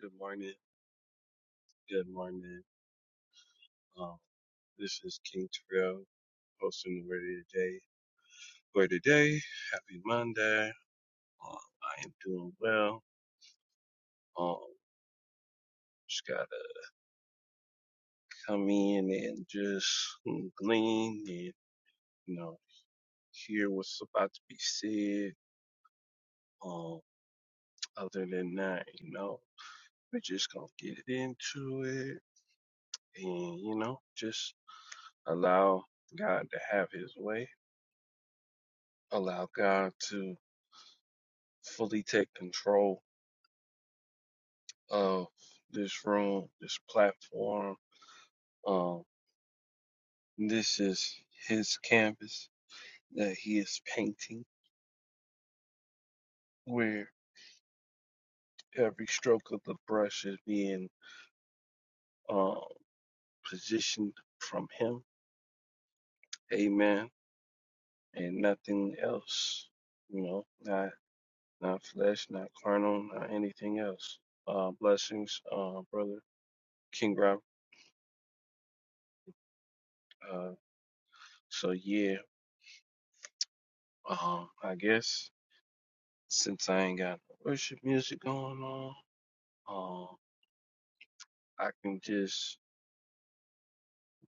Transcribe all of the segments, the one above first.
Good morning. Good morning. Um, this is King Terrell hosting the word of the day for today. Happy Monday. Um, I am doing well. Um, just gotta come in and just glean and you know hear what's about to be said. Um, other than that, you know, we're just gonna get into it and you know just allow God to have His way. Allow God to fully take control of this room, this platform. Um, this is his canvas that he is painting, where every stroke of the brush is being uh, positioned from him. Amen. And nothing else. You know, not not flesh, not carnal, not anything else. Uh, blessings, uh, brother King Rob. Uh, so yeah, um, I guess since I ain't got no worship music going on. um. I can just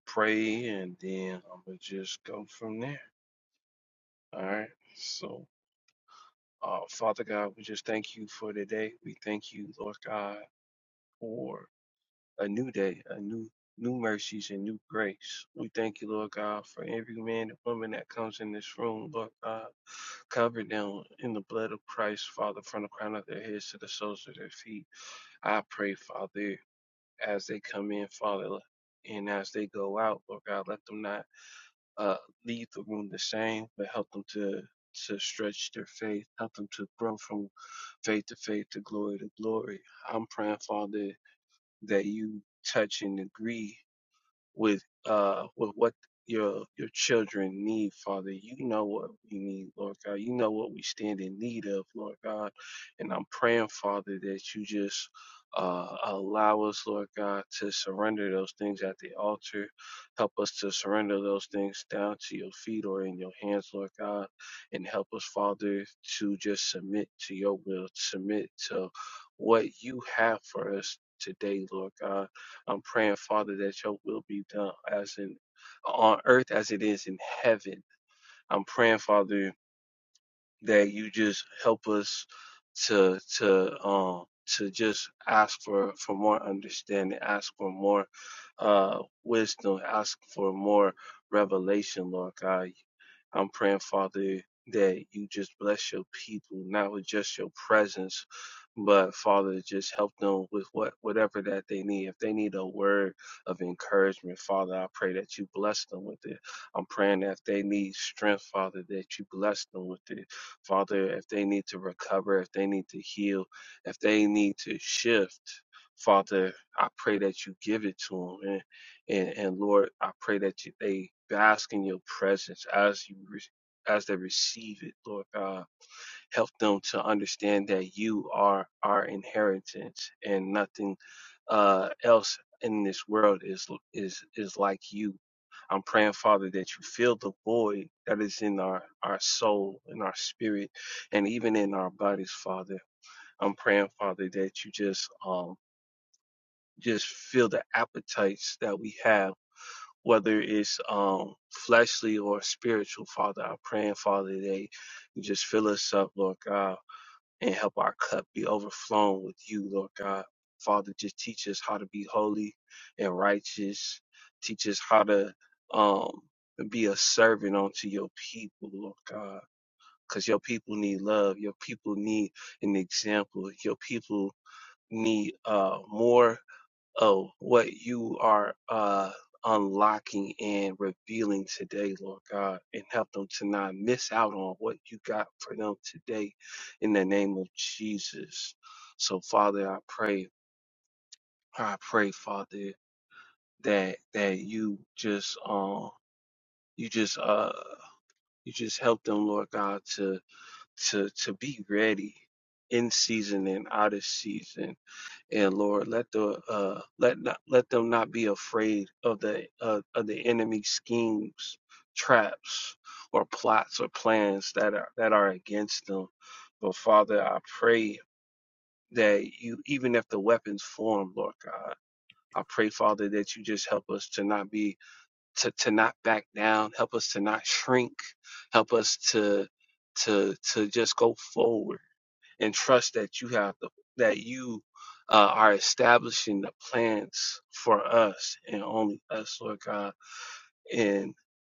pray and then I'm going to just go from there. All right. So, uh, Father God, we just thank you for today. We thank you, Lord God, for a new day, a new new mercies and new grace. We thank you, Lord God, for every man and woman that comes in this room, Lord God. Cover them in the blood of Christ, Father, from the crown of their heads to the soles of their feet. I pray, Father, as they come in, Father, and as they go out, Lord God, let them not uh, lead the room the same, but help them to to stretch their faith, help them to grow from faith to faith to glory to glory. I'm praying, Father, that you touch and agree with uh with what your your children need, Father. You know what we need, Lord God. You know what we stand in need of, Lord God. And I'm praying, Father, that you just uh, allow us, Lord God, to surrender those things at the altar. Help us to surrender those things down to your feet or in your hands, Lord God. And help us, Father, to just submit to your will, submit to what you have for us today, Lord God I'm praying, Father, that your will be done as in on earth as it is in heaven. I'm praying, Father, that you just help us to to um to just ask for for more understanding, ask for more uh wisdom, ask for more revelation, Lord God. I'm praying, Father, that you just bless your people, not with just your presence, but Father, just help them with what whatever that they need. If they need a word of encouragement, Father, I pray that you bless them with it. I'm praying that if they need strength, Father, that you bless them with it. Father, if they need to recover, if they need to heal, if they need to shift. Father, I pray that you give it to them. And and and Lord, I pray that you, they bask in your presence as you re- as they receive it, Lord God. Help them to understand that you are our inheritance and nothing uh, else in this world is is is like you. I'm praying, Father, that you fill the void that is in our, our soul, in our spirit, and even in our bodies, Father. I'm praying, Father, that you just um just fill the appetites that we have whether it's um fleshly or spiritual, Father. I'm praying, Father, that you just fill us up, Lord God, and help our cup be overflowing with you, Lord God. Father, just teach us how to be holy and righteous. Teach us how to um be a servant unto your people, Lord God. Because your people need love. Your people need an example. Your people need uh more oh, what you are uh, unlocking and revealing today, Lord God, and help them to not miss out on what you got for them today in the name of Jesus. So, Father, I pray, I pray, Father, that that you just um you just uh you just help them, Lord God, to to to be ready in season and out of season and Lord, let the uh, let not let them not be afraid of the uh, of the enemy schemes, traps, or plots or plans that are that are against them. But Father, I pray that you, even if the weapons form, Lord God, I pray, Father, that you just help us to not be to to not back down, help us to not shrink, help us to to to just go forward and trust that you have the that you uh, are establishing the plans for us and only us, Lord God, and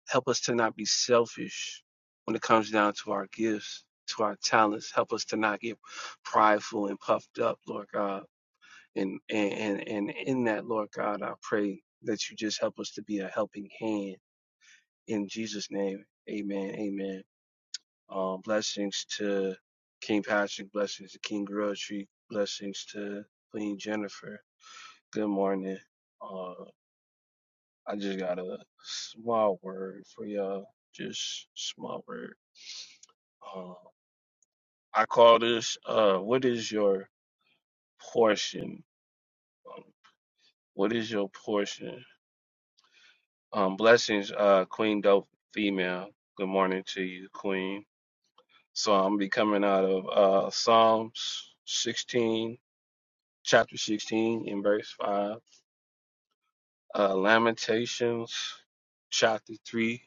help us to not be selfish when it comes down to our gifts, to our talents. Help us to not get prideful and puffed up, Lord God. And and and, and in that, Lord God, I pray that you just help us to be a helping hand in Jesus' name. Amen. Amen. Um, blessings to King Patrick, blessings to King Grilltree, blessings to Queen Jennifer. Good morning. Uh, I just got a small word for y'all. Just small word. Uh, I call this, uh, what is your portion? Um, what is your portion? Um, blessings, uh, Queen Dope Female. Good morning to you, Queen. So I'm be coming out of uh, Psalms 16 chapter 16 in verse 5, uh, Lamentations chapter 3,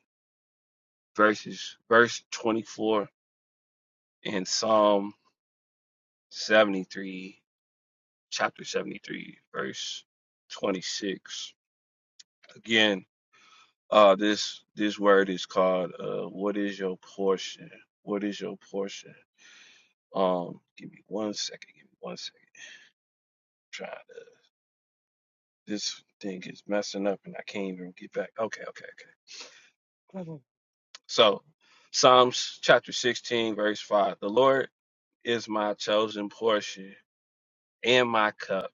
verses verse 24, and Psalm 73, chapter 73, verse 26. Again, uh, this this word is called uh, what is your portion? What is your portion? Um, give me one second, give me one second. I'm trying to this thing is messing up and I can't even get back. Okay, okay, okay. So, Psalms chapter 16, verse 5 The Lord is my chosen portion and my cup.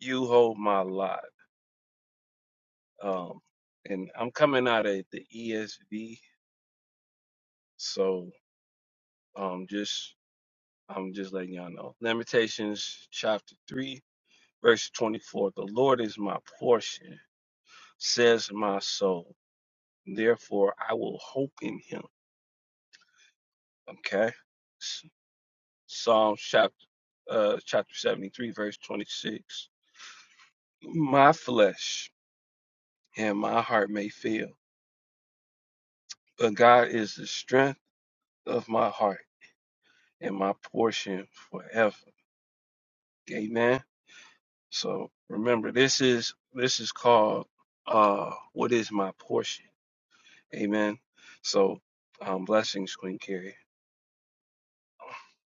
You hold my lot. Um, and I'm coming out of the ESV. So, um, just I'm just letting y'all know. Lamentations chapter 3, verse 24 The Lord is my portion, says my soul. Therefore, I will hope in him. Okay. S- Psalms chapter uh, chapter 73, verse 26. my flesh and my heart may fail, but God is the strength of my heart and my portion forever. Amen. So remember, this is this is called uh, what is my portion? Amen. So um, blessings, Queen Carrie.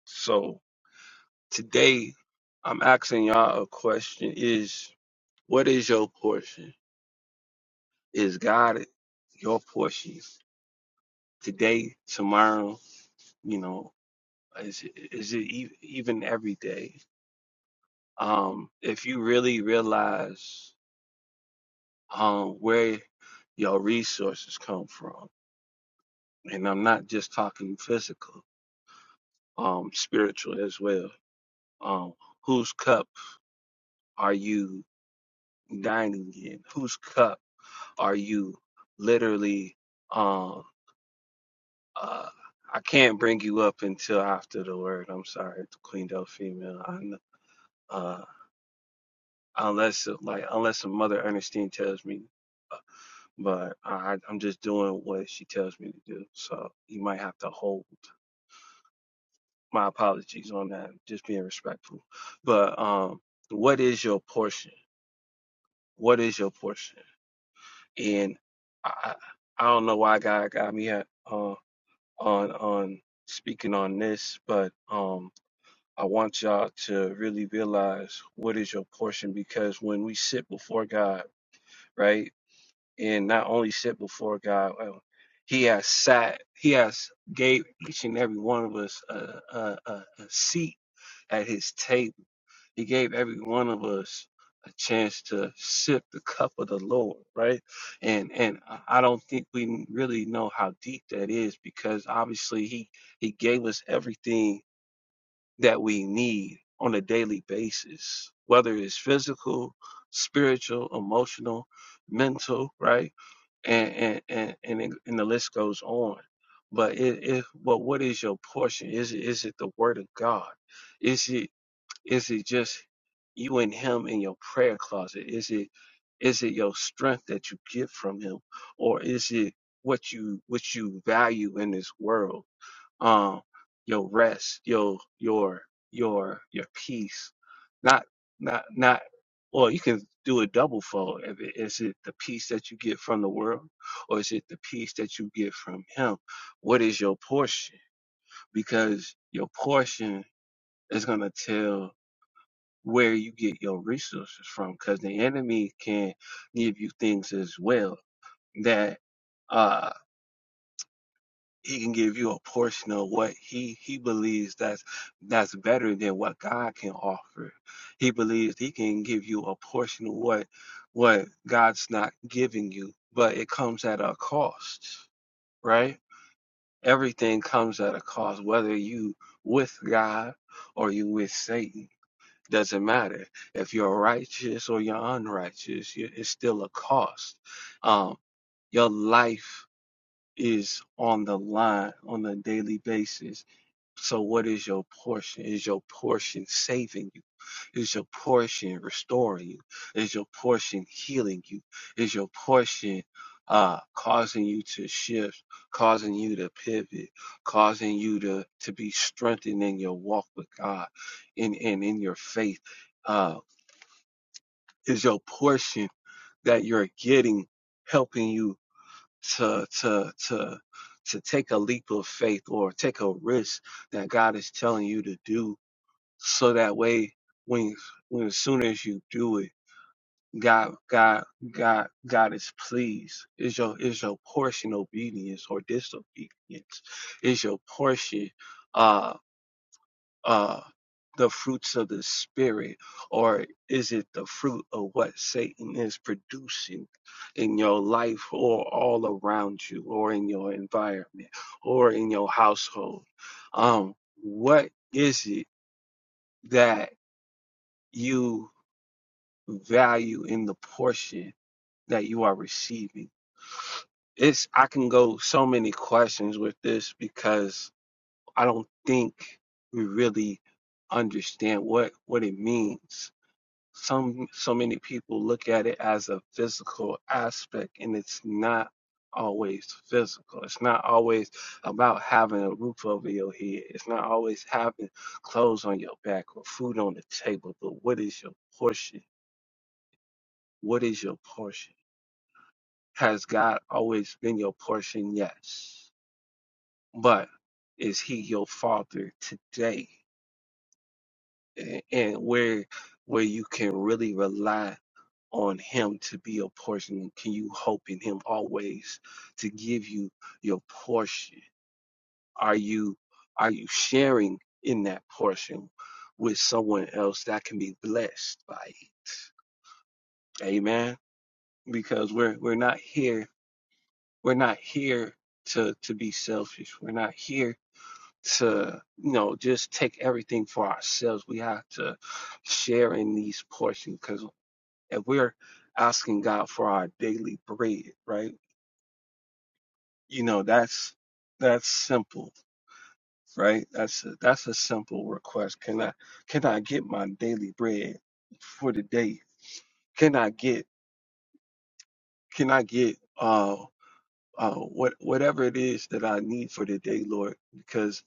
So today, I'm asking y'all a question: Is what is your portion? Is God your portion today, tomorrow? You know, Is it, is it e- even every day? Um, if you really realize um, where your resources come from, and I'm not just talking physical, um, spiritual as well. Um, whose cup are you dining in? Whose cup are you literally? Um, uh, I can't bring you up until after the word. I'm sorry, Queen Del Female. I, kn- uh, unless like unless a mother Ernestine tells me but I, I'm just doing what she tells me to do. So you might have to hold my apologies on that, just being respectful. But um, what is your portion? What is your portion? And I, I don't know why God got me at, uh, on on speaking on this, but um, I want y'all to really realize what is your portion because when we sit before God, right? and not only sit before God, uh, He has sat, He has gave each and every one of us a, a, a, a seat at His table. He gave every one of us a chance to sip the cup of the Lord, right? And and I I don't think we really know how deep that is because obviously He He gave us everything that we need on a daily basis, whether it's physical, spiritual, emotional, mental, right? and and and and, it, and the list goes on. But it, it but what is your portion? Is it is it the word of God? Is it is it just you and him in your prayer closet? Is it is it your strength that you get from him, or is it what you what you value in this world? um your rest your your your your peace not not not or you can do a double fold If it- is it the peace that you get from the world or is it the peace that you get from him what is your portion because your portion is going to tell where you get your resources from because the enemy can give you things as well that uh, he can give you a portion of what he he believes that's that's better than what God can offer. He believes he can give you a portion of what what God's not giving you, but it comes at a cost, right? Everything comes at a cost, whether you with God or you with Satan. Doesn't matter if you're righteous or you're unrighteous. It's still a cost. Um, your life is on the line on a daily basis. So, what is your portion? Is your portion saving you? Is your portion restoring you? Is your portion healing you? Is your portion uh, causing you to shift, causing you to pivot, causing you to, to be strengthened in your walk with God and, in in in your faith? Uh, is your portion that you're getting helping you? to to to to take a leap of faith or take a risk that God is telling you to do so that way when when as soon as you do it God God God God is pleased is your is your portion obedience or disobedience is your portion uh, uh, the fruits of the spirit, or is it the fruit of what Satan is producing in your life or all around you or in your environment or in your household? Um, what is it that you value in the portion that you are receiving? It's I can go so many questions with this because I don't think we really understand what what it means some so many people look at it as a physical aspect and it's not always physical it's not always about having a roof over your head it's not always having clothes on your back or food on the table but what is your portion what is your portion has god always been your portion yes but is he your father today A- and where where you can really rely on him to be your portion? Can you hope in him always to give you your portion? Are you are you sharing in that portion with someone else that can be blessed by it? Amen. Because we're we're not here we're not here to to be selfish. We're not here to you know just take everything for ourselves. We have to share in these portions because if we're asking God for our daily bread, right? you know that's that's simple right that's a, that's a simple request can i can i get my daily bread for the day can i get can i get uh uh what whatever it is that i need for the day lord because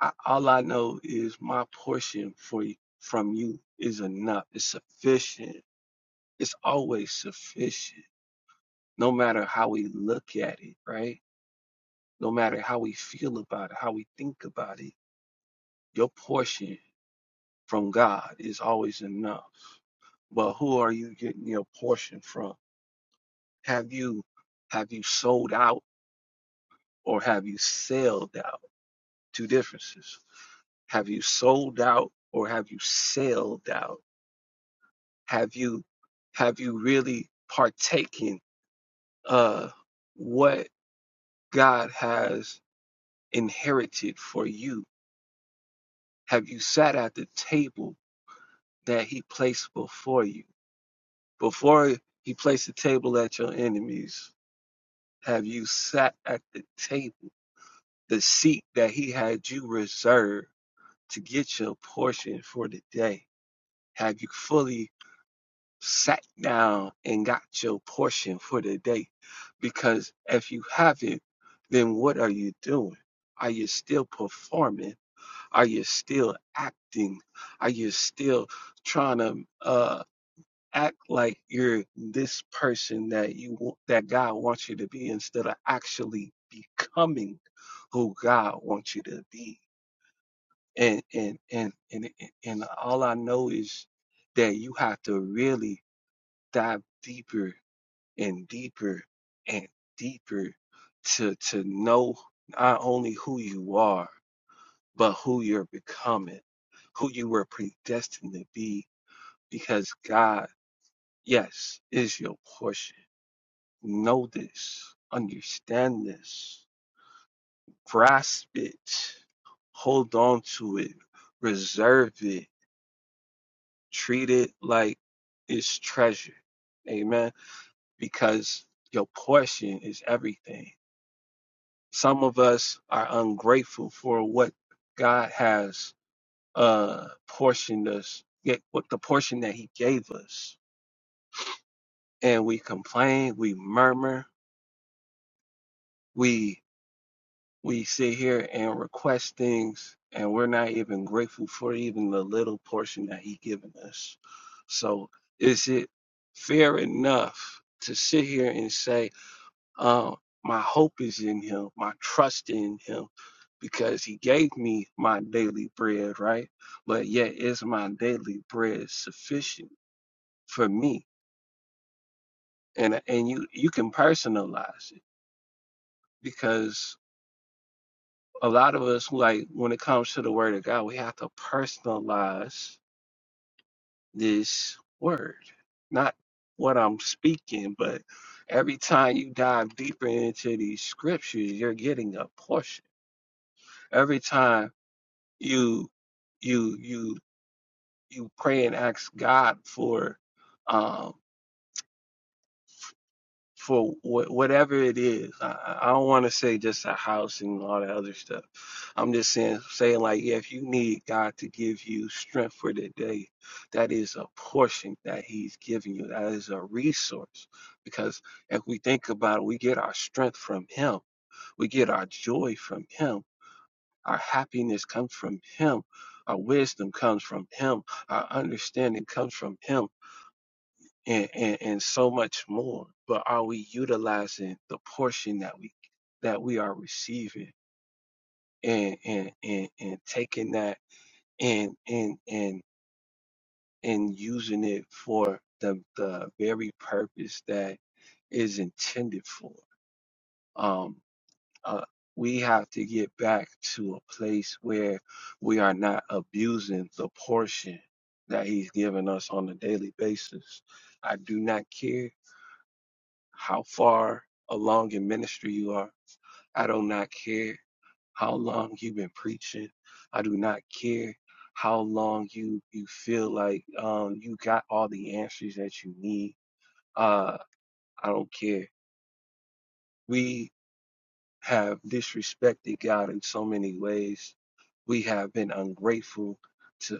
I, all i know is my portion for you from you is enough it's sufficient it's always sufficient no matter how we look at it right no matter how we feel about it how we think about it your portion from God is always enough. But who are you getting your portion from? Have you have you sold out or have you sailed out? Two differences. Have you sold out or have you sailed out? Have you have you really partaken uh what God has inherited for you? Have you sat at the table that he placed before you? Before he placed the table at your enemies, have you sat at the table, the seat that he had you reserved to get your portion for the day? Have you fully sat down and got your portion for the day? Because if you haven't, then what are you doing? Are you still performing? Are you still acting? Are you still trying to uh, act like you're this person that you want, that God wants you to be instead of actually becoming who God wants you to be. And and and and and and all I know is that you have to really dive deeper and deeper and deeper to to know not only who you are but who you're becoming, who you were predestined to be because God, yes, is your portion Know this, understand this, grasp it, hold on to it, reserve it, treat it like it's treasure. Amen. Because your portion is everything. Some of us are ungrateful for what God has uh portioned us, yet what the portion that He gave us. And we complain, we murmur, we. we sit here and request things and we're not even grateful for even the little portion that he given us so is it fair enough to sit here and say um my hope is in him my trust in him because he gave me my daily bread right but yet is my daily bread sufficient for me and and you you can personalize it because a lot of us like when it comes to the word of God, we have to personalize this word. Not what I'm speaking, but every time you dive deeper into these scriptures, you're getting a portion. Every time you you you you pray and ask God for um for wh- whatever it is. I, I don't want to say just a house and all that other stuff. I'm just saying, saying like, yeah, if you need God to give you strength for the day, that is a portion that He's giving you. That is a resource because if we think about it, we get our strength from Him. We get our joy from Him. Our happiness comes from Him. Our wisdom comes from Him. Our understanding comes from Him and, and and so much more but are we utilizing the portion that we that we are receiving and and and, and taking that and and and and using it for the the very purpose that is intended for um uh, we have to get back to a place where we are not abusing the portion that he's given us on a daily basis. I do not care how far along in ministry you are. I do not care how long you've been preaching. I do not care how long you you feel like um you got all the answers that you need. Uh I don't care. We have disrespected God in so many ways. We have been ungrateful to.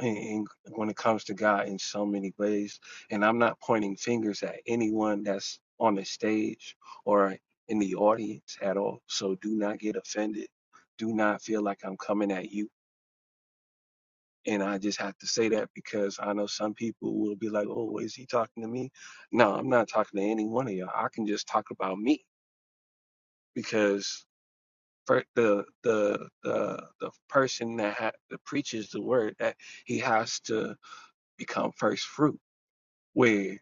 in, in- when it comes to God in so many ways. And I'm not pointing fingers at anyone that's on the stage or in the audience at all. So do not get offended. Do not feel like I'm coming at you. And I just have to say that because I know some people will be like, oh, is he talking to me? No, I'm not talking to any one of y'all. I can just talk about me because for the the the the person that, ha- that preaches the word that he has to become first fruit where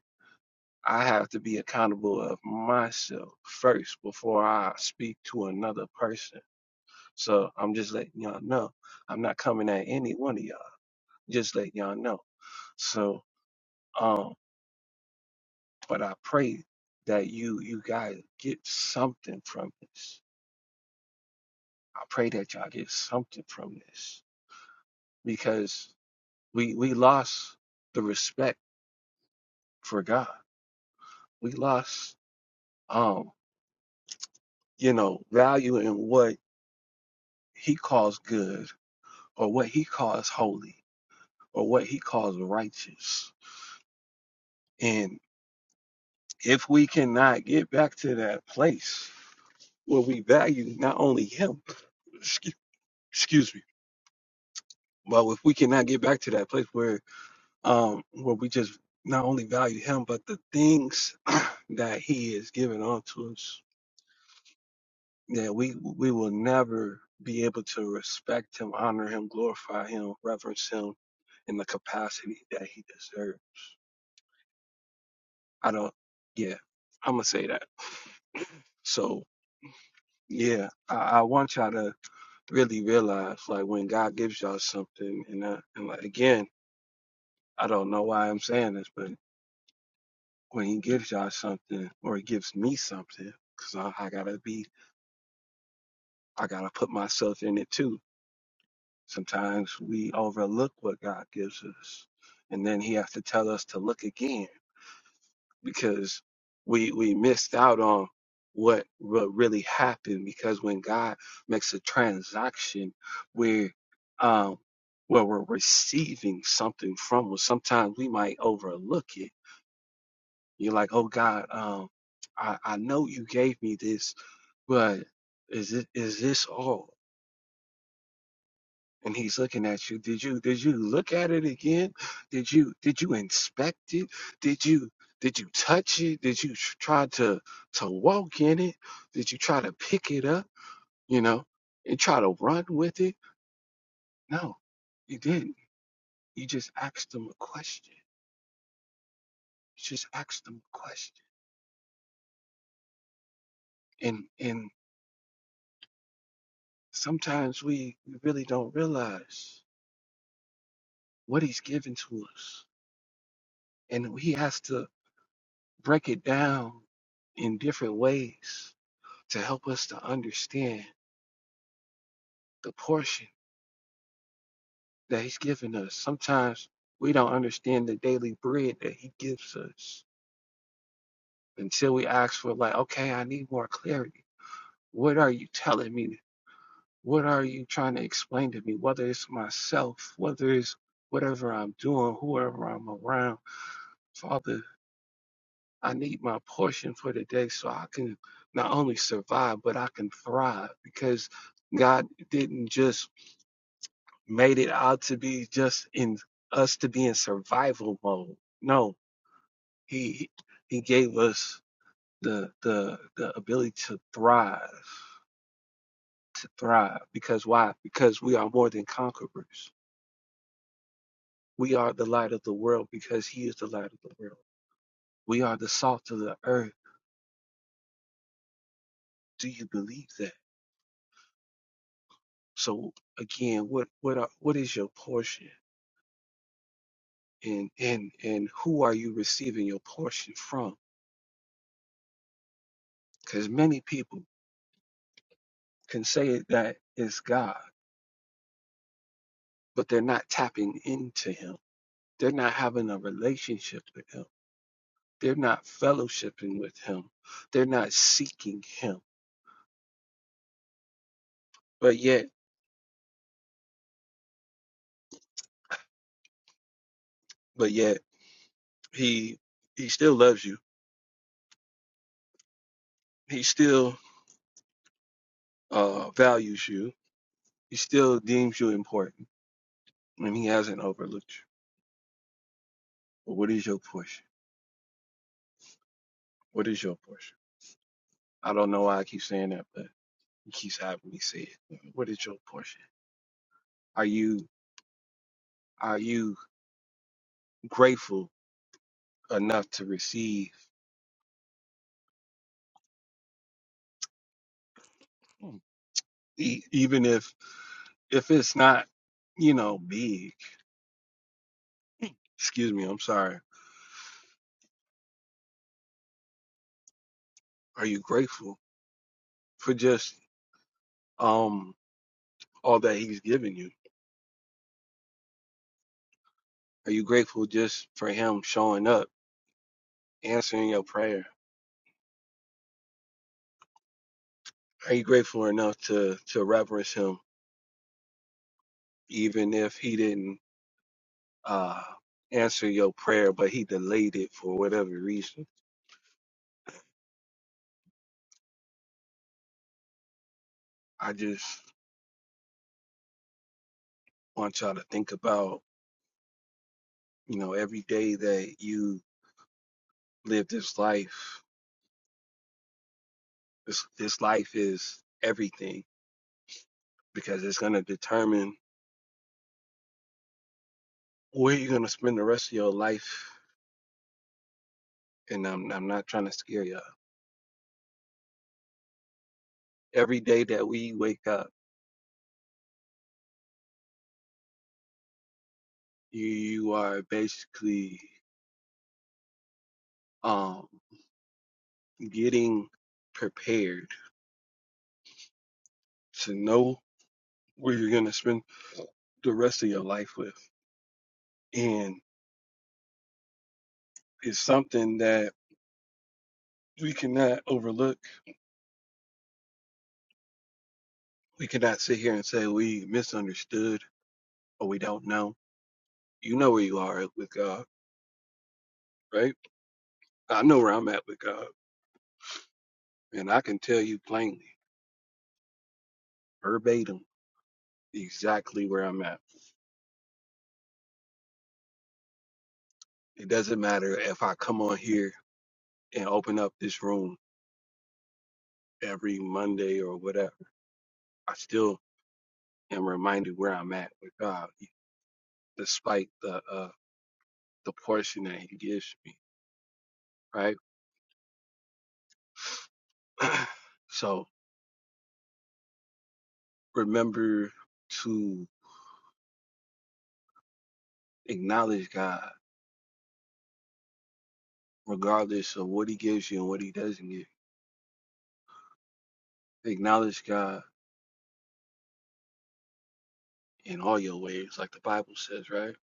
I have to be accountable of myself first before I speak to another person. So I'm just letting y'all know. I'm not coming at any one of y'all. Just letting y'all know. So um but I pray that you you guys get something from this. I pray that y'all get something from this. Because we we lost the respect for God. We lost um, you know, value in what he calls good or what he calls holy or what he calls righteous. And if we cannot get back to that place where we value not only him, excuse, excuse me, but if we cannot get back to that place where um where we just not only value him but the things that he is giving unto us, that we we will never be able to respect him, honor him, glorify him, reverence him in the capacity that he deserves. I don't yeah, I'm gonna say that. So yeah, I, I want y'all to really realize like when God gives y'all something, and uh, and like again, I don't know why I'm saying this, but when He gives y'all something or He gives me something, because I, I gotta be, I gotta put myself in it too. Sometimes we overlook what God gives us, and then He has to tell us to look again because we we missed out on what what really happened because when God makes a transaction where um where we're receiving something from us, sometimes we might overlook it. You're like, oh God, um I, I know you gave me this, but is it is this all? and he's looking at you did you did you look at it again did you did you inspect it did you did you touch it did you tr- try to to walk in it did you try to pick it up you know and try to run with it no you didn't you just asked them a question you just asked them a question and and sometimes we we really don't realize what he's given to us and he has to break it down in different ways to help us to understand the portion that He's given us. Sometimes we don't understand the daily bread that He gives us until we ask for, like, okay, I need more clarity. What are you telling me? What are you trying to explain to me? Whether it's myself, whether it's whatever I'm doing, whoever I'm around, Father, I need my portion for the day so I can not only survive, but I can thrive because God didn't just made it out to be just in us to be in survival mode. No, he he gave us the the the ability to thrive, to thrive. Because why? Because we are more than conquerors. We are the light of the world because he is the light of the world. We are the salt of the earth. Do you believe that? So again, what what are, what is your portion? And and and who are you receiving your portion from? Because many people can say that it's God but they're not tapping into him. They're not having a relationship with him. They're not fellowshipping with him. They're not seeking him. But yet, but yet he he still loves you. He still uh values you. He still deems you important and he hasn't overlooked you. But what is your portion? What is your portion? I don't know why I keep saying that, but he keeps having me say it. What is your portion? Are you are you grateful enough to receive? E- even if if it's not you know big excuse me i'm sorry are you grateful for just um all that he's given you are you grateful just for him showing up answering your prayer are you grateful enough to to reverence him even if he didn't uh answer your prayer but he delayed it for whatever reason i just want y'all to think about you know every day that you live this life this this life is everything because it's going to determine where you're going to spend the rest of your life. And I'm, I'm not trying to scare you. Every day that we wake up, you, you are basically um, getting prepared to know where you're going to spend the rest of your life with. And it's something that we cannot overlook. We cannot sit here and say we misunderstood or we don't know. You know where you are with God, right? I know where I'm at with God, and I can tell you plainly. verbatim exactly where I'm at. It doesn't matter if I come on here and open up this room every Monday or whatever. I still am reminded where I'm at with God, e, despite the uh, the portion that He gives me. Right. so remember to acknowledge God, regardless of what He gives you and what He doesn't give. you. Acknowledge God in all your ways, like the Bible says. Right.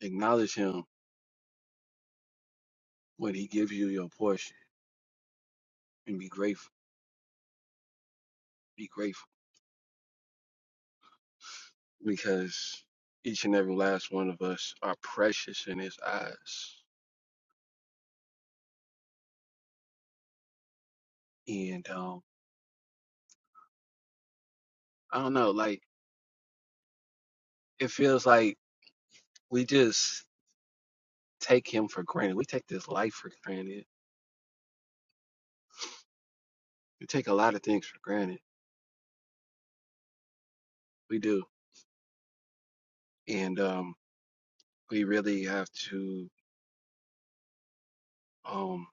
Acknowledge Him when He gives you your portion, and be grateful Be grateful because each and every last one of us are precious in His eyes. And um, I don't know, like it feels like we just take Him for granted. We take this life for granted. We take a lot of things for granted. We do, and um, we really have to. Um,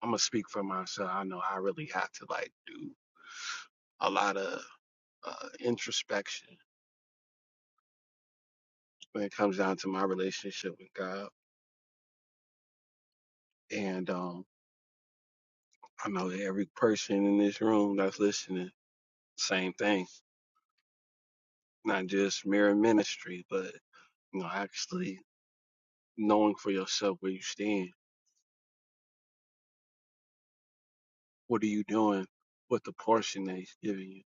I'm gonna speak for myself. I know I really have to like do a lot of uh, introspection when it comes down to my relationship with God. And um I know that every person in this room that's listening, same thing. Not just mere ministry, but you know, actually knowing for yourself where you stand. What are you doing with the portion that he's giving you?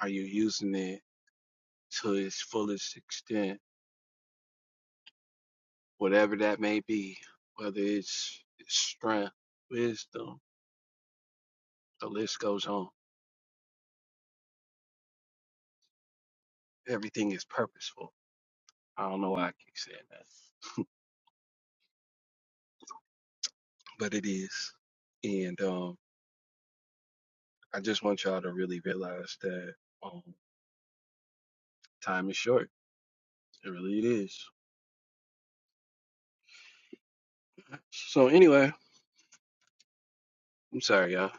Are you using it to its fullest extent? Whatever that may be, whether it's strength, wisdom, the list goes on. Everything is purposeful. I don't know why I keep saying that, but it is. and. um, I just want y'all to really realize that um, time is short. It really is. So anyway, I'm sorry, y'all.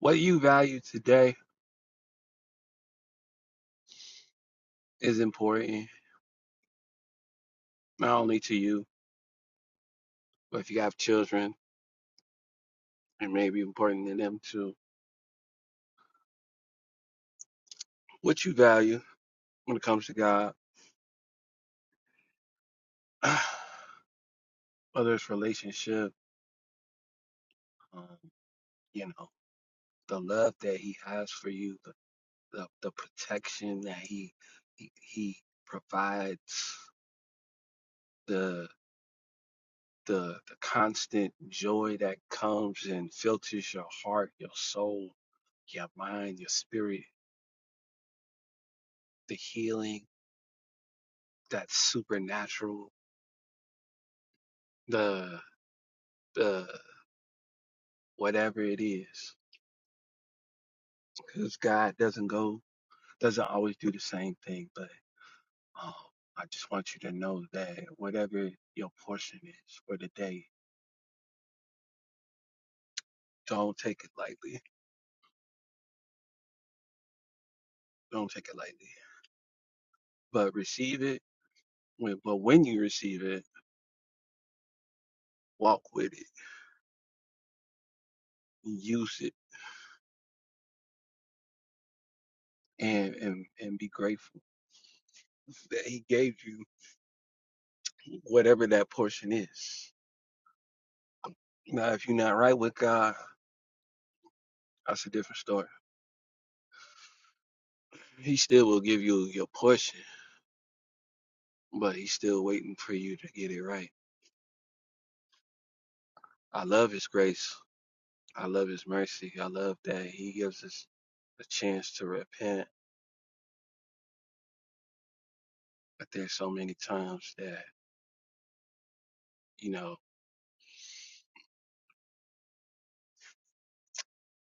What you value today is important, not only to you, but if you have children, it may be important to them too. What you value when it comes to God, whether it's relationship, um, you know, the love that He has for you, the the, the protection that He he, he provides, the the the constant joy that comes and filters your heart, your soul, your mind, your spirit, the healing that's supernatural, the the whatever it is, because God doesn't go doesn't always do the same thing. But um, I just want you to know that whatever your portion is for the day, don't take it lightly. Don't take it lightly, but receive it. When, but when you receive it, walk with it, use it and and and be grateful that he gave you whatever that portion is now if you're not right with god that's a different story he still will give you your portion but he's still waiting for you to get it right i love his grace i love his mercy i love that he gives us a chance to repent but there's so many times that you know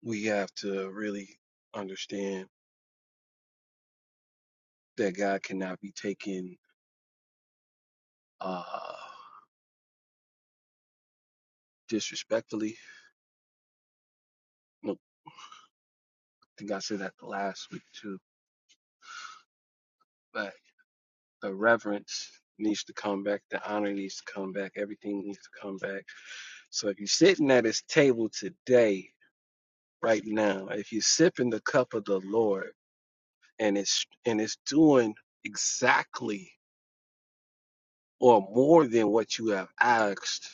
we have to really understand that god cannot be taken uh disrespectfully think I said that last week too. But the reverence needs to come back. The honor needs to come back. Everything needs to come back. So if you're sitting at his table today, right now, if you're sipping the cup of the Lord and it's and it's doing exactly or more than what you have asked,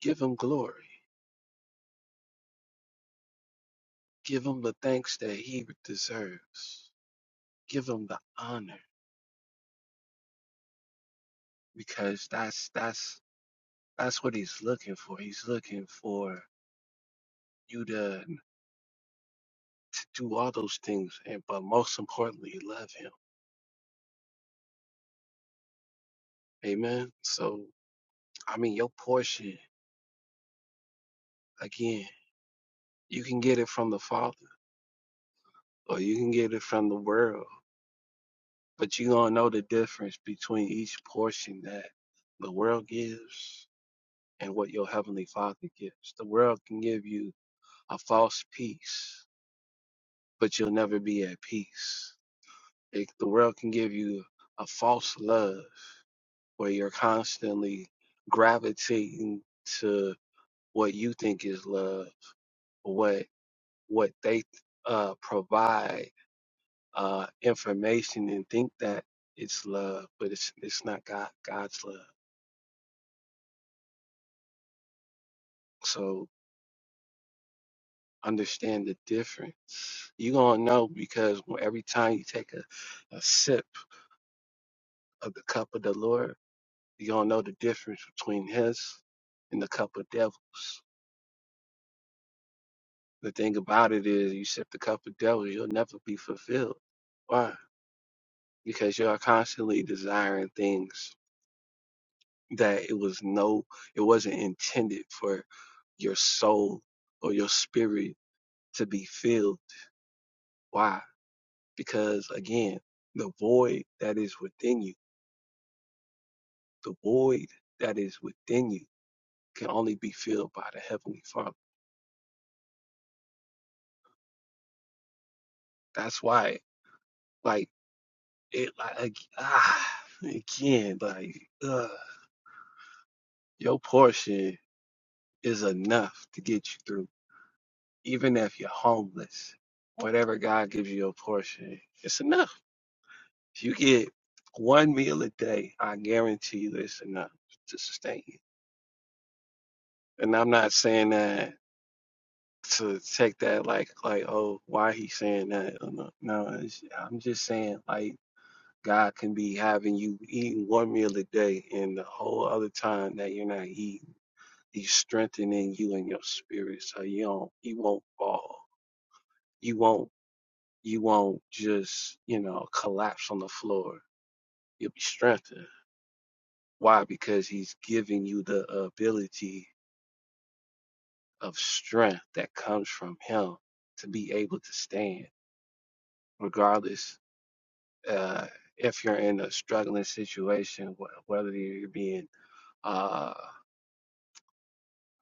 give him glory. Give him the thanks that he deserves. Give him the honor because that's that's that's what he's looking for. He's looking for you to to do all those things, and but most importantly, love Him. Amen. So, I mean, your portion again, you can get it from the Father, or you can get it from the world, but you are gonna know the difference between each portion that the world gives and what your heavenly Father gives. The world can give you a false peace, but you'll never be at peace. It, the world can give you a false love where you're constantly gravitating to. what you think is love, what what they uh, provide uh, information and think that it's love, but it's it's not God God's love. So understand the difference. You're gonna know because every time you take a, a sip of the cup of the Lord, you're gonna know the difference between his and the cup of devils. The thing about it is you sip the cup of devils, you'll never be fulfilled. Why? Because you are constantly desiring things that it was no it wasn't intended for your soul or your spirit to be filled why because again the void that is within you the void that is within you can only be filled by the heavenly father that's why like it like ah, again like uh, your portion is enough to get you through even if you're homeless whatever god gives you your portion it's enough If you get one meal a day, I guarantee you it's enough to sustain you. And I'm not saying that to take that like like oh why he saying that no no it's, I'm just saying like God can be having you eating one meal a day and the whole other time that you're not eating he's strengthening you in your spirit so you don't you won't fall you won't you won't just you know collapse on the floor you'll be strengthened Why? Because he's giving you the ability of strength that comes from him to be able to stand, regardless uh, if you're in a struggling situation, wh- whether you're being uh,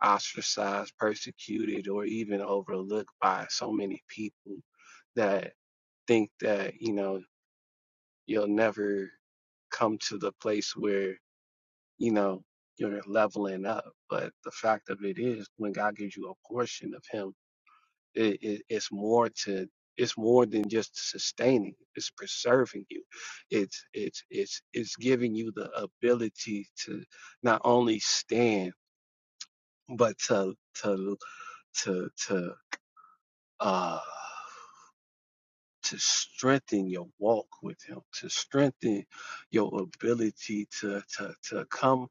ostracized, persecuted, or even overlooked by so many people that think that, you know, you'll never come to the place where, you know, you're leveling up. But the fact of it is, when God gives you a portion of Him, It, it, it's more to it's more than just sustaining. It's preserving you. It's it's it's it's giving you the ability to not only stand but to to to to uh to strengthen your walk with him, to strengthen your ability to to to come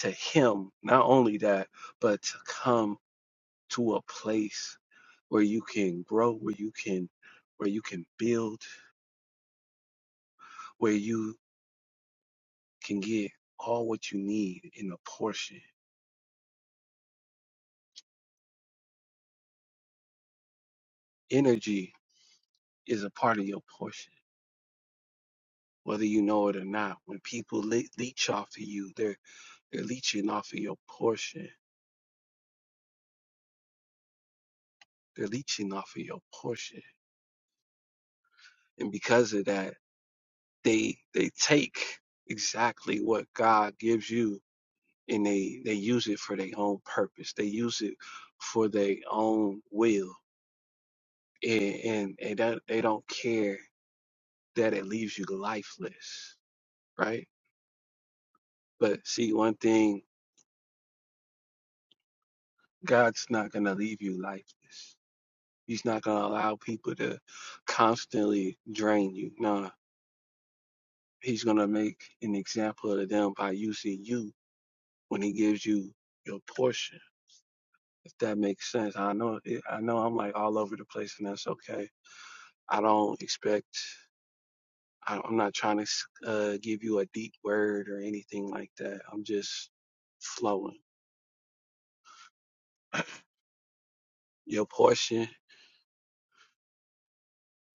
to him. Not only that, but to come to a place where you can grow, where you can where you can build, where you can get all what you need in a portion. Energy is a part of your portion, whether you know it or not. When people le- leech off of you, they're they're leeching off of your portion. They're leeching off of your portion, and because of that, they they take exactly what God gives you, and they they use it for their own purpose. They use it for their own will, and and, and that, they don't care that it leaves you lifeless, right? But see, one thing, God's not going to leave you lifeless. He's not going to allow people to constantly drain you. Nah, He's going to make an example of them by using you when He gives you your portion. If that makes sense. I know, it, I know I'm like all over the place and that's okay. I don't expect, I, I'm not trying to uh, give you a deep word or anything like that. I'm just flowing. Your portion,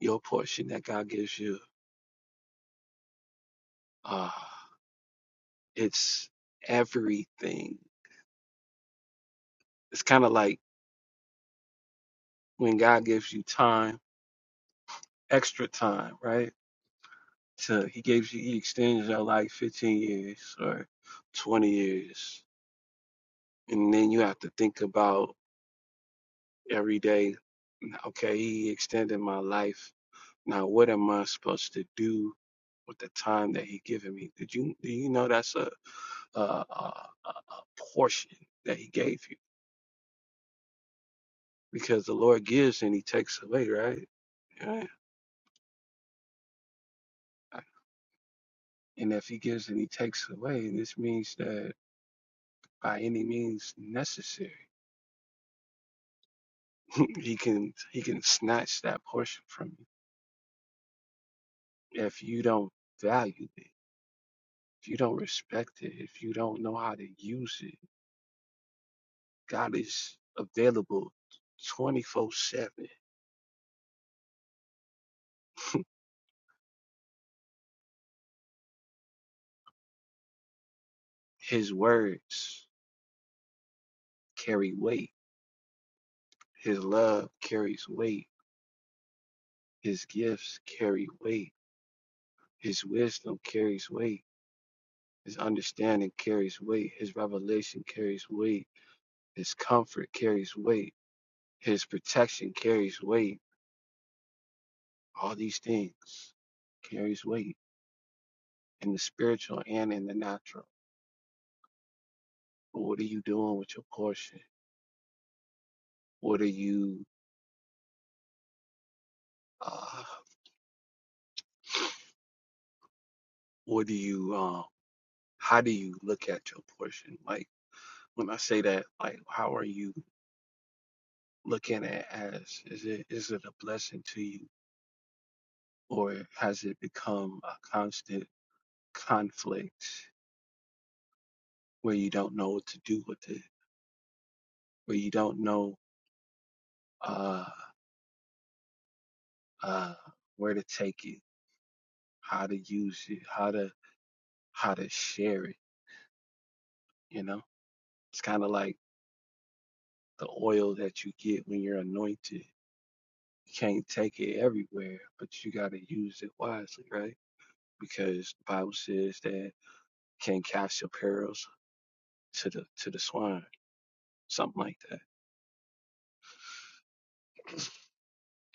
your portion that God gives you. Ah. It's everything. It's kind of like when God gives you time, extra time, right? So he gives you, he extends your life 15 years or 20 years. And then you have to think about every day, okay, he extended my life. Now, what am I supposed to do with the time that he given me. Did you do you know that's a a, a a portion that he gave you because the Lord gives and he takes away, right? Yeah. And if he gives and he takes away, this means that by any means necessary, he can he can snatch that portion from you if you don't value it, if you don't respect it, if you don't know how to use it. God is available 24/7. His words carry weight. His love carries weight. His gifts carry weight. His wisdom carries weight. His understanding carries weight. His revelation carries weight His comfort carries weight. His protection carries weight. All these things carries weight in the spiritual and in the natural. But what are you doing with your portion? What are you, uh, what do you, um, how do you look at your portion? Like when I say that, like how are you looking at it as? Is it is it a blessing to you, or has it become a constant conflict where you don't know what to do with it, where you don't know? uh, uh, where to take it, how to use it, how to how to share it. You know, it's kind of like the oil that you get when you're anointed. You can't take it everywhere, but you got to use it wisely, right? Because the Bible says that can't cast your pearls to the to the swine, something like that.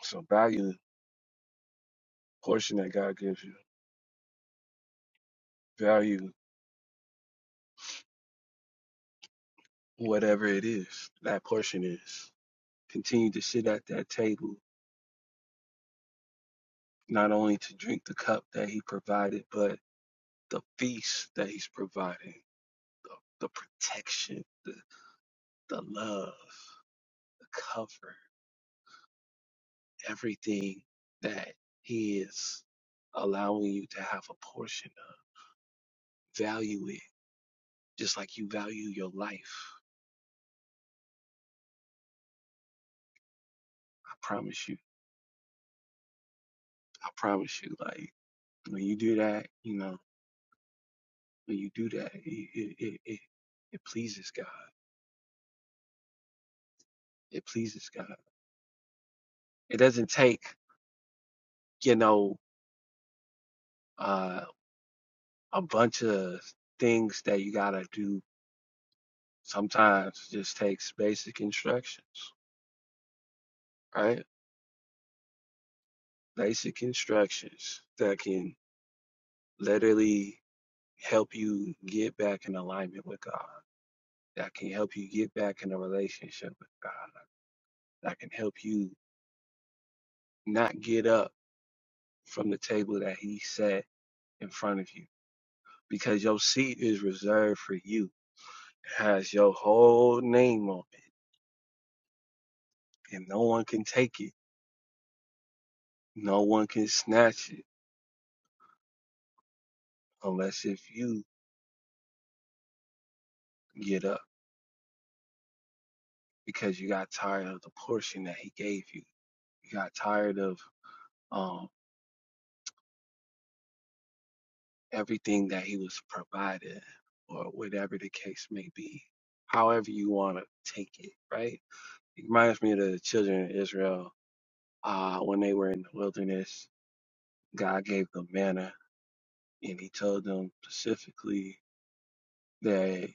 So value the portion that God gives you. Value whatever it is that portion is. Continue to sit at that table, not only to drink the cup that He provided, but the peace that he's providing, the, the protection, the, the love, the cover, everything that he is allowing you to have a portion of. Value it just like you value your life. I promise you. I promise you. Like when you do that, you know, when you do that, it, it, it, it, it pleases God. It pleases God. It doesn't take, you know, uh, a bunch of things that you gotta do sometimes it just takes basic instructions, right? Basic instructions that can literally help you get back in alignment with God, that can help you get back in a relationship with God, that can help you not get up from the table that He set in front of you because your seat is reserved for you. It has your whole name on it, and no one can take it, no one can snatch it unless if you get up. because you got tired of the portion that he gave you. You got tired of um, everything that he was provided, or whatever the case may be. However you want to take it, right? It reminds me of the children of Israel uh, when they were in the wilderness. God gave them manna, and He told them specifically that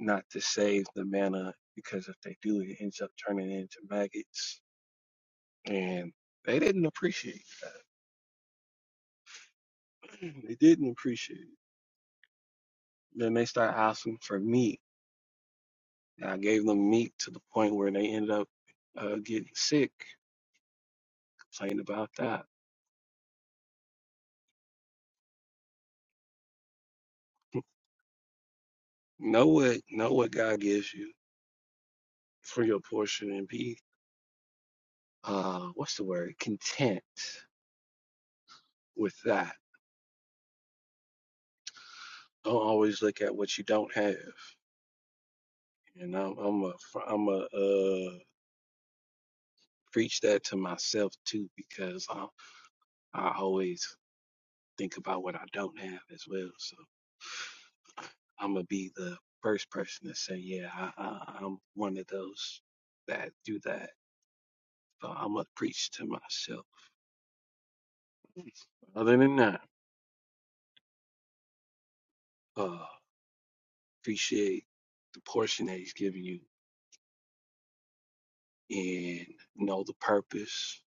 not to save the manna because if they do, it ends up turning into maggots, and they didn't appreciate. it. they didn't appreciate. it. Then they start asking for meat. And I gave them meat to the point where they ended up uh, getting sick. Complained about that. Know what know what God gives you for your portion and be uh what's the word? Content with that. Don't always look at what you don't have. And I'm I'm a am a uh preach that to myself too because I I always think about what I don't have as well. So. I'm gonna be the first person to say, yeah, I, I, I'm one of those that do that. So I'm gonna preach to myself. Other than that, uh, appreciate the portion that he's giving you and know the purpose,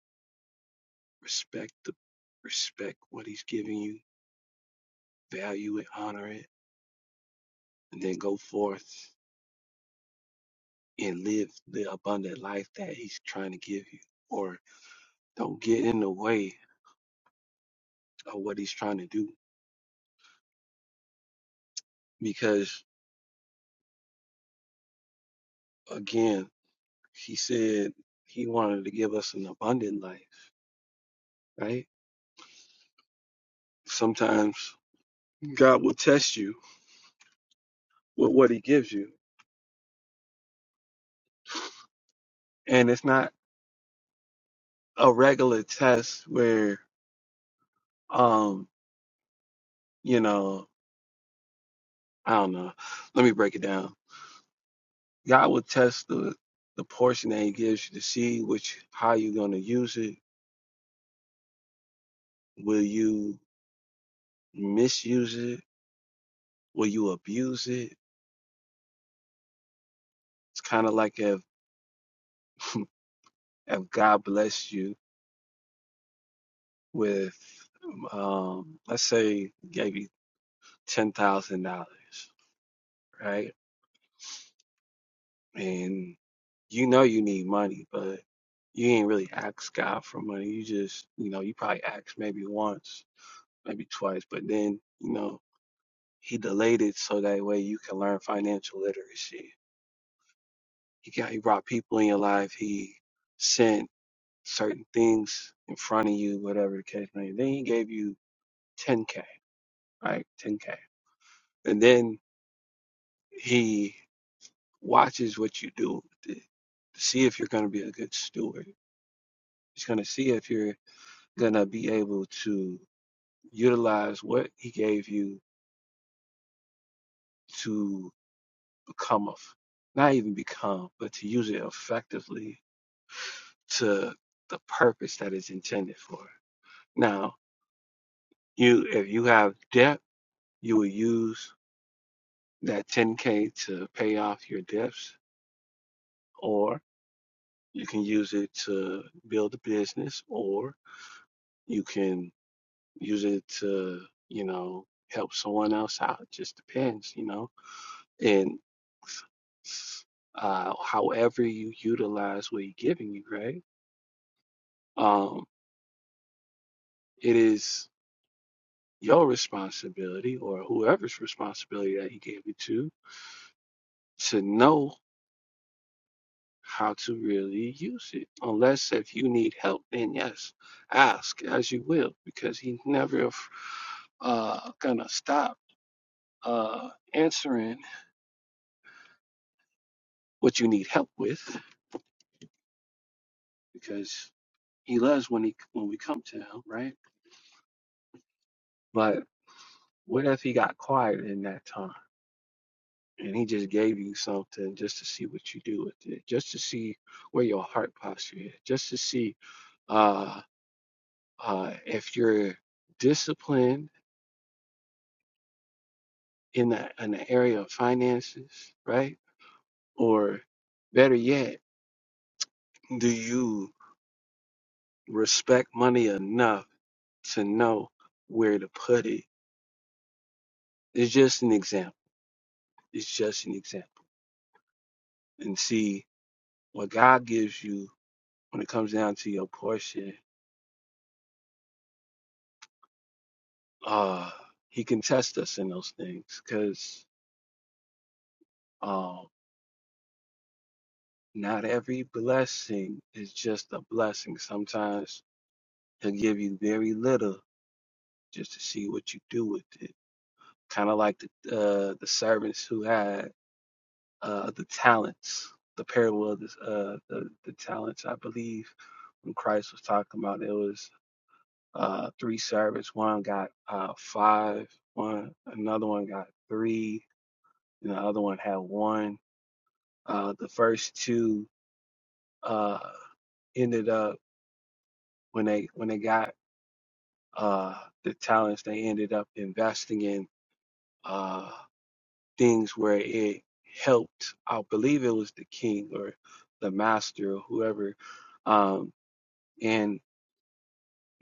respect the respect what he's giving you, value it, honor it, and then go forth and live the abundant life that he's trying to give you. Or don't get in the way of what he's trying to do. Because again, He said he wanted to give us an abundant life, right? Sometimes God will test you with what he gives you. And it's not a regular test where, um, you know, I don't know. Let me break it down. God will test the, the portion that he gives you to see which, how you're going to use it. Will you misuse it? Will you abuse it? It's kind of like if, if God bless you with um let's say gave you ten thousand dollars, right? And you know you need money, but you ain't really ask God for money. You just, you know, you probably asked maybe once, maybe twice, but then, you know, he delayed it so that way you can learn financial literacy. He got he brought people in your life, he sent certain things in front of you, whatever the case may be. Then he gave you ten K, right? Ten K. And then he watches what you do to, to see if you're going to be a good steward. He's going to see if you're going to be able to utilize what he gave you to become of, not even become, but to use it effectively to the purpose that it's intended for. Now, you if you have debt, you will use that 10k to pay off your debts, or you can use it to build a business, or you can use it to, you know, help someone else out. It just depends, you know. And uh however you utilize what he's giving you, right? Um, it is your responsibility or whoever's responsibility that he gave it to to know how to really use it. Unless if you need help, then yes, ask as you will, because he's never uh gonna stop uh answering what you need help with, because. He loves when he when we come to him, right? But what if he got quiet in that time and he just gave you something just to see what you do with it, just to see where your heart posture is, just to see uh, uh, if you're disciplined in the in the area of finances, right? Or better yet, do you respect money enough to know where to put it? It's just an example. It's just an example. And see what God gives you when it comes down to your portion, uh, He can test us in those things because uh, not every blessing is just a blessing. Sometimes He'll give you very little just to see what you do with it. Kind of like the uh, the servants who had uh, the talents, the parable of this, uh, the the talents. I believe when Christ was talking about it, was. uh, three servants. One got uh, five. One another one got three, and the other one had one. Uh, the first two uh, ended up when they when they got uh, the talents, they ended up investing in uh, things where it helped. I believe it was the king or the master or whoever, um, and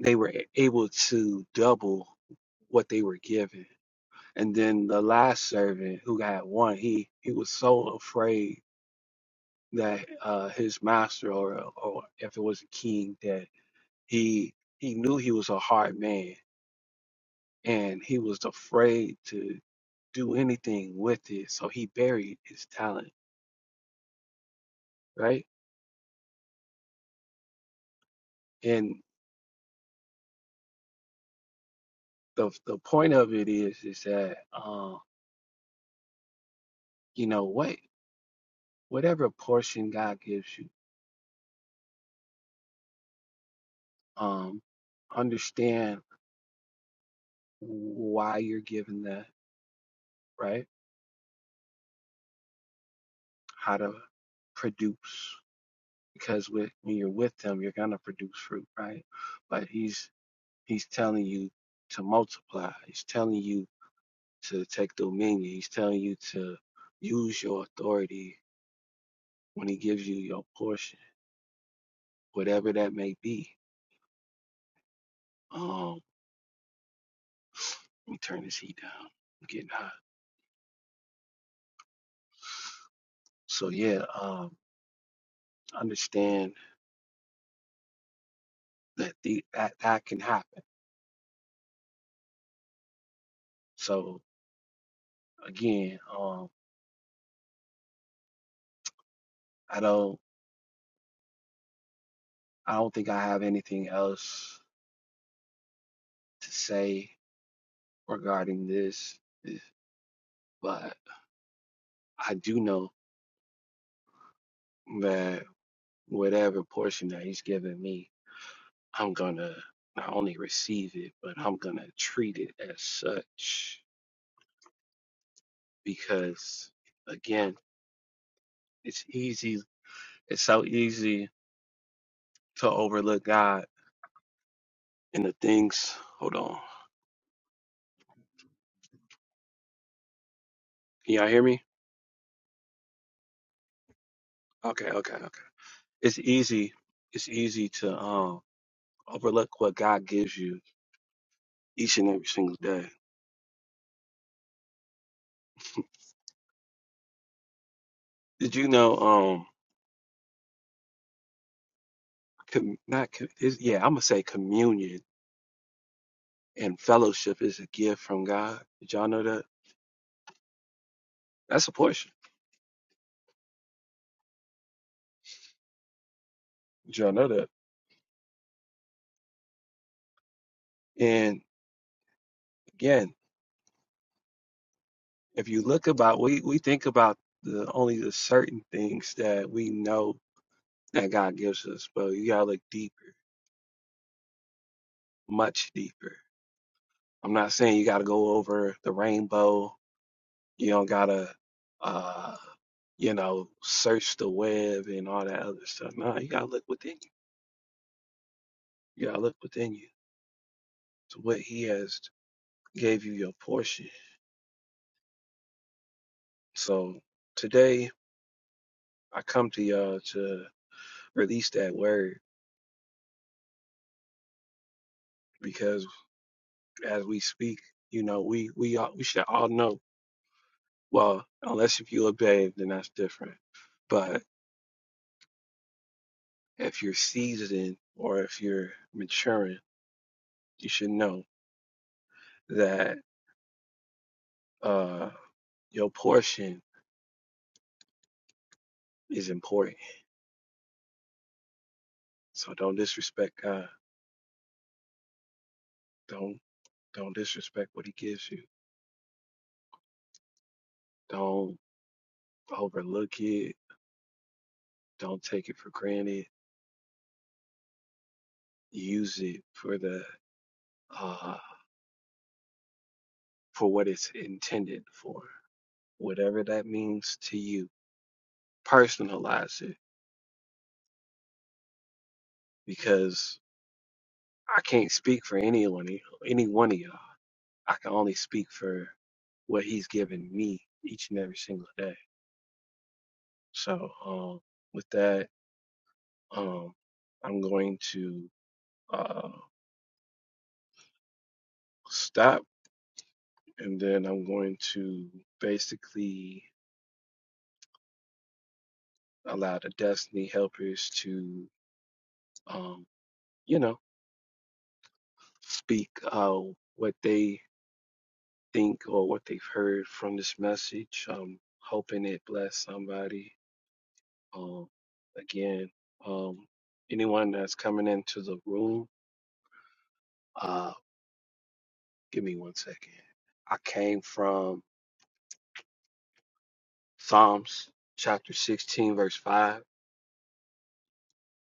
they were able to double what they were given And then the last servant who got one, he he was so afraid that uh, his master, or or if it was a king, that he he knew he was a hard man, and he was afraid to do anything with it. So he buried his talent, right? And the the point of it is is that um, you know what whatever portion God gives you, um, understand why you're given that, right? how to produce because with, when you're with him you're going to produce fruit right but he's he's telling you to multiply he's telling you to take dominion he's telling you to use your authority when he gives you your portion whatever that may be um let me turn this heat down I'm getting hot so yeah um understand that the that, that can happen so again um i don't i don't think i have anything else to say regarding this, is- but I do know that whatever portion that he's giving me, I'm gonna not only receive it, but I'm gonna treat it as such because again, it's easy, it's so easy to overlook God and the things. Hold on. Can y'all hear me? Okay, okay, okay. It's easy, it's easy to um overlook what God gives you each and every single day. Did you know um com, not com, is yeah, I'm gonna say communion and fellowship is a gift from God. Did y'all know that? That's a portion. Did y'all know that? And again, if you look about, we we think about the only the certain things that we know that God gives us, but you gotta look deeper, much deeper. I'm not saying you gotta go over the rainbow. You don't gotta, uh, you know, search the web and all that other stuff. No, you gotta look within you. You gotta look within you to what He has. gave you your portion. So today I come to y'all to release that word because as we speak, you know, we we all, we should all know. Well, unless if you look bathed, then that's different. But if you're seasoned or if you're maturing, you should know that uh your portion is important. So don't disrespect God. Don't don't disrespect what he gives you. Don't overlook it. Don't take it for granted use it for the uh for what it's intended for whatever that means to you personalize it because i can't speak for anyone any one of y'all i can only speak for what he's given me each and every single day so um with that um i'm going to uh stop and then i'm going to basically allow the destiny helpers to um you know speak uh, what they think or what they've heard from this message. Um, hoping it bless somebody. Um, again, um, anyone that's coming into the room, uh, give me one second. I came from Psalms chapter 16, verse 5,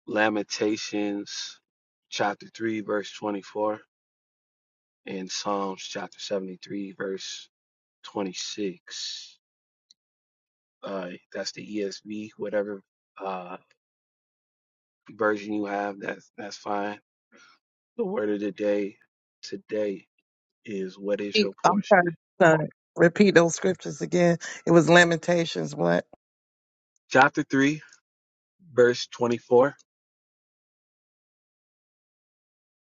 Lamentations chapter 3, verse 24, and Psalms chapter 73, verse 26. Uh, that's the ESV, whatever Uh. version you have, that's that's fine. The word of the day today is what is repeat- your I'm portion? trying to trying to repeat those scriptures again. It was Lamentations, what? Chapter three, verse twenty-four.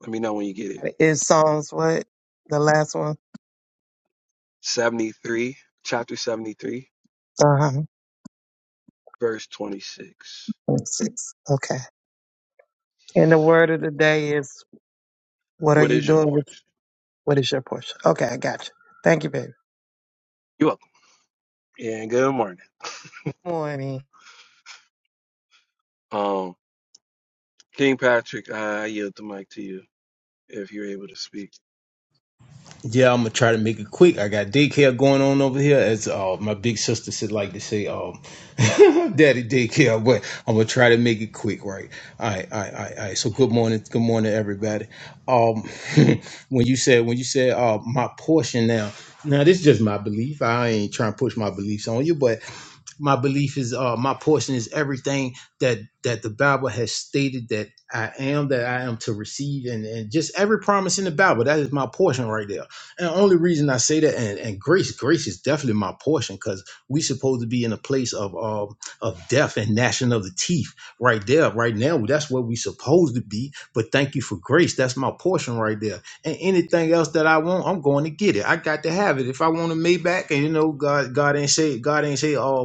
Let me know when you get it. It's Psalms, what? The last one? Seventy-three, chapter seventy-three, Uh-huh. verse twenty-six. 26. Okay. And the word of the day is, what are What you is your doing with, portion? what is your portion? Okay, I got you. Thank you, baby. You're welcome. And good morning. Morning. Um, King Patrick, I yield the mic to you if you're able to speak. Yeah, I'm gonna try to make it quick. I got daycare going on over here, as uh, my big sister said, like to say, um, "Daddy daycare." But I'm gonna try to make it quick, right? All right, all right, all right. All right. So good morning, good morning, everybody. Um, when you said when you said uh, my portion now, now this is just my belief. I ain't trying to push my beliefs on you, but my belief is uh my portion is everything that that the bible has stated that i am that i am to receive and and just every promise in the bible that is my portion right there and the only reason i say that and, and grace grace is definitely my portion because we supposed to be in a place of um of death and gnashing of the teeth right there right now that's where we supposed to be but thank you for grace that's my portion right there and anything else that I want, I'm going to get it. I got to have it. If I want a Maybach, and you know, God, God ain't say, God ain't say, oh,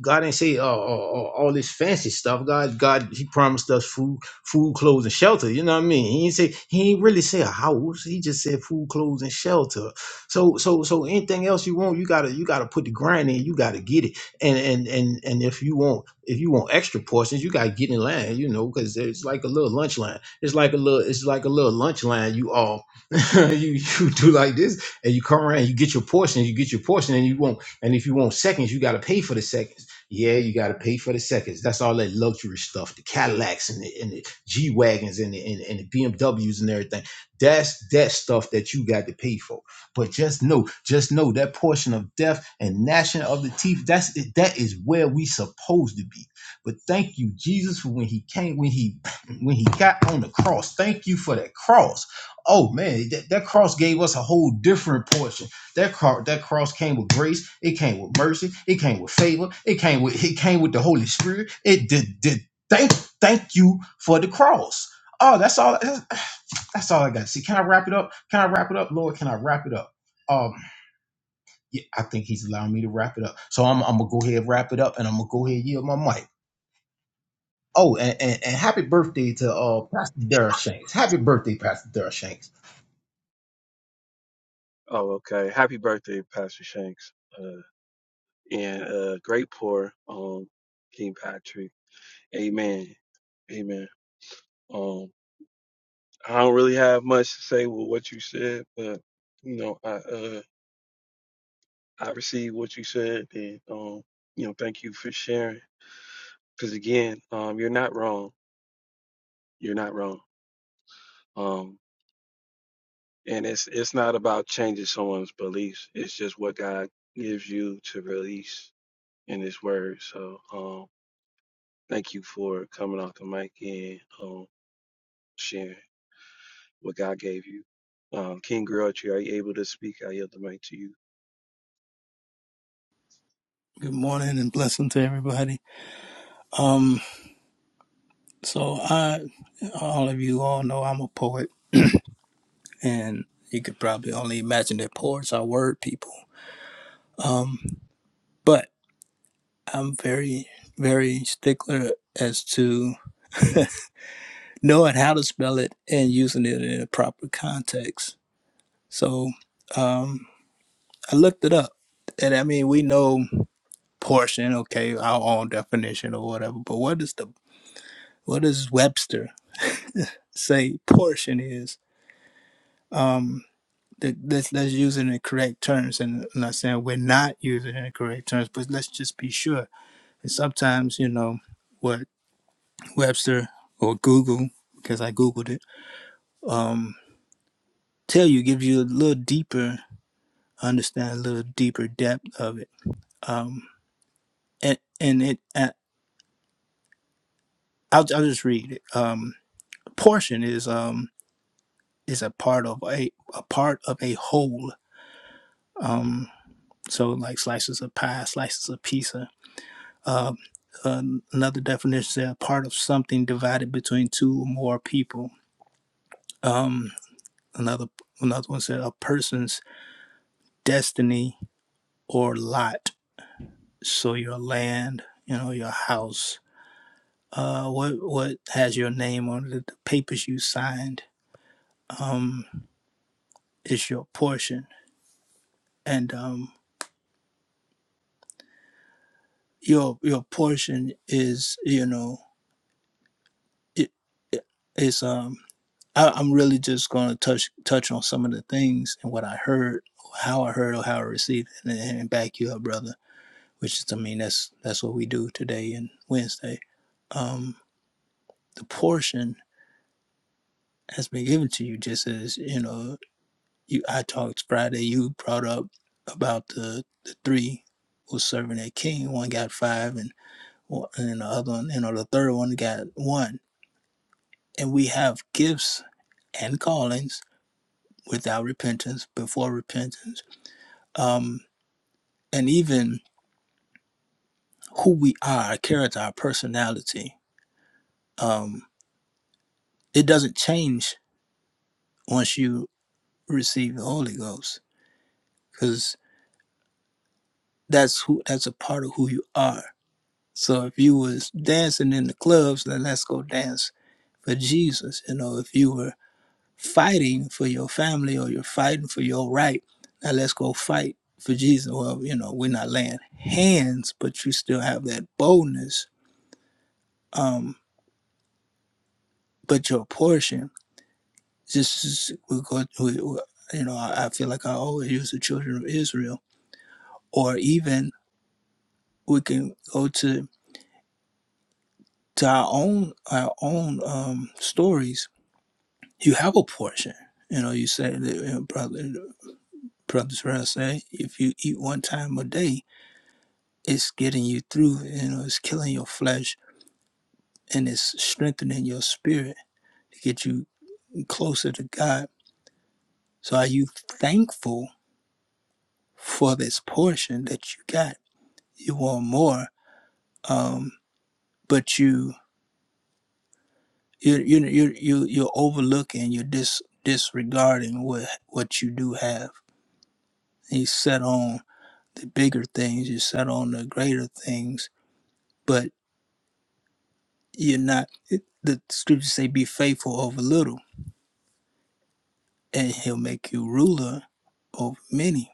God didn't say uh, all, all this fancy stuff. God, God, He promised us food, food, clothes, and shelter. You know what I mean? He didn't say He ain't really say a house. He just said food, clothes, and shelter. So, so, so anything else you want, you gotta, you gotta put the grind in. You gotta get it. And and and and if you want, if you want extra portions, you gotta get in line. You know, because it's like a little lunch line. It's like a little, it's like a little lunch line. You all, you you do like this, and you come around, you get your portion, you get your portion, and you want, And if you want seconds, you got to pay for the seconds. Yeah, you got to pay for the seconds. That's all that luxury stuff, the Cadillacs and the, and the G wagons and the, and, and the BMWs and everything. That's that stuff that you got to pay for. But just know, just know that portion of death and gnashing of the teeth. That's that is where we supposed to be. But thank you, Jesus, for when He came, when He when He got on the cross. Thank you for that cross. Oh man, that, that cross gave us a whole different portion that car, that cross came with grace. It came with mercy. It came with favor. It came with it came with the Holy Spirit. It did did thank thank you for the cross. Oh, that's all. That's, that's all I got. See, can I wrap it up? Can I wrap it up, Lord? Can I wrap it up? Um, yeah, I think He's allowing me to wrap it up. So I'm I'm gonna go ahead and wrap it up, and I'm gonna go ahead and yield my mic. Oh, and, and, and happy birthday to uh Pastor Darrell Shanks. Happy birthday, Pastor Darrell Shanks. Oh, okay. Happy birthday, Pastor Shanks. Uh, and uh, great pour, um, King Patrick. Amen. Amen. Um, I don't really have much to say with what you said, but you know, I uh, I received what you said, and um, you know, thank you for sharing. Because again, um, you're not wrong. You're not wrong. Um, and it's it's not about changing someone's beliefs. It's just what God gives you to release in His Word. So, um, thank you for coming off the mic and um, sharing what God gave you. Um, King Grudge, are you able to speak? I yield the mic to you. Good morning and blessing to everybody. Um, so I, all of you all know I'm a poet, and you could probably only imagine that poets are word people. Um, but I'm very, very stickler as to knowing how to spell it and using it in a proper context. So um, I looked it up, and I mean we know portion, okay, our own definition or whatever. But what is the what does Webster say portion is? um the, let's let's use it in the correct terms and I'm not saying we're not using it in the correct terms but let's just be sure and sometimes you know what webster or google because i googled it um tell you gives you a little deeper understand a little deeper depth of it um and and it uh, I'll, I'll just read it um portion is um is a part of a a part of a whole um so like slices of pie slices of pizza um, Uh, another definition said "A part of something divided between two or more people. Um, another another one said a person's destiny or lot. So your land, you know, your house. Uh, what what has your name on it? The papers you signed. Um, is your portion, and um, your your portion is you know it, it is um I, I'm really just going to touch touch on some of the things and what I heard, how I heard, or how I received, it, and, and back you up, brother. Which is, I mean, that's that's what we do today and Wednesday. Um, the portion has been given to you, just as you know. You, I talked Friday. You brought up about the the three was serving their king. One got five, and and the other one, you know, the third one got one. And we have gifts and callings without repentance, before repentance um, and even who we are, our character, our personality, um, it doesn't change once you receive the Holy Ghost, because that's who that's a part of who you are. So if you was dancing in the clubs, then let's go dance for Jesus. You know, if you were fighting for your family or you're fighting for your right, now let's go fight for Jesus. Well, you know, we're not laying hands, but you still have that boldness. Um, but your portion. This is we go. We, we, you know, I, I feel like I always use the children of Israel, or even we can go to to our own our own um, stories. You have a portion. You know, you say that you know, brother brothers Brown say if you eat one time a day, it's getting you through. You know, it's killing your flesh and it's strengthening your spirit to get you closer to God. So, are you thankful for this portion that you got? You want more um, but you you you you you you're overlooking, you're dis, disregarding what what you do have. And You set on the bigger things, you set on the greater things, but you're not. It, the scriptures say, "Be faithful over little, and He'll make you ruler over many."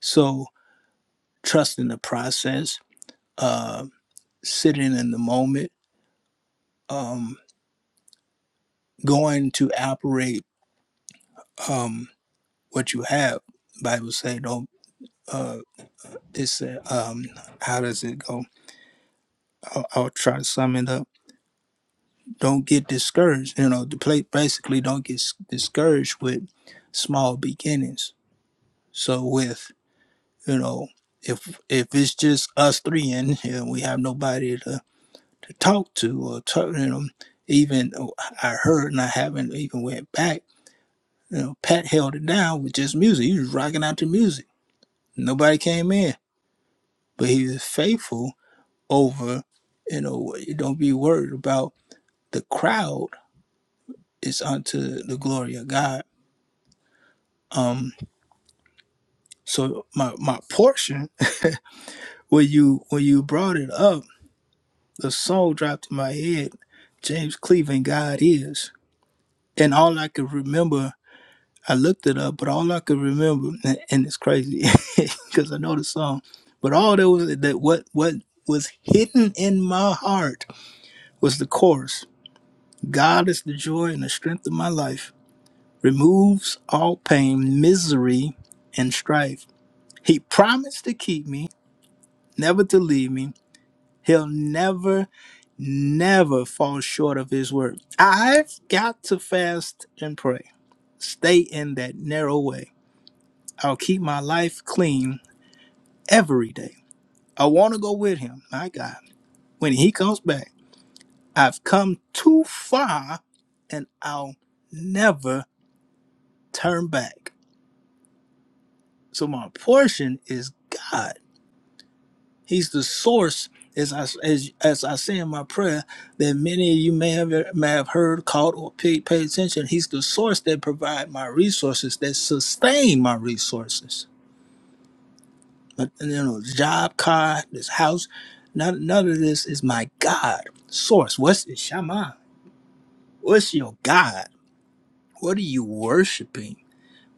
So trust in the process, uh, sitting in the moment, um, going to operate um, what you have. Bible say, "Don't." uh, it's uh, um how does it go I'll, I'll try to sum it up don't get discouraged you know the play basically don't get s- discouraged with small beginnings so with you know if if it's just us three in here and we have nobody to, to talk to or talk you know even uh, i heard and i haven't even went back you know pat held it down with just music he was rocking out to music nobody came in but he was faithful over you know don't be worried about the crowd is unto the glory of God. Um, so my my portion when you when you brought it up, the song dropped in my head, James Cleveland, God is. And all I could remember, I looked it up, but all I could remember, and, and it's crazy because I know the song, but all that was that what what was hidden in my heart was the chorus. God is the joy and the strength of my life. removes all pain, misery, and strife. He promised to keep me, never to leave me. He'll never, never fall short of his word. I've got to fast and pray, stay in that narrow way. I'll keep my life clean every day. I want to go with him, my God. When he comes back, I've come too far and I'll never turn back. So my portion is God He's the source, as I as, as I say in my prayer, that many of you may have may have heard, caught, or paid pay attention. He's the source that provide my resources, that sustain my resources. But you know, job, car, this house, none, none of this is my God source. What's the Shama? What's your God? What are you worshiping?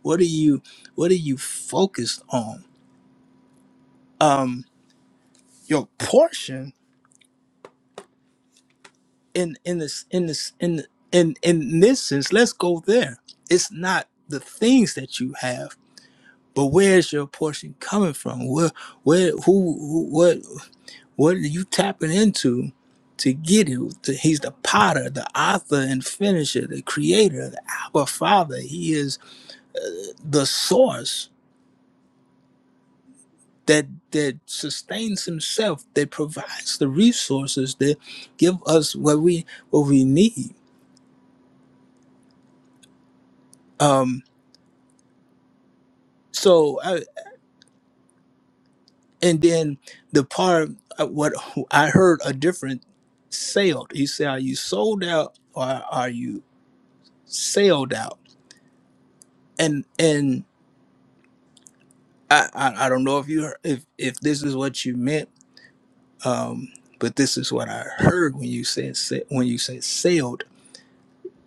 What are you what are you focused on? Um, your portion in in this in this in in in this sense let's go there it's not the things that you have but where's your portion coming from where where who, who what what are you tapping into to get it To- he's the potter the author and finisher the creator the abba father he is uh, the source that that sustains himself that provides the resources that give us what we what we need um so And then the part uh, what I heard a different sailed. He said, "Are you sold out or are you sailed out?" And and I I, I don't know if you heard- if if this is what you meant, um, but this is what I heard when you said sa- when you said sailed.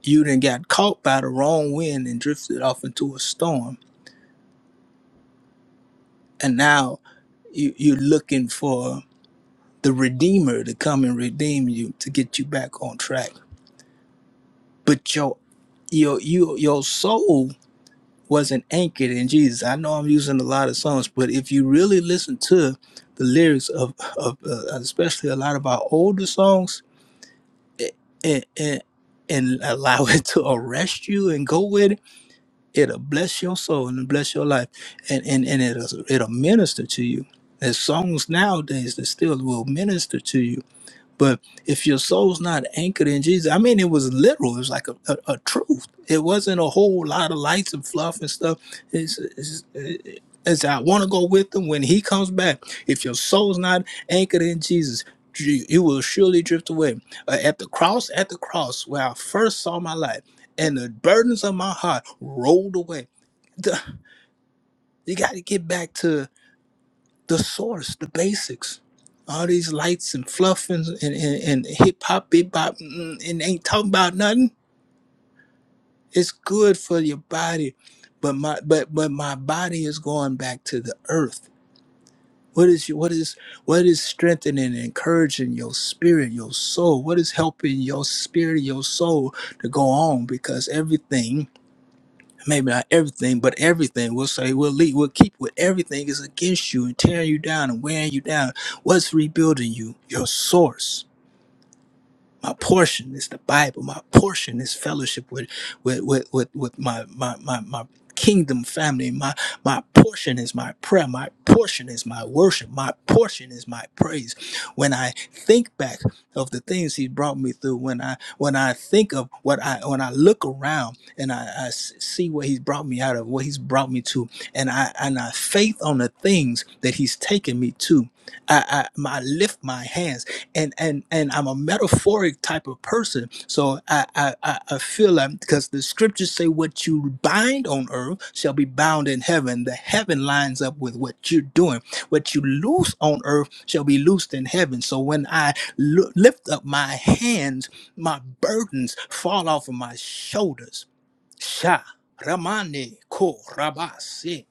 You then got caught by the wrong wind and drifted off into a storm, and now you, you're looking for the redeemer to come and redeem you to get you back on track but your your your your soul wasn't anchored in Jesus. I know I'm using a lot of songs, but if you really listen to the lyrics of of uh, especially a lot of our older songs, a- and and and allow it to arrest you and go with it, it'll bless your soul and bless your life, and and and it'll it'll minister to you. There's songs nowadays that still will minister to you but if your soul's not anchored in Jesus, I mean, it was literal. It was like a, a, a truth. It wasn't a whole lot of lights and fluff and stuff. It's, it's, it's I want to go with him when he comes back. If your soul's not anchored in Jesus, you will surely drift away. Uh, at the cross, at the cross, where I first saw my life, and the burdens of my heart rolled away. You got to get back to the source, the basics. All these lights and fluff and, and, and, and hip hop, bebop, mm, mm, and ain't talking about nothing. It's good for your body, but my but but my body is going back to the earth. What is your, what is what is strengthening and encouraging your spirit, your soul? What is helping your spirit, your soul to go on? Because everything maybe not everything, but everything. We'll say we'll lead, we'll keep with everything is against you and tearing you down and wearing you down. What's rebuilding you? Your source. My portion is the Bible. My portion is fellowship with with with with, with my, my my my kingdom family. My my portion is my prayer. My portion is my worship. My portion is my praise. When I think back of the things he brought me through, when I when I think of what I when I look around and I, I s- see what he's brought me out of, what he's brought me to, and I and I faith on the things that he's taken me to. I, I, I lift my hands and and and I'm a metaphoric type of person. So I I I I feel like because the scriptures say what you bind on earth shall be bound in heaven. The heaven lines up with what you're doing. What you loose on earth shall be loosed in heaven. So when I lo- lift up my hands, my burdens fall off of my shoulders. Sha. Ramane ko rabase.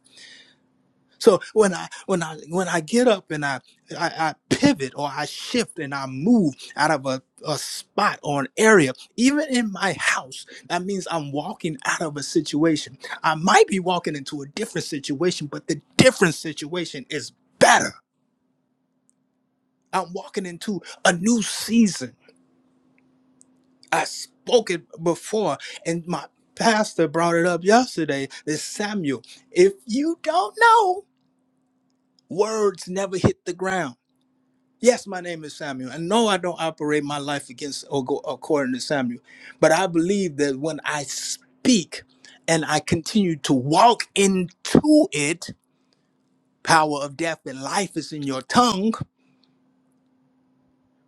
So when I when I when I get up and I I, I pivot or I shift and I move out of a, a spot or an area, even in my house, that means I'm walking out of a situation. I might be walking into a different situation, but the different situation is better. I'm walking into a new season. I spoke it before, and my pastor brought it up yesterday. This Samuel, if you don't know, words never hit the ground Yes, my name is Samuel. And no, I don't operate my life against or go according to Samuel. But I believe that when I speak and I continue to walk into it, power of death and life is in your tongue.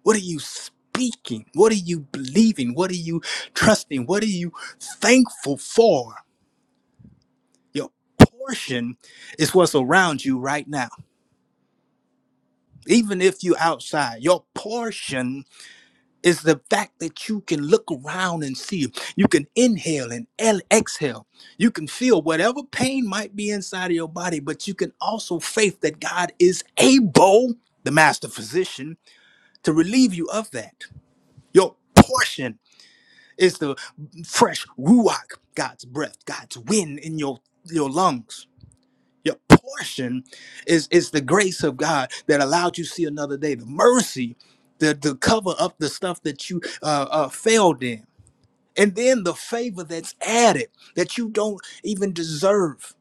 What are you speaking? What are you believing? What are you trusting? What are you thankful for? Your portion is what's around you right now. Even if you're outside, your portion Is the fact that you can look around and see. You can inhale and el- exhale. You can feel whatever pain might be inside of your body, but you can also faith that God is able, the master physician, to relieve you of that. Your portion is the fresh ruach, God's breath, God's wind in your your lungs your portion is is the grace of God that allowed you to see another day, the mercy that to cover up the stuff that you uh, uh, failed in, and then the favor that's added that you don't even deserve,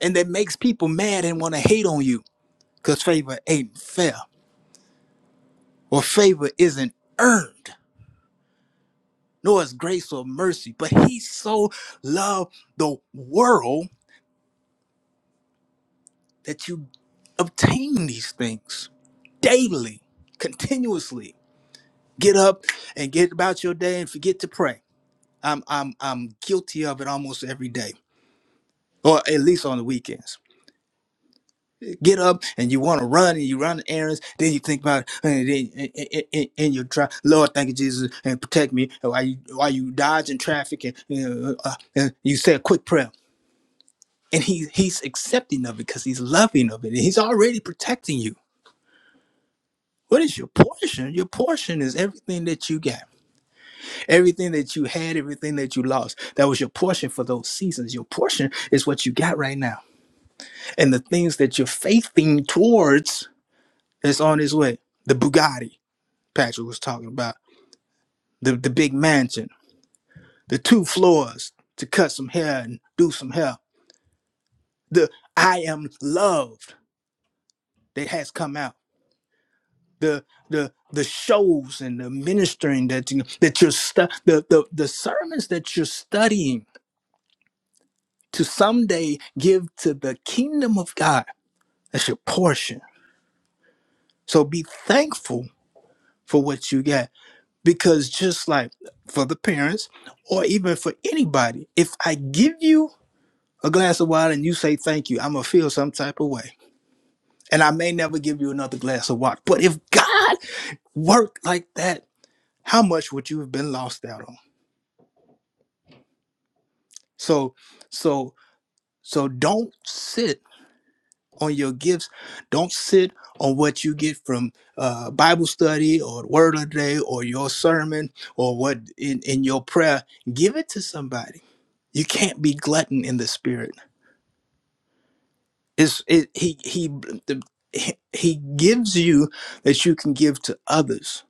and that makes people mad and want to hate on you because favor ain't fair or favor isn't earned, nor is grace or mercy. But He so loved the world that you obtain these things daily, continuously get up and get about your day and forget to pray. I'm I'm I'm guilty of it almost every day. Or at least on the weekends. Get up and you want to run and you run errands. Then you think about and then and, and, and and you try, Lord, thank you, Jesus, and protect me. And While you while you dodging traffic and, you know, uh, and you say a quick prayer, and he he's accepting of it because he's loving of it. And he's already protecting you. What is your portion? Your portion is everything that you got. Everything that you had, everything that you lost, that was your portion for those seasons. Your portion is what you got right now. And the things that you're faithing towards is on its way. The Bugatti Patrick was talking about, the, the big mansion, the two floors to cut some hair and do some hair, the I am loved that has come out. The, the the shows and the ministering that you that you're stu- the, the the sermons that you're studying to someday give to the kingdom of God. That's your portion. So be thankful for what you got because just like for the parents or even for anybody, if I give you a glass of water and you say thank you, I'm going to feel some type of way. And I may never give you another glass of water. But if God worked like that, how much would you have been lost out on? So, so, so don't sit on your gifts. Don't sit on what you get from uh, Bible study or Word of the Day or your sermon or what in, in your prayer. Give it to somebody. You can't be glutton in the spirit. It's it, he he the, he he gives you that you can give to others.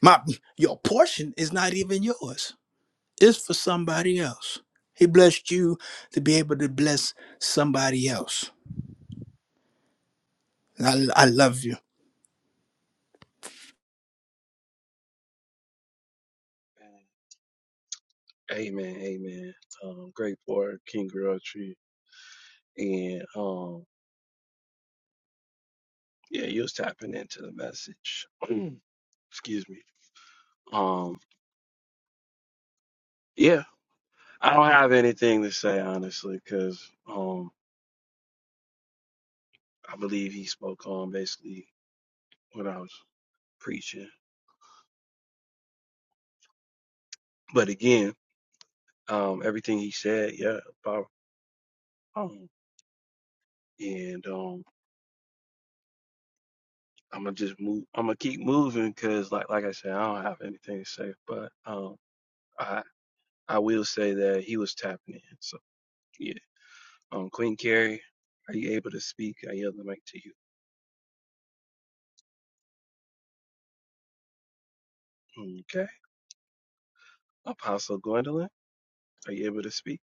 My your portion is not even yours. It's for somebody else. He blessed you to be able to bless somebody else. And I, I love you. Amen, amen. Um, great for King Tree. And um, yeah, you was tapping into the message. Excuse me. Um, yeah, I don't have anything to say honestly, because um, I believe he spoke on basically what I was preaching. But again, um, everything he said, yeah, about um, and um, I'm gonna just move. I'm gonna keep moving because, like, like I said, I don't have anything to say. But um, I I will say that he was tapping in. so Yeah. Um, Queen Carrie, are you able to speak? I yield the mic to you. Okay. Apostle Gwendolyn, are you able to speak?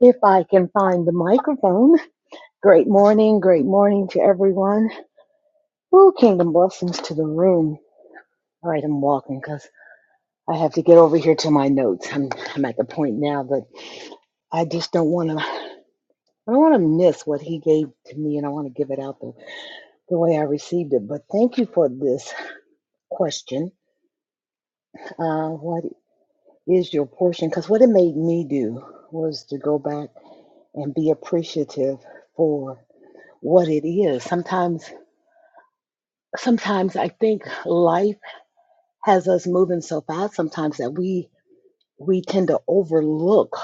If I can find the microphone. Great morning, great morning to everyone. Ooh, kingdom blessings to the room. All right, I'm walking because I have to get over here to my notes. I'm, I'm at the point now that I just don't want to. I don't want to miss what he gave to me, and I want to give it out the, the way I received it. But thank you for this question. Uh, what is your portion? Because what it made me do was to go back and be appreciative for what it is. Sometimes sometimes I think life has us moving so fast sometimes that we we tend to overlook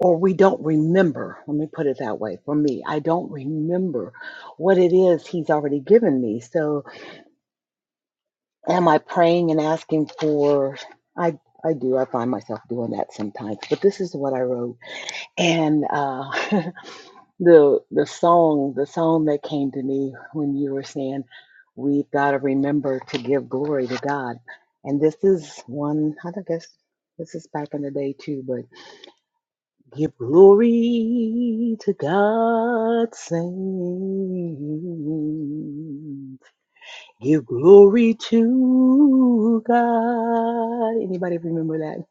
or we don't remember. Let me put it that way. For me, I don't remember what it is he's already given me. So am I praying and asking for I I do. I find myself doing that sometimes. But this is what I wrote. And uh the the song the song that came to me when you were saying we've got to remember to give glory to god and this is one i don't guess this is back in the day too but give glory to god saints give glory to god anybody remember that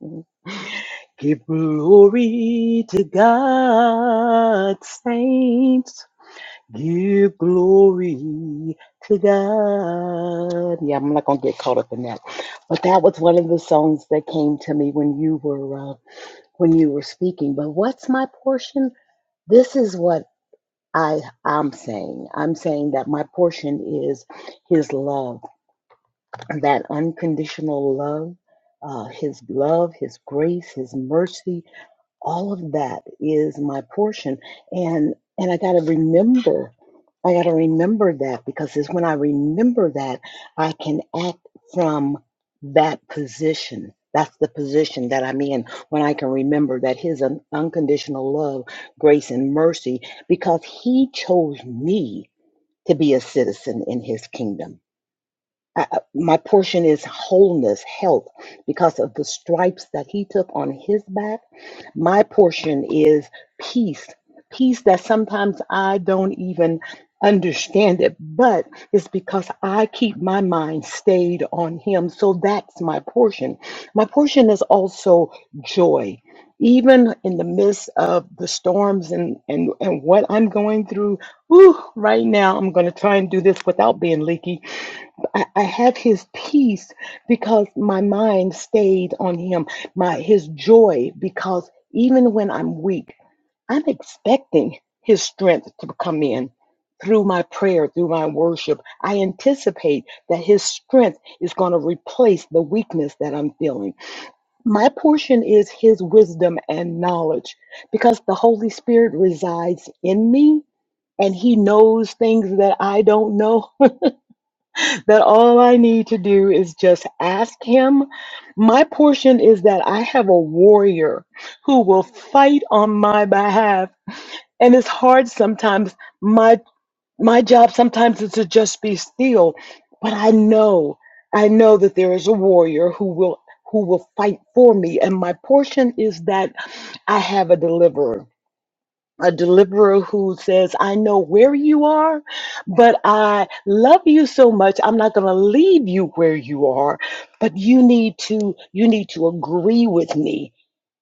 give glory to god saints Give glory to God. Yeah, I'm not gonna get caught up in that, but that was one of the songs that came to me when you were uh, when you were speaking. But what's my portion? This is what I I'm saying. I'm saying that my portion is His love, that unconditional love, uh, His love, His grace, His mercy, all of that is my portion and and i got to remember i got to remember that because it's when i remember that i can act from that position that's the position that i'm in when i can remember that his un- unconditional love grace and mercy because he chose me to be a citizen in his kingdom I, I- my portion is wholeness health because of the stripes that he took on his back my portion is peace, peace that sometimes I don't even understand it, but it's because I keep my mind stayed on Him. So that's my portion. My portion is also joy. Even in the midst of the storms and, and, and what I'm going through, whew, right now, I'm going to try and do this without being leaky. I, I have his peace because my mind stayed on him, my his joy, because even when I'm weak, I'm expecting his strength to come in through my prayer, through my worship. I anticipate that his strength is going to replace the weakness that I'm feeling. My portion is his wisdom and knowledge because the Holy Spirit resides in me and he knows things that I don't know that all I need to do is just ask him. My portion is that I have a warrior who will fight on my behalf. And it's hard sometimes. My my job sometimes is to just be still, but I know, I know that there is a warrior who will who will fight for me. And my portion is that I have a deliverer a deliverer who says, I know where you are, but I love you so much. I'm not going to leave you where you are, but you need to, you need to agree with me.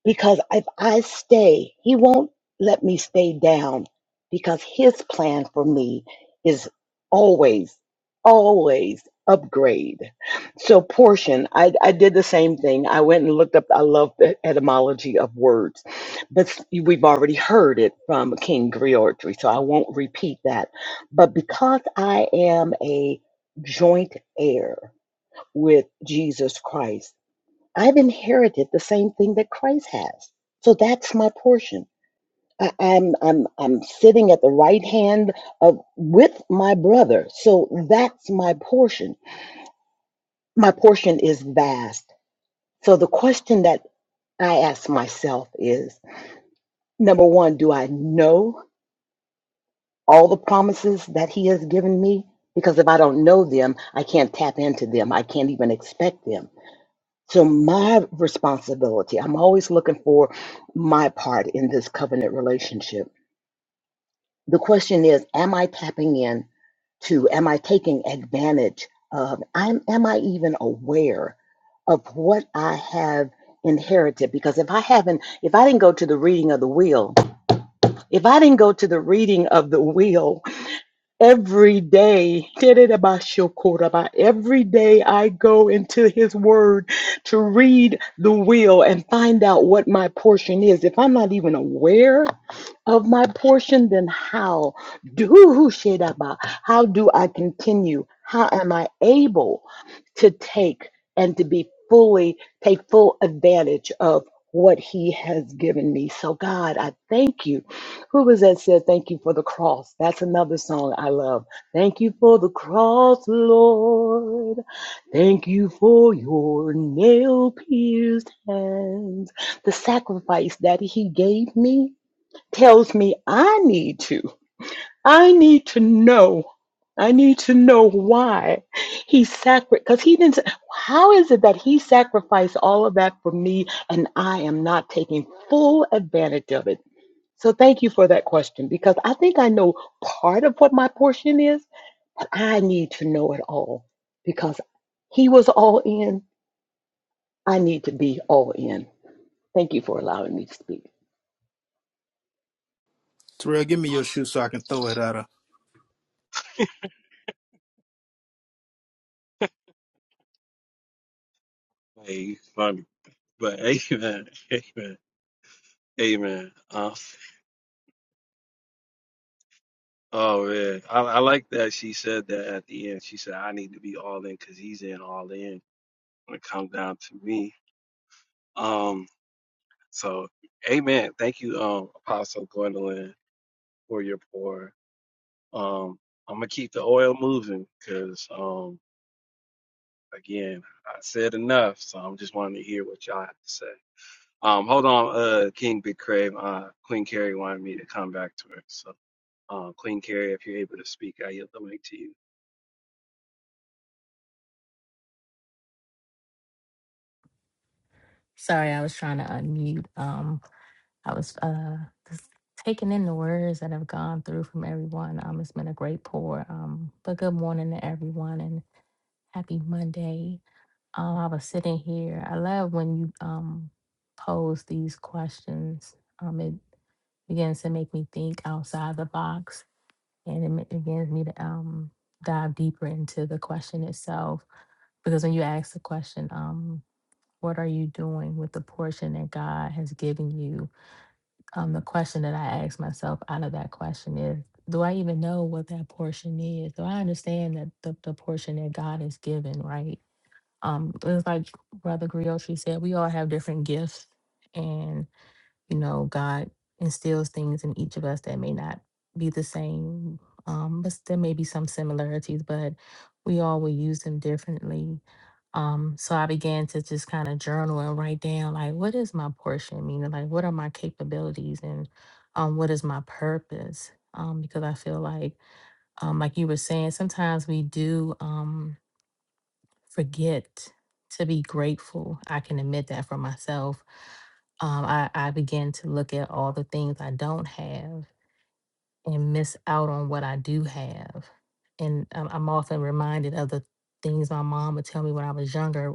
Because if I stay, he won't let me stay down because his plan for me is always, always upgrade. So portion, I, I did the same thing. I went and looked up, I love the etymology of words, but s- we've already heard it from King Griotri, so I won't repeat that. But because I am a joint heir with Jesus Christ, I've inherited the same thing that Christ has. So that's my portion. I, I'm I'm I'm sitting at the right hand of with my brother. So that's my portion. My portion is vast. So the question that I ask myself is number one, do I know all the promises that he has given me? Because if I don't know them, I can't tap into them. I can't even expect them. So, my responsibility, I'm always looking for my part in this covenant relationship. The question is, am I tapping in to, am I taking advantage of, I'm, am I even aware of what I have inherited? Because if I haven't, if I didn't go to the reading of the will, if I didn't go to the reading of the will, Every day, Tererebashokoraba, every day I go into his word to read the will and find out what my portion is. If I'm not even aware of my portion, then how do How do I continue? How am I able to take and to be fully take full advantage of what he has given me. So God, I thank you. Who was that said thank you for the cross? That's another song I love. Thank you for the cross, Lord. Thank you for your nail pierced hands. The sacrifice that he gave me tells me I need to. I need to know. I need to know why he sacrificed, because he didn't. s- How is it that he sacrificed all of that for me and I am not taking full advantage of it? So thank you for that question because I think I know part of what my portion is, but I need to know it all because he was all in. I need to be all in. Thank you for allowing me to speak. Terrell, give me your shoe so I can throw it at her. Hey, funny. But amen. Amen. Amen. Um, oh, man. I, I like that she said that at the end. She said, I need to be all in because he's in all in when it comes down to me. Um, so, amen. Thank you, um, Apostle Gwendolyn, for your pour. Um, I'm going to keep the oil moving because. Again, I said enough, so I'm just wanting to hear what y'all have to say. Um, hold on, uh, King Big Crave, uh, Queen Carrie wanted me to come back to her. So, um, Queen Carrie, if you're able to speak, I yield the mic to you. Sorry, I was trying to unmute. Um, I was uh just taking in the words that have gone through from everyone. Um, it's been a great pour. Um, but good morning to everyone and happy Monday. Um, I was sitting here. I love when you um pose these questions. Um, it begins to make me think outside the box, and it ma- begins me to um dive deeper into the question itself. Because when you ask the question, um, what are you doing with the portion that God has given you? Um, the question that I ask myself out of that question is Do I even know what that portion is? Do I understand that the, the portion that God has given, right? Um, it's like Brother Griotri said, we all have different gifts. and you know, God instills things in each of us that may not be the same, um, but there may be some similarities, but we all will use them differently. Um, so I began to just kind of journal and write down like, what is my portion? Meaning, like, what are my capabilities and um, what is my purpose? Um, because I feel like, um, like you were saying, sometimes we do. Um, forget to be grateful. I can admit that for myself. Um, I, I begin to look at all the things I don't have and miss out on what I do have. And um, I'm often reminded of the things my mom would tell me when I was younger,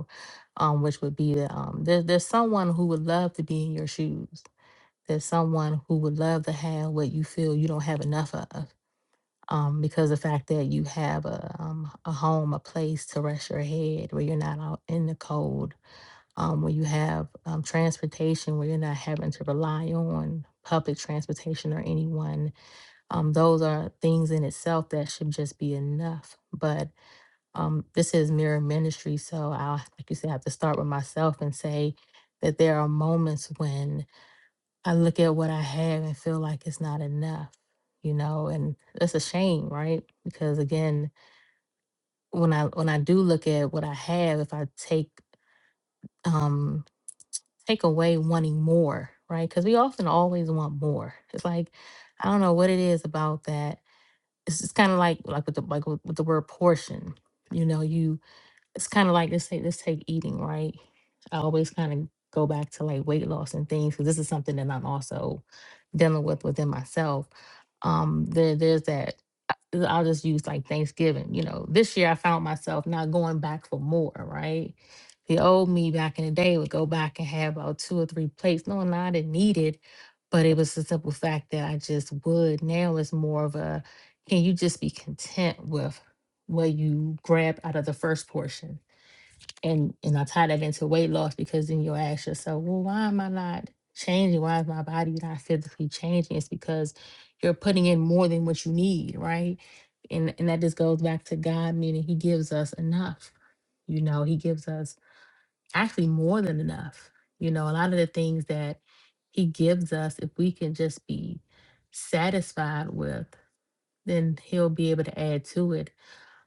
um, which would be that um, there, there's someone who would love to be in your shoes. There's someone who would love to have what you feel you don't have enough of um, because the fact that you have a um, a home, a place to rest your head, where you're not out in the cold, um, where you have um, transportation, where you're not having to rely on public transportation or anyone. Um, those are things in itself that should just be enough. But um, this is mirror ministry, so I, like you said, I have to start with myself and say that there are moments when I look at what I have and feel like it's not enough, you know, and that's a shame, right? Because again, when I when I do look at what I have, if I take um take away wanting more, right? Because we often always want more. It's like I don't know what it is about that. It's just kind of like like with the like with, with the word portion, you know, you it's kind of like let's take let's take eating right i always kind of go back to like weight loss and things because this is something that i'm also dealing with within myself um there there's that I- i'll just use like thanksgiving you know this year i found myself not going back for more right the old me back in the day would go back and have about two or three plates no no i didn't need it but it was the simple fact that i just would now it's more of a can you just be content with what you grab out of the first portion and and I tie that into weight loss because then you'll ask yourself, well, why am I not changing? Why is my body not physically changing? It's because you're putting in more than what you need, right? And and that just goes back to God, meaning He gives us enough. You know, He gives us actually more than enough. You know, a lot of the things that He gives us, if we can just be satisfied with, then He'll be able to add to it.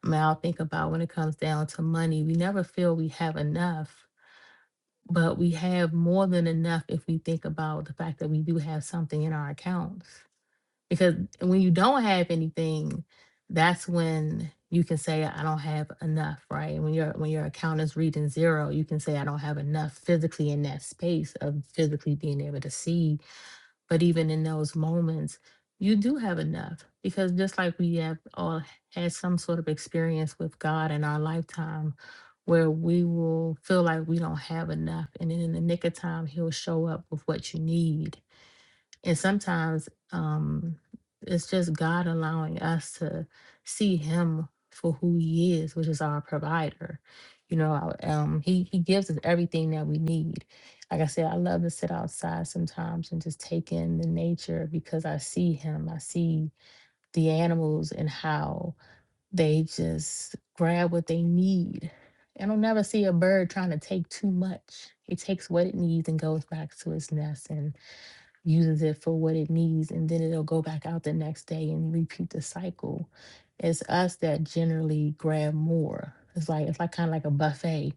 I mean, I'll think about when it comes down to money, we never feel we have enough but we have more than enough if we think about the fact that we do have something in our accounts. Because when you don't have anything, that's when you can say, I don't have enough, right? When your when your account is reading zero, you can say I don't have enough physically in that space of physically being able to see but even in those moments, you do have enough because just like we have all had some sort of experience with God in our lifetime where we will feel like we don't have enough. And then in the nick of time, He'll show up with what you need and sometimes um, it's just God allowing us to see Him for who He is, which is our provider. You know, I- um, He He gives us everything that we need. Like I said, I love to sit outside sometimes and just take in the nature because I see Him. I see the animals and how they just grab what they need. I don't never see a bird trying to take too much. It takes what it needs and goes back to its nest uses it for what it needs, and then it'll go back out the next day and repeat the cycle. It's us that generally grab more. It's like it's like kind of like a buffet.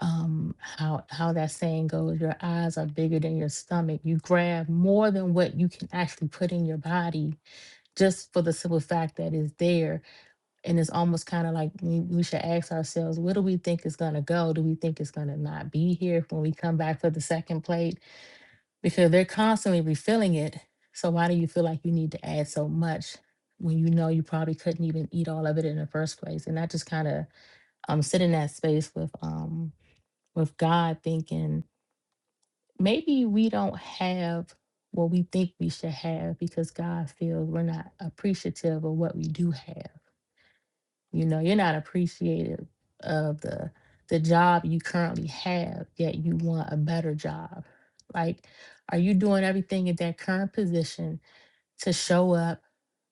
Um, how how that saying goes, your eyes are bigger than your stomach. You grab more than what you can actually put in your body, just for the simple fact that it's there. And it's almost kind of like we, we should ask ourselves, where do we think it's gonna go? Do we think it's gonna not be here when we come back for the second plate? because they're constantly refilling it. So why do you feel like you need to add so much when you know you probably couldn't even eat all of it in the first place? And I just kind of um sit in that space with um with God thinking maybe we don't have what we think we should have because God feels we're not appreciative of what we do have. You know, you're not appreciative of the the job you currently have, yet you want a better job. Like, are you doing everything in that current position to show up?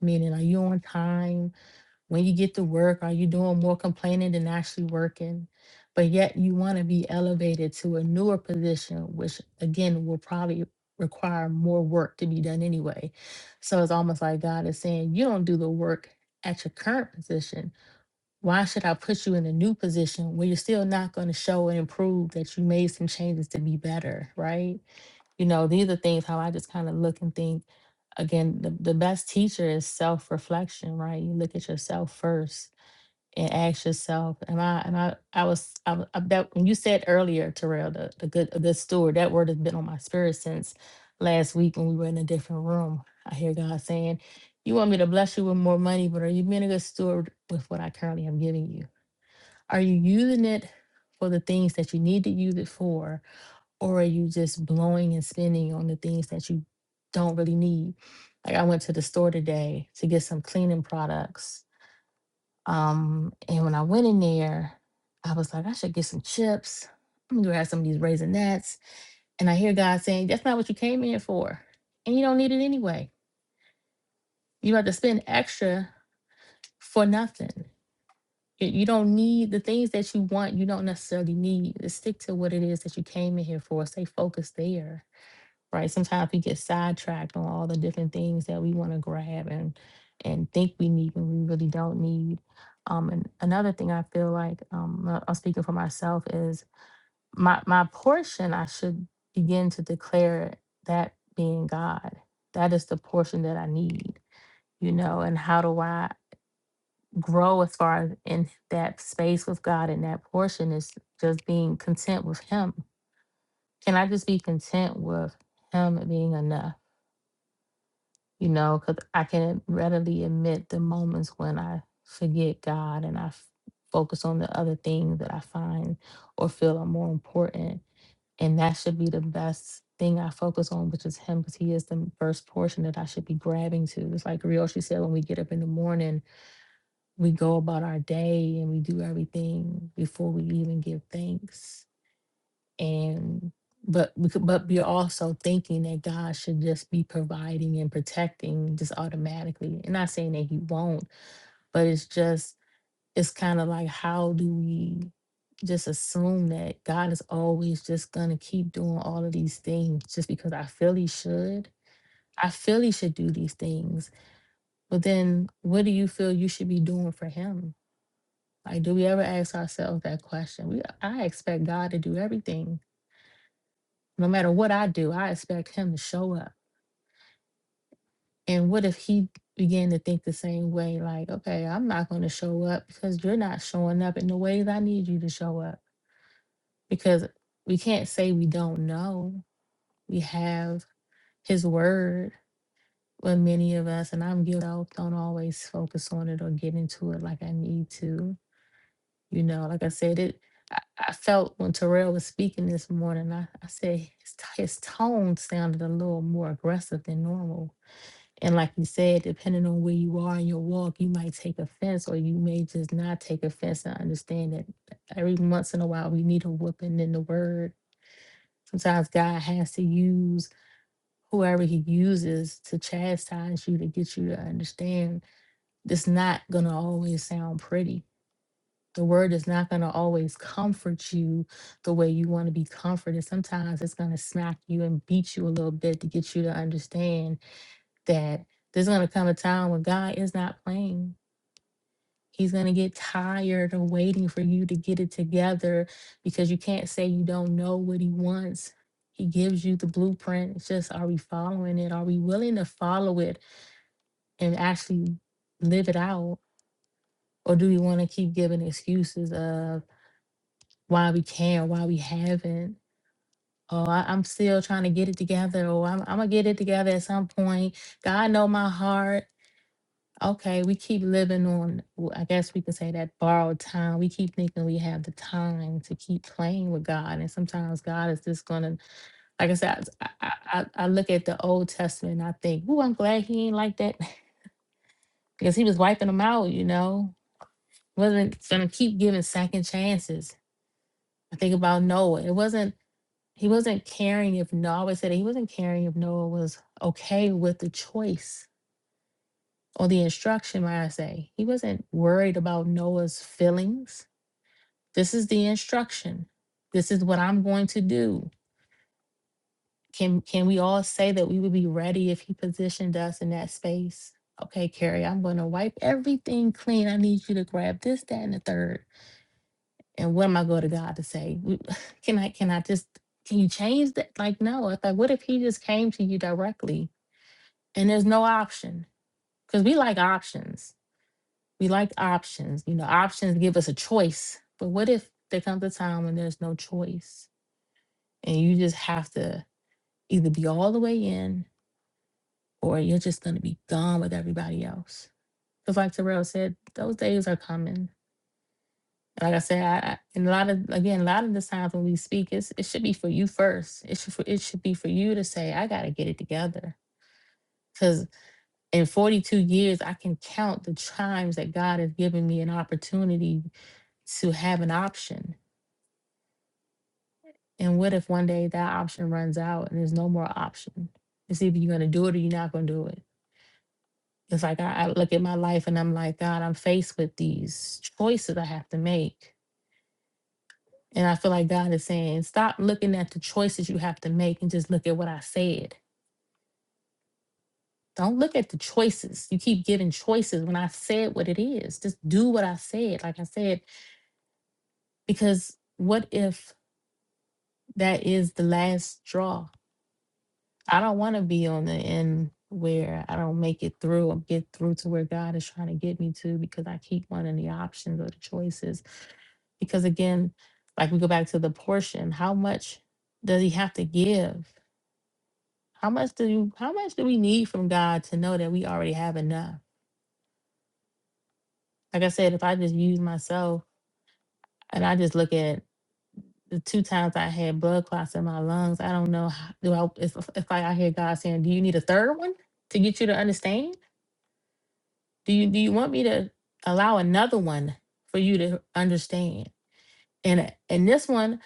Meaning, are you on time? When you get to work, are you doing more complaining than actually working? But yet you want to be elevated to a newer position, which again will probably require more work to be done anyway. So it's almost like God is saying, you don't do the work at your current position why should I put you in a new position where you're still not going to show and improve that you made some changes to be better, right? You know, these are things how I just kind of look and think. Again, the, the best teacher is self reflection, right? You look at yourself first and ask yourself, am I, am I, I was, I, w- I- that, when you said earlier, Terrell, the, the good, a good steward, that word has been on my spirit since last week when we were in a different room. I hear God saying, you want me to bless you with more money, but are you being a good steward with what I currently am giving you? Are you using it for the things that you need to use it for? Or are you just blowing and spending on the things that you don't really need? Like I went to the store today to get some cleaning products um, and when I went in there, I was like, I should get some chips. I'm gonna have some of these raisinets. And I hear God saying, That's not what you came in for. And you don't need it anyway. You have to spend extra for nothing. You you don't need the things that you want, you don't necessarily need. Just stick to what it is that you came in here for. Stay focused there right? Sometimes we get sidetracked on all the different things that we want to grab and and think we need when we really don't need. Um, and another thing I feel like um, uh, I'm speaking for myself is my my portion. I should begin to declare that being God. That is the portion that I need, you know. And how do I grow as far as in that space with God? And that portion is just being content with Him. Can I just be content with Him being enough? you know, because I can readily admit the moments when I forget God and I f- focus on the other things that I find or feel are more important. And that should be the best thing I focus on, which is Him, because He is the first portion that I should be grabbing to. It's like Ryoshi said when we get up in the morning, we go about our day and we do everything before we even give thanks and but we could- but we're also thinking that God should just be providing and protecting just automatically. And not saying that He won't, but it's just it's kind of like how do we just assume that God is always just gonna keep doing all of these things just because I feel He should. I feel He should do these things, but then what do you feel you should be doing for Him? Like, do we ever ask ourselves that question? We I expect God to do everything no matter what I do, I expect him to show up. And what if he began to think the same way, like, okay, I'm not going to show up because you're not showing up in the ways I need you to show up? Because we can't say we don't know. We have his word, but many of us, and I'm guilty, of, don't always focus on it or get into it like I need to. You know, like I said, it. I, I felt when Terrell was speaking this morning, I, I said his, t- his tone sounded a little more aggressive than normal And like you said, depending on where you are in your walk, you might take offense or you may just not take offense and understand that every once in a while we need a whooping in the word. Sometimes God has to use whoever he uses to chastise you to get you to understand it's not going to always sound pretty. The word is not going to always comfort you the way you want to be comforted. Sometimes it's going to smack you and beat you a little bit to get you to understand that there's going to come a time when God is not playing. He's going to get tired of waiting for you to get it together because you can't say you don't know what he wants. He gives you the blueprint. It's just, are we following it? Are we willing to follow it and actually live it out? Or do we want to keep giving excuses of why we can't, why we haven't? Oh, I, I'm still trying to get it together. Or I'm, I'm going to get it together at some point. God know my heart. Okay, we keep living on, w- I guess we could say that borrowed time. We keep thinking we have the time to keep playing with God. And sometimes God is just going to, like I said, I, I, I I look at the Old Testament and I think, Ooh, I'm glad he ain't like that because he was wiping them out, you know, wasn't going to keep giving second chances. I think about Noah. It wasn't, he wasn't caring if Noah, I always said that he wasn't caring if Noah was okay with the choice or the instruction, might I say. He wasn't worried about Noah's feelings. This is the instruction. This is what I'm going to do. Can can we all say that we would be ready if he positioned us in that space? Okay, Carrie, I'm going to wipe everything clean. I need you to grab this, that, and the third. And what am I going to God to say? We- Can I can I just can you change that? Like, no. It's Like, what if he just came to you directly and there's no option? Because we like options we like options. You know, options give us a choice. But what if there comes a time when there's no choice and you just have to either be all the way in or you're just going to be gone with everybody else? Because, like Terrell said, those days are coming. Like I said, I, I, and a lot of again, a lot of the times when we speak, it's, it should be for you first. It should for, it should be for you to say, "I got to get it together." Because in 42 years, I can count the times that God has given me an opportunity to have an option And what if one day that option runs out and there's no more option? It's either you're gonna do it or you're not gonna do it. It's like I, I look at my life and I'm like, God, I'm faced with these choices I have to make. And I feel like God is saying, stop looking at the choices you have to make and just look at what I said. Don't look at the choices. You keep giving choices when I said what it is. Just do what I said. Like I said, because what if that is the last straw? I don't want to be on the end where I don't make it through or get through to where God is trying to get me to because I keep wanting the options or the choices. Because again, like we go back to the portion, how much does he have to give? How much do you how much do we need from God to know that we already have enough? Like I said, if I just use myself and I just look at the two times I had blood clots in my lungs, I don't know how, do I if, if I hear God saying, "Do you need a third one to get you to understand?" Do you do you want me to allow another one for you to understand? And and this one,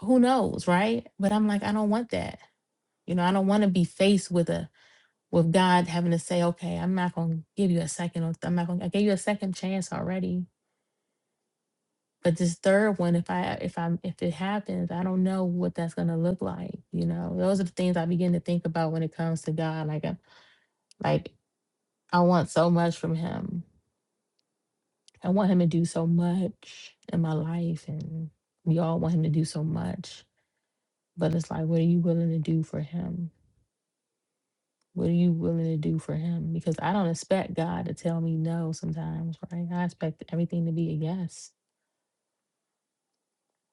who knows, right? But I'm like, I don't want that. You know, I don't want to be faced with a with God having to say, okay, I'm not gonna give you a second or I'm not gonna I gave you a second chance already. But this third one, if I if I'm if it happens, I don't know what that's gonna look like. You know, those are the things I begin to think about when it comes to God. Like I like I want so much from him I want him to do so much in my life, and we all want him to do so much. But it's like, what are you willing to do for him? What are you willing to do for him? Because I don't expect God to tell me no sometimes, right? I expect everything to be a yes.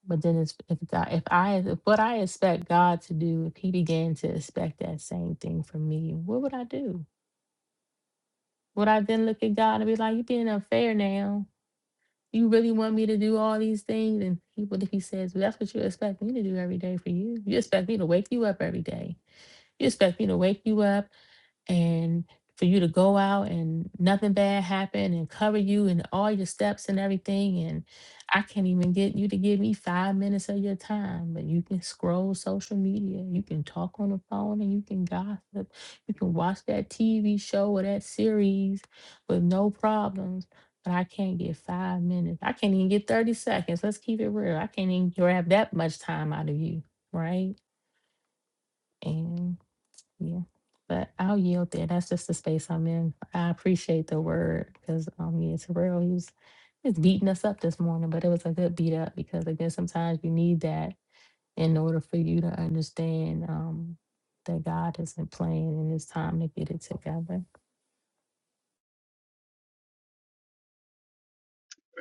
But then it's, if God, if I if what I expect God to do, if He began to expect that same thing from me, what would I do? Would I then look at God and be like, "You're being unfair now"? You really want me to do all these things? And he, what if he says, well, that's what you expect me to do every day for you? You expect me to wake you up every day. You expect me to wake you up and for you to go out and nothing bad happen and cover you and all your steps and everything and i can't even get you to give me five minutes of your time but you can scroll social media you can talk on the phone and you can gossip you can watch that tv show or that series with no problems but i can't get five minutes i can't even get 30 seconds let's keep it real i can't even grab that much time out of you right and yeah, but I'll yield there. That's just the space I'm in. I appreciate the word because um, yeah, Terrell, he was just beating us up this morning, but it was a good beat up because again, sometimes you need that in order for you to understand um that God isn't playing and it's time to get it together.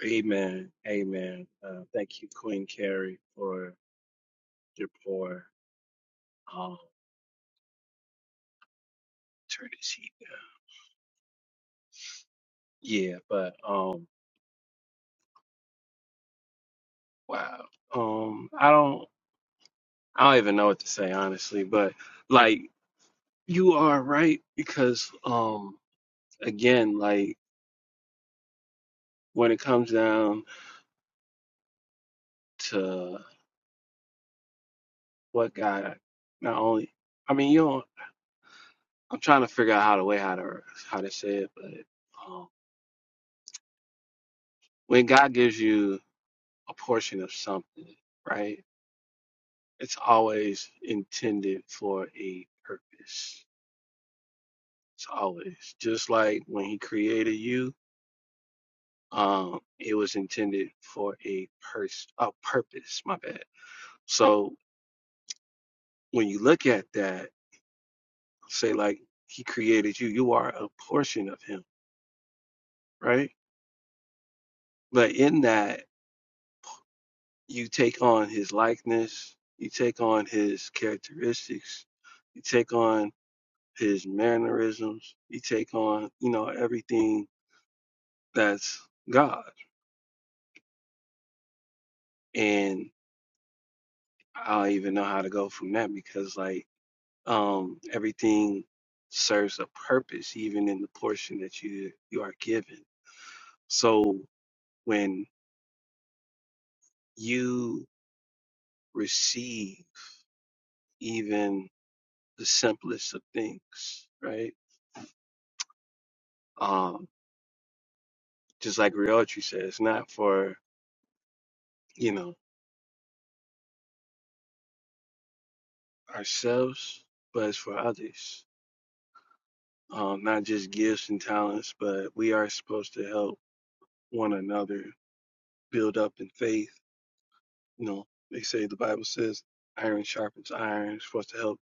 Amen. Amen. Uh, thank you, Queen Carrie, for your poor, um, turn this heat Yeah, but, um, wow. Um, I don't, I don't even know what to say, honestly, but like, you are right because, um, again, like, when it comes down to what God not only I mean you don't I'm trying to figure out how to way how to how to say it, but um, when God gives you a portion of something, right? It's always intended for a purpose. It's always just like when He created you, um, it was intended for a pers a purpose. My bad. So when you look at that, say like He created you, you are a portion of Him, right? But in that, you take on his likeness, you take on his characteristics, you take on his mannerisms, you take on, you know, everything that's God. And I don't even know how to go from that because, like, um, everything serves a purpose, even in the portion that you you are given. So when you receive even the simplest of things, right? Um Just like Ryochi said, it's not for, you know, ourselves, but it's for others. Um, not just gifts and talents, but we are supposed to help one another build up in faith. You know, they say the Bible says iron sharpens iron. We're supposed to help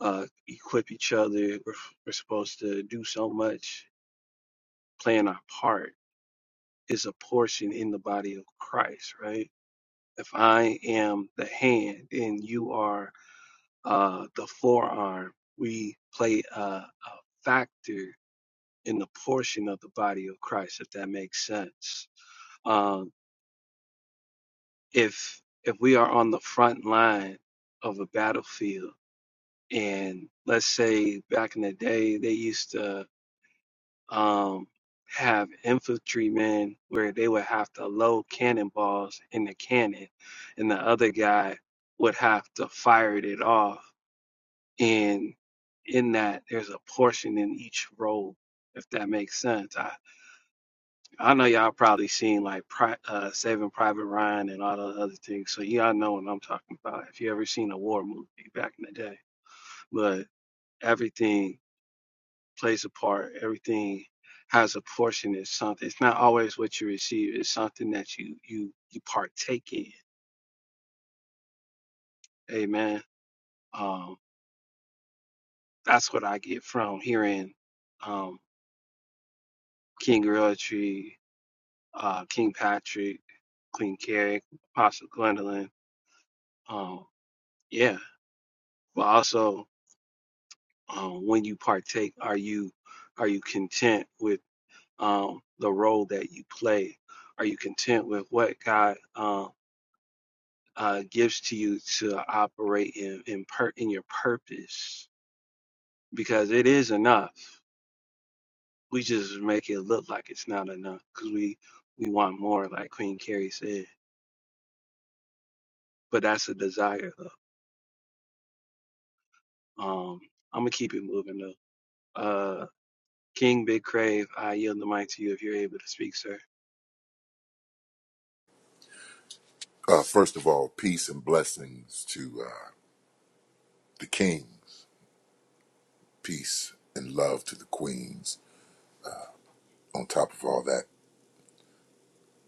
uh, equip each other. We're, we're supposed to do so much. Playing our part is a portion in the body of Christ, right? If I am the hand and you are uh, the forearm, we play a, a factor in the portion of the body of Christ, if that makes sense. Um, if if we are on the front line of a battlefield, and let's say back in the day they used to um, have infantrymen where they would have to load cannonballs in the cannon, and the other guy would have to fire it off and in that there's a portion in each role if that makes sense i i know y'all probably seen like pri- uh saving private ryan and all the other things so y'all know what i'm talking about if you ever seen a war movie back in the day but everything plays a part everything has a portion in something it's not always what you receive it's something that you you you partake in amen um that's what i get from hearing um king realtree uh, King Patrick, Queen Carrie, Apostle Gwendolyn. Um, yeah, but also um, when you partake, are you are you content with um, the role that you play? Are you content with what God um, uh, gives to you to operate in in, per- in your purpose? Because it is enough. We just make it look like it's not enough because we we want more, like Queen Carrie said. But that's a desire. Though. Um, I'm gonna keep it moving though. Uh, King Big Crave, I yield the mic to you if you're able to speak, sir. Uh, first of all, peace and blessings to uh, the kings, peace and love to the queens. On top of all that,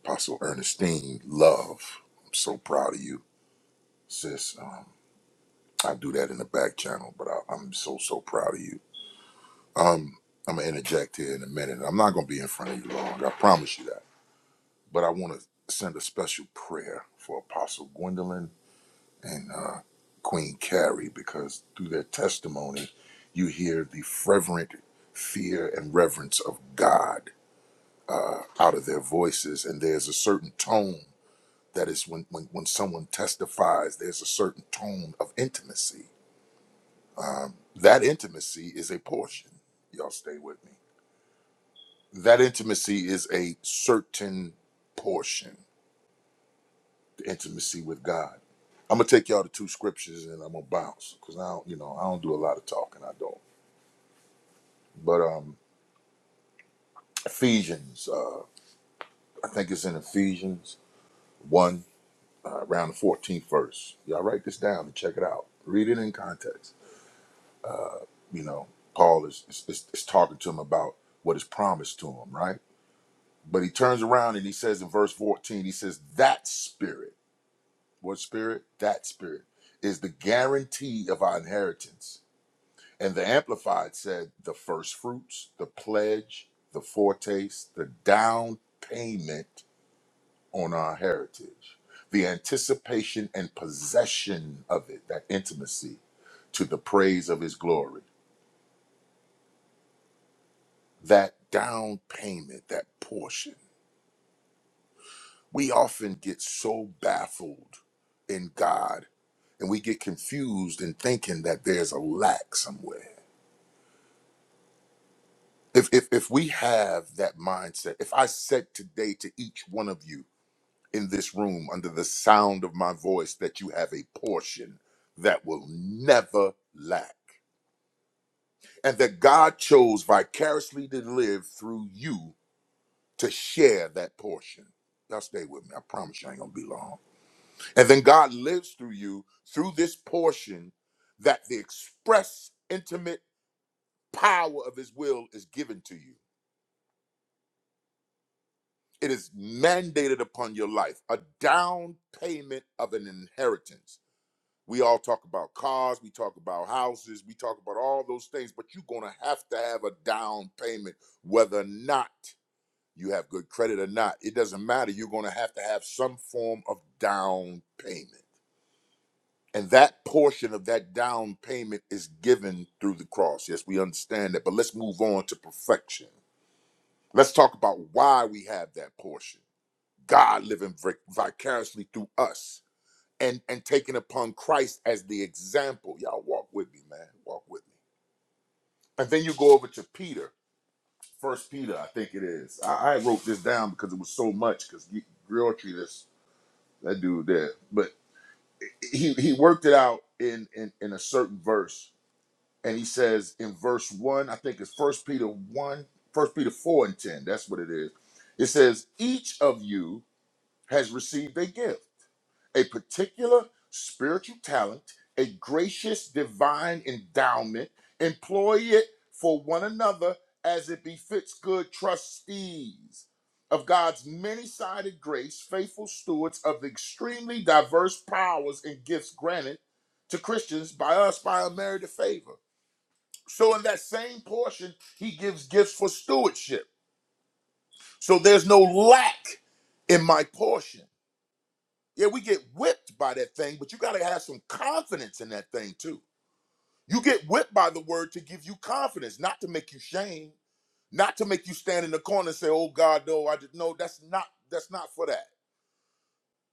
Apostle Ernestine, love. I'm so proud of you, sis. Um, I do that in the back channel, but I, I'm so, so proud of you. Um, I'm going to interject here in a minute. I'm not going to be in front of you long, I promise you that. But I want to send a special prayer for Apostle Gwendolyn and uh, Queen Carrie because through their testimony, you hear the fervent fear and reverence of God uh, out of their voices. And there's a certain tone that is when, when, when someone testifies, there's a certain tone of intimacy. That intimacy is a portion. Y'all stay with me. That intimacy is a certain portion, the intimacy with God. I'm gonna take y'all to two scriptures and I'm gonna bounce because I don't, you know, I don't do a lot of talking. I don't. But um, Ephesians, uh, I think it's in Ephesians 1, uh, around the 14th verse. Y'all write this down and check it out. Read it in context. You know, Paul is, is, is, is talking to him about what is promised to him, right? But he turns around and he says in verse 14, he says, That spirit, what spirit? That spirit is the guarantee of our inheritance. And the Amplified said, The first fruits, the pledge, the foretaste, the down payment on our heritage, the anticipation and possession of it, that intimacy to the praise of his glory, that down payment, that portion. We often get so baffled in God and we get confused in thinking that there's a lack somewhere. If, if, if we have that mindset, if I said today to each one of you in this room under the sound of my voice that you have a portion that will never lack and that God chose vicariously to live through you to share that portion. Now, stay with me. I promise you I ain't going to be long. And then God lives through you through this portion that the express, intimate power of His will is given to you. It is mandated upon your life, a down payment of an inheritance. We all talk about cars, we talk about houses, we talk about all those things, but you're going to have to have a down payment, whether or not you have good credit or not, it doesn't matter. You're going to have to have some form of down payment. And that portion of that down payment is given through the cross. Yes, we understand that, but let's move on to perfection. Let's talk about why we have that portion. God living vic- vicariously through us and, and taking upon Christ as the example. Y'all walk with me, man. Walk with me. And then you go over to Peter, First Peter, I think it is. I, I wrote this down because it was so much, because real treatise That dude there. But he he worked it out in in, in a certain verse. And he says in verse one, I think it's first Peter one, first Peter four and ten. That's what it is. It says, each of you has received a gift a particular spiritual talent, a gracious divine endowment. Employ it for one another as it befits good trustees of God's many sided grace, faithful stewards of the extremely diverse powers and gifts granted to Christians by us by a merit of favor. So, in that same portion, he gives gifts for stewardship. So, there's no lack in my portion. Yeah, we get whipped by that thing, but you got to have some confidence in that thing too. You get whipped by the word to give you confidence, not to make you shame, not to make you stand in the corner and say, "Oh God, no, I just no." That's not that's not for that.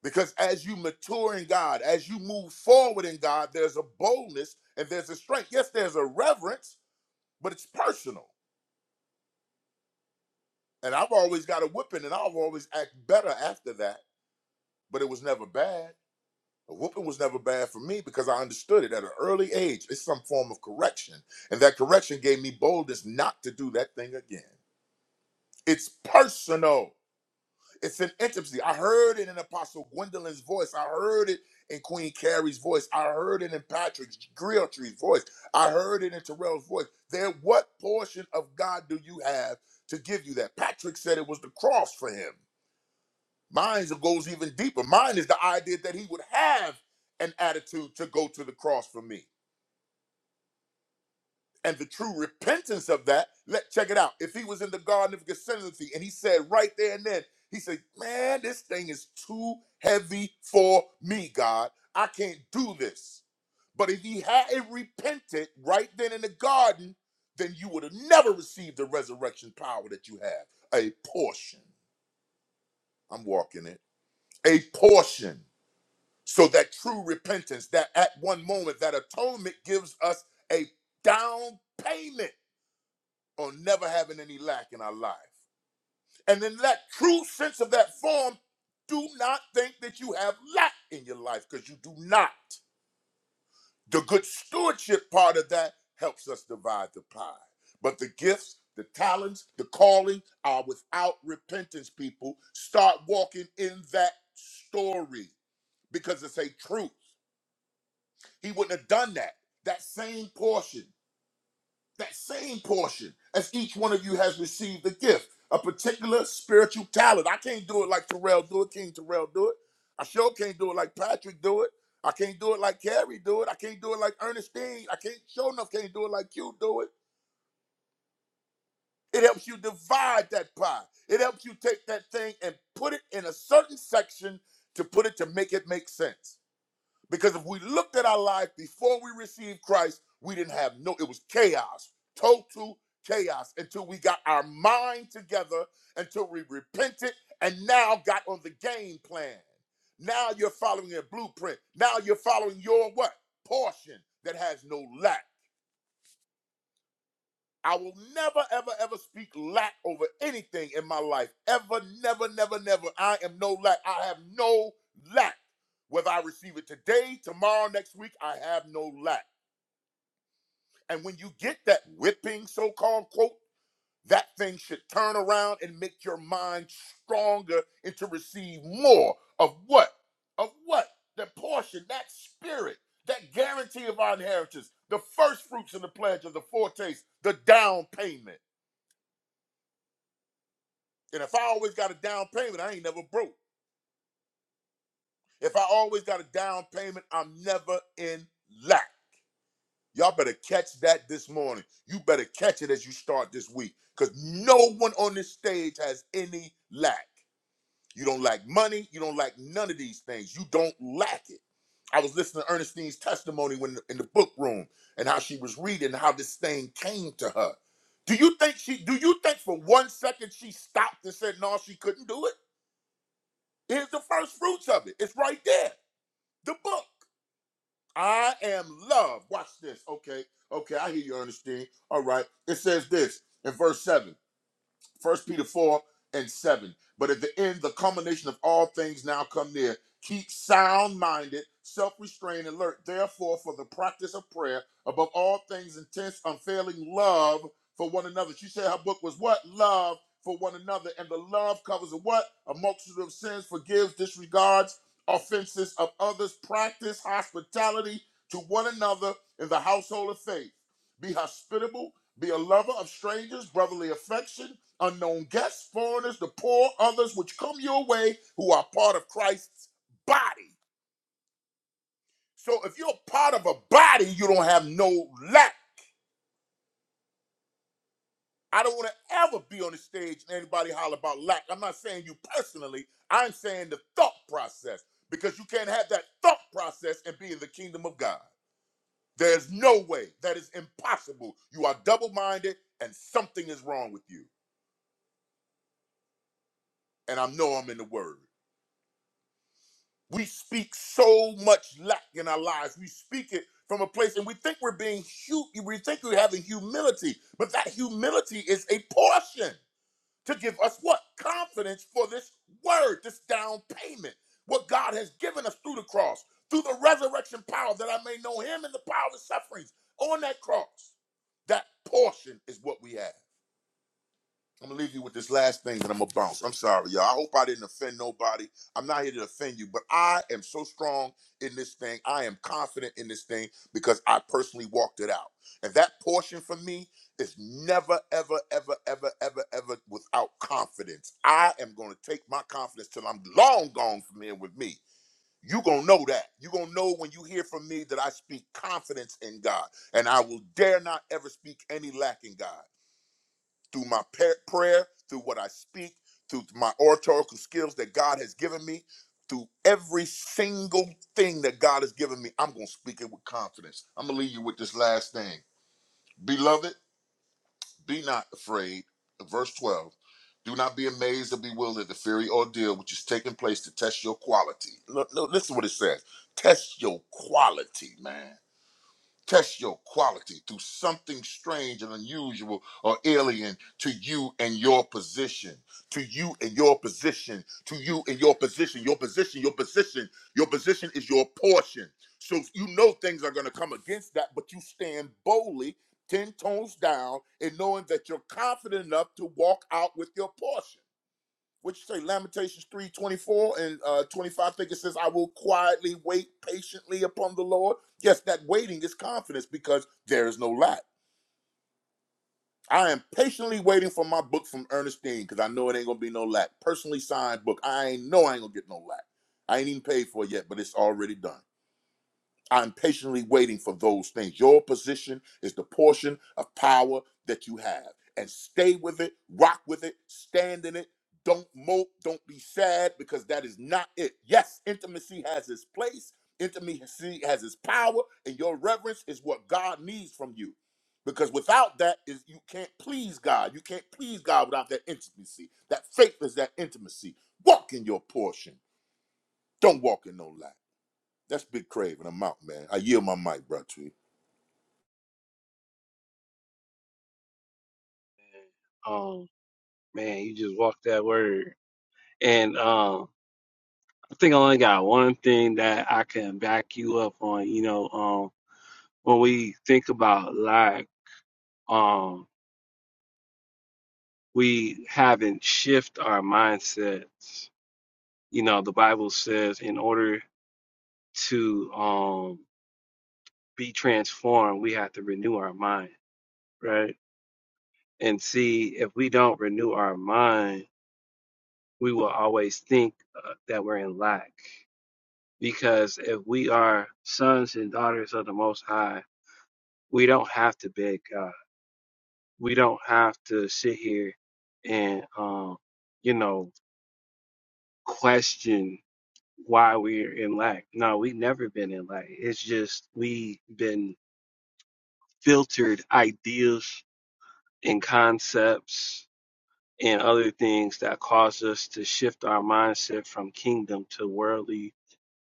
Because as you mature in God, as you move forward in God, there's a boldness and there's a strength. Yes, there's a reverence, but it's personal. And I've always got a whipping, and I've always act better after that. But it was never bad. A whooping was never bad for me because I understood it at an early age. It's some form of correction. And that correction gave me boldness not to do that thing again. It's personal, it's an intimacy. I heard it in Apostle Gwendolyn's voice. I heard it in Queen Carrie's voice. I heard it in Patrick Grealtree's voice. I heard it in Terrell's voice. There, what portion of God do you have to give you that? Patrick said it was the cross for him. Mine goes even deeper. Mine is the idea that he would have an attitude to go to the cross for me. And the true repentance of that, let check it out. If he was in the Garden of Gethsemane and he said right there and then, he said, Man, this thing is too heavy for me, God. I can't do this. But if he hadn't repented right then in the garden, then you would have never received the resurrection power that you have. A portion. I'm walking it. A portion. So that true repentance, that at one moment, that atonement gives us a down payment on never having any lack in our life. And in that true sense of that form, do not think that you have lack in your life because you do not. The good stewardship part of that helps us divide the pie. But the gifts, the talents, the calling are without repentance, people. Start walking in that story because it's a truth. He wouldn't have done that. That same portion, that same portion, as each one of you has received a gift, a particular spiritual talent. I can't do it like Terrell do it. King Terrell do it. I sure can't do it like Patrick do it. I can't do it like Carrie do it. I can't do it like Ernestine. I can't sure enough can't do it like you do it. It helps you divide that pie. It helps you take that thing and put it in a certain section to put it to make it make sense. Because if we looked at our life before we received Christ, we didn't have no, it was chaos, total chaos until we got our mind together, until we repented, and now got on the game plan. Now you're following a blueprint. Now you're following your what? Portion that has no lack. I will never, ever, ever speak lack over anything in my life. Ever, never, never, never. I am no lack. I have no lack. Whether I receive it today, tomorrow, next week, I have no lack. And when you get that whipping, so called quote, that thing should turn around and make your mind stronger and to receive more of what? Of what? That portion, that spirit, that guarantee of our inheritance, the first fruits and the pledge of the foretaste, the down payment. And if I always got a down payment, I ain't never broke. If I always got a down payment, I'm never in lack. Y'all better catch that this morning. You better catch it as you start this week because no one on this stage has any lack. You don't lack money. You don't lack none of these things. You don't lack it. I was listening to Ernestine's testimony when in the book room and how she was reading how this thing came to her. Do you think she do you think for one second she stopped and said no she couldn't do it? Here's the first fruits of it. It's right there. The book. I am love. Watch this. Okay. Okay. I hear you, Ernestine. All right. It says this in verse 7. First Peter 4 and 7. But at the end, the culmination of all things now come near. Keep sound minded, self restrained, alert, therefore, for the practice of prayer, above all things, intense, unfailing love for one another. She said her book was what? Love for one another. And the love covers a what? A multitude of sins, forgives, disregards offenses of others. Practice hospitality to one another in the household of faith. Be hospitable, be a lover of strangers, brotherly affection unknown guests, foreigners, the poor, others which come your way who are part of Christ's body. So if you're part of a body, you don't have no lack. I don't want to ever be on the stage and anybody holler about lack. I'm not saying you personally, I'm saying the thought process because you can't have that thought process and be in the kingdom of God. There's no way. That is impossible. You are double minded and something is wrong with you. And I know I'm in the word. We speak so much lack in our lives. We speak it from a place, and we think we're being hu- we think we're having humility, but that humility is a portion to give us what confidence for this word, this down payment, what God has given us through the cross, through the resurrection power, that I may know Him and the power of His sufferings on that cross. That portion is what we have. I'm gonna leave you with this last thing, and I'm gonna bounce. I'm sorry, y'all. I hope I didn't offend nobody. I'm not here to offend you, but I am so strong in this thing. I am confident in this thing because I personally walked it out. And that portion for me is never, ever, ever, ever, ever, ever without confidence. I am gonna take my confidence till I'm long gone from here with me. you gonna know that. you gonna know when you hear from me that I speak confidence in God, and I will dare not ever speak any lack in God through my prayer, through what I speak, through my oratorical skills that God has given me, through every single thing that God has given me, I'm going to speak it with confidence. I'm going to leave you with this last thing. Beloved, be not afraid. Verse 12. Do not be amazed or bewildered at the fiery ordeal which is taking place to test your quality. Look, look, listen to what it says. Test your quality, man. Test your quality through something strange and unusual or alien to you and your position. To you and your position. To you and your position. Your position, your position, your position is your portion. So you know things are going to come against that, but you stand boldly 10 tones down and knowing that you're confident enough to walk out with your portion what you say, Lamentations 3 24 and uh, 25, I think it says, I will quietly wait patiently upon the Lord. Yes, that waiting is confidence because there is no lack. I am patiently waiting for my book from Ernestine because I know it ain't gonna be no lack. Personally signed book. I ain't know I ain't gonna get no lack. I ain't even paid for it yet, but it's already done. I'm patiently waiting for those things. Your position is the portion of power that you have. And stay with it, rock with it, stand in it. Don't mope, don't be sad, because that is not it. Yes, intimacy has its place, intimacy has its power, and your reverence is what God needs from you. Because without that, is you can't please God. You can't please God without that intimacy. That faith is that intimacy. Walk in your portion. Don't walk in no lack. That's Big Crave, and I'm out, man. I yield my mic, bro. To you. Um, man, you just walked that word. And um, I think I only got one thing that I can back you up on. You know, um, when we think about life, um, we haven't shift our mindsets. You know, the Bible says in order to um be transformed, we have to renew our mind, right? And see if we don't renew our mind we will always think uh, that we're in lack. Because if we are sons and daughters of the Most High, we don't have to beg God. We don't have to sit here and, um, you know, question why we're in lack. No, we've never been in lack. It's just we've been filtered ideas and concepts and other things that cause us to shift our mindset from kingdom to worldly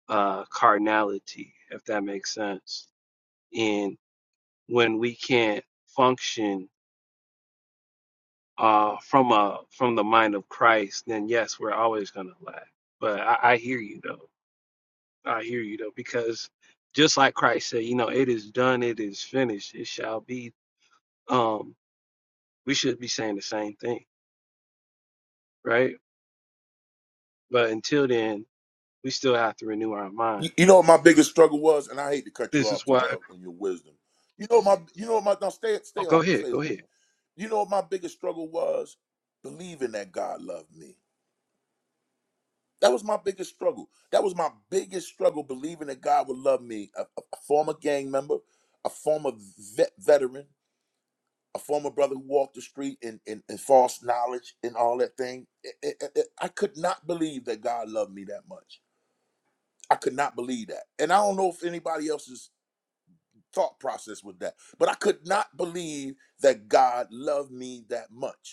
uh, carnality, if that makes sense. And when we can't function uh, from a from the mind of Christ, then yes, we're always going to lack. But I, I hear you though. I hear you though, because just like Christ said, you know, it is done, it is finished, it shall be. Um, we should be saying the same thing, right? But until then, we still have to renew our mind. You, you know what my biggest struggle was, and I hate to cut you This off, is why. Terrell, on your wisdom. You know what my, you know what my. Now stay, Oh, stay go open, ahead, stay go open. ahead. You know what my biggest struggle was? Believing that God loved me. That was my biggest struggle. That was my biggest struggle, believing that God would love me. A, a, a former gang member, a former vet, veteran, a former brother who walked the street in, in, in false knowledge and all that thing. I I- I- I could not believe that God loved me that much I could not believe that. And I don't know if anybody else's thought process was that, but I could not believe that God loved me that much.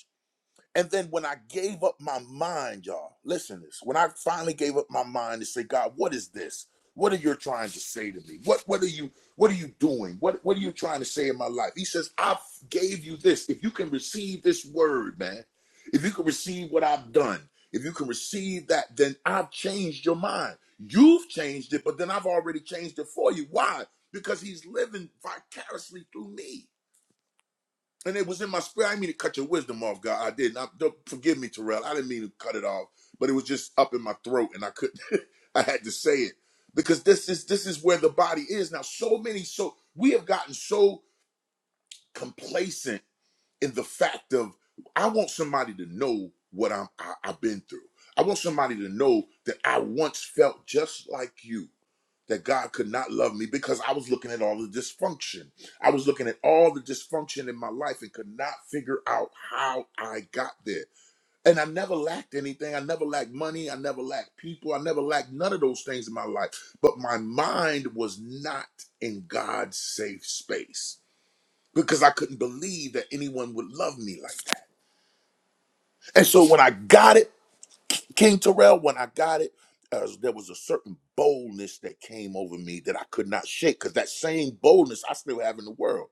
And then when I gave up my mind, y'all, listen to this. When I finally gave up my mind to say, God, what is this? What are you trying to say to me? What what are you what are you doing? What what are you trying to say in my life? He says, I gave you this. If you can receive this word, man, if you can receive what I've done, if you can receive that, then I've changed your mind. You've changed it, but then I've already changed it for you. Why? Because he's living vicariously through me and it was in my spirit. I didn't mean to cut your wisdom off, God. I didn't. I, don't, forgive me, Terrell. I didn't mean to cut it off, but it was just up in my throat, and I couldn't. I had to say it because this is this is where the body is now. So many, so we have gotten so complacent in the fact of I want somebody to know what I'm I, I've been through. I want somebody to know that I once felt just like you that God could not love me because I was looking at all the dysfunction. I was looking at all the dysfunction in my life and could not figure out how I got there. And I never lacked anything. I never lacked money. I never lacked people. I never lacked none of those things in my life. But my mind was not in God's safe space because I couldn't believe that anyone would love me like that. And so when I got it, King Terrell, when I got it, uh, there was a certain boldness that came over me that I could not shake because that same boldness I still have in the world.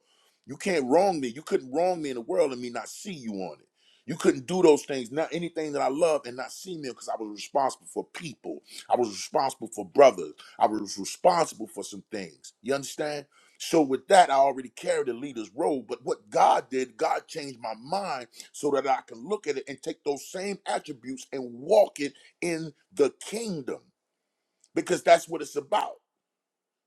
You can't wrong me. You couldn't wrong me in the world and me not see you on it. You couldn't do those things, not anything that I love and not see me because I was responsible for people. I was responsible for brothers. I was responsible for some things. You understand? So with that, I already carried the leader's role. But what God did, God changed my mind so that I can look at it and take those same attributes and walk it in the kingdom because that's what it's about.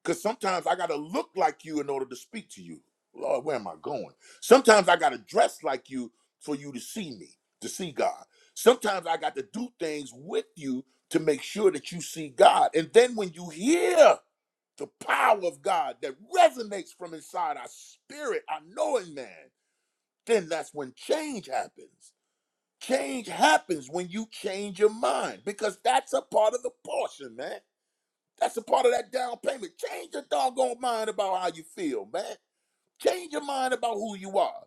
Because sometimes I got to look like you in order to speak to you. Lord, where am I going? Sometimes I got to dress like you for you to see me, to see God. Sometimes I got to do things with you to make sure that you see God. And then when you hear the power of God that resonates from inside our spirit, our knowing man, then that's when change happens Change happens when you change your mind because that's a part of the portion, man. That's a part of that down payment. Change your doggone mind about how you feel, man. Change your mind about who you are.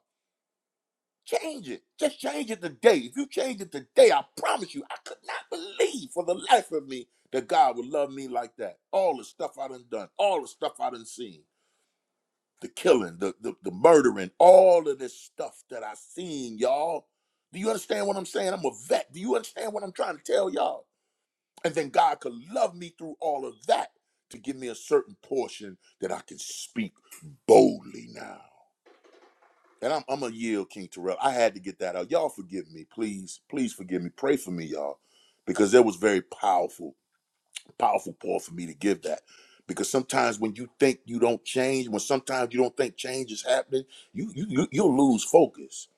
Change it. Just change it today. If you change it today, I promise you, I could not believe for the life of me that God would love me like that. All the stuff I done done, all the stuff I done seen the killing, the, the the murdering, all of this stuff that I seen, y'all. Do you understand what I'm saying? I'm a vet. Do you understand what I'm trying to tell y'all? And then God could love me through all of that to give me a certain portion that I can speak boldly now. And I'm, I'm a yield, King Terrell. I had to get that out. Y'all forgive me, please. Please forgive me. Pray for me, y'all, because it was very powerful powerful, Paul, for me to give that. Because sometimes when you think you don't change, when sometimes you don't think change is happening, you you, you you'll lose focus.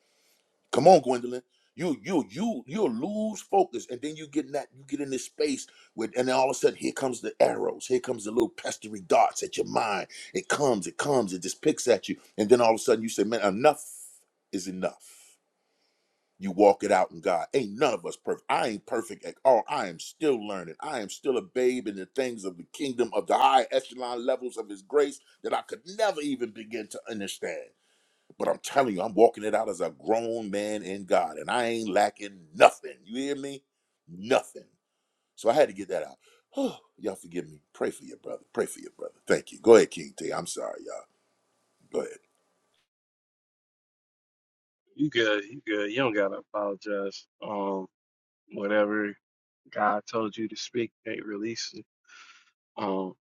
Come on, Gwendolyn. You you you you'll lose focus, and then you get in that you get in this space with, and then all of a sudden here comes the arrows, here comes the little pestery darts at your mind. It comes, it comes, it just picks at you, and then all of a sudden you say, "Man, enough is enough." you walk it out in God. Ain't none of us perfect. I ain't perfect at all. I am still learning. I am still a babe in the things of the kingdom of the high echelon levels of His grace that I could never even begin to understand. But I'm telling you, I'm walking it out as a grown man in God, and I ain't lacking nothing. You hear me? Nothing. So I had to get that out. Oh, Y'all forgive me. Pray for your brother. Pray for your brother. Thank you. Go ahead, King T. I'm sorry, y'all. Go ahead. You good? You good? You don't gotta apologize. Um, whatever God told you to speak, can't release it. Um,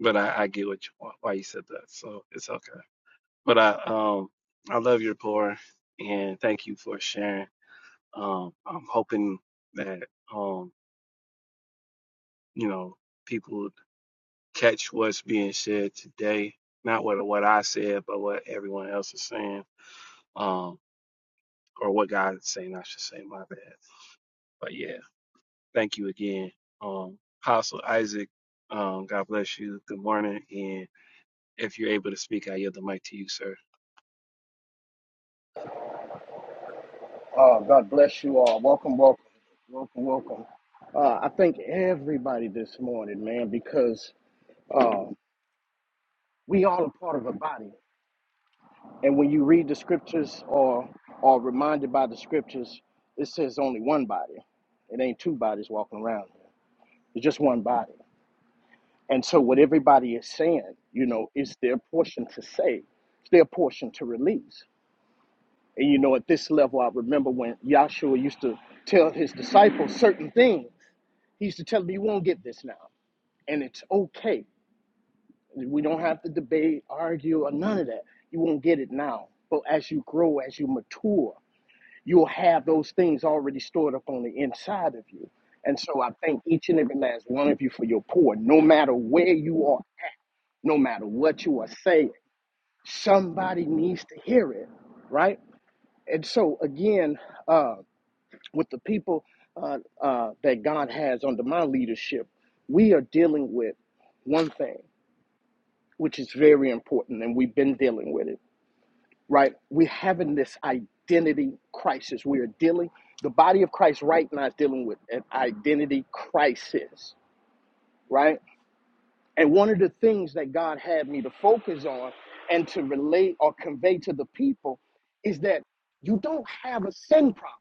but I, I get what you, wh- why you said that, so it's okay. But I um I love your pour and thank you for sharing. Um, I'm hoping that um you know people catch what's being said today, not what what I said, but what everyone else is saying, um, or what God is saying. I should say my bad. But yeah, thank you again, um, Apostle Isaac. Um, God bless you. Good morning and If you're able to speak, I yield the mic to you, sir. Uh, God bless you all. Welcome, welcome, welcome, welcome. Uh, I thank everybody this morning, man, because uh, we all are part of a body. And when you read the scriptures or are reminded by the scriptures, it says only one body. It ain't two bodies walking around. It's just one body. And so what everybody is saying, you know, is their portion to say. It's their portion to release. And you know, at this level, I remember when Yahshua used to tell his disciples certain things. He used to tell me, You won't get this now. And it's okay. We don't have to debate, argue, or none of that. You won't get it now. But as you grow, as you mature, you'll have those things already stored up on the inside of you. And so I thank each and every last one of you for your pour. No matter where you are, no matter what you are saying, somebody needs to hear it, right? And so again, uh, with the people uh, uh, that God has under my leadership, we are dealing with one thing, which is very important, and we've been dealing with it, right? We're having this identity crisis. We are dealing, the body of Christ right now is dealing with an identity crisis, right? And one of the things that God had me to focus on and to relate or convey to the people is that you don't have a sin problem,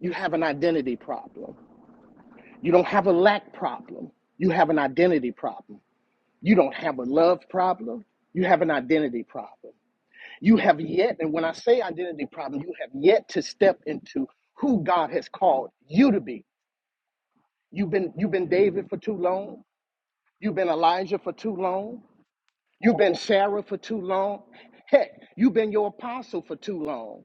you have an identity problem You don't have a lack problem. You have an identity problem. You don't have a love problem. You have an identity problem. You have yet, and when I say identity problem, you have yet to step into who God has called you to be. You've been you've been David for too long. You've been Elijah for too long. You've been Sarah for too long. Heck, you've been your apostle for too long.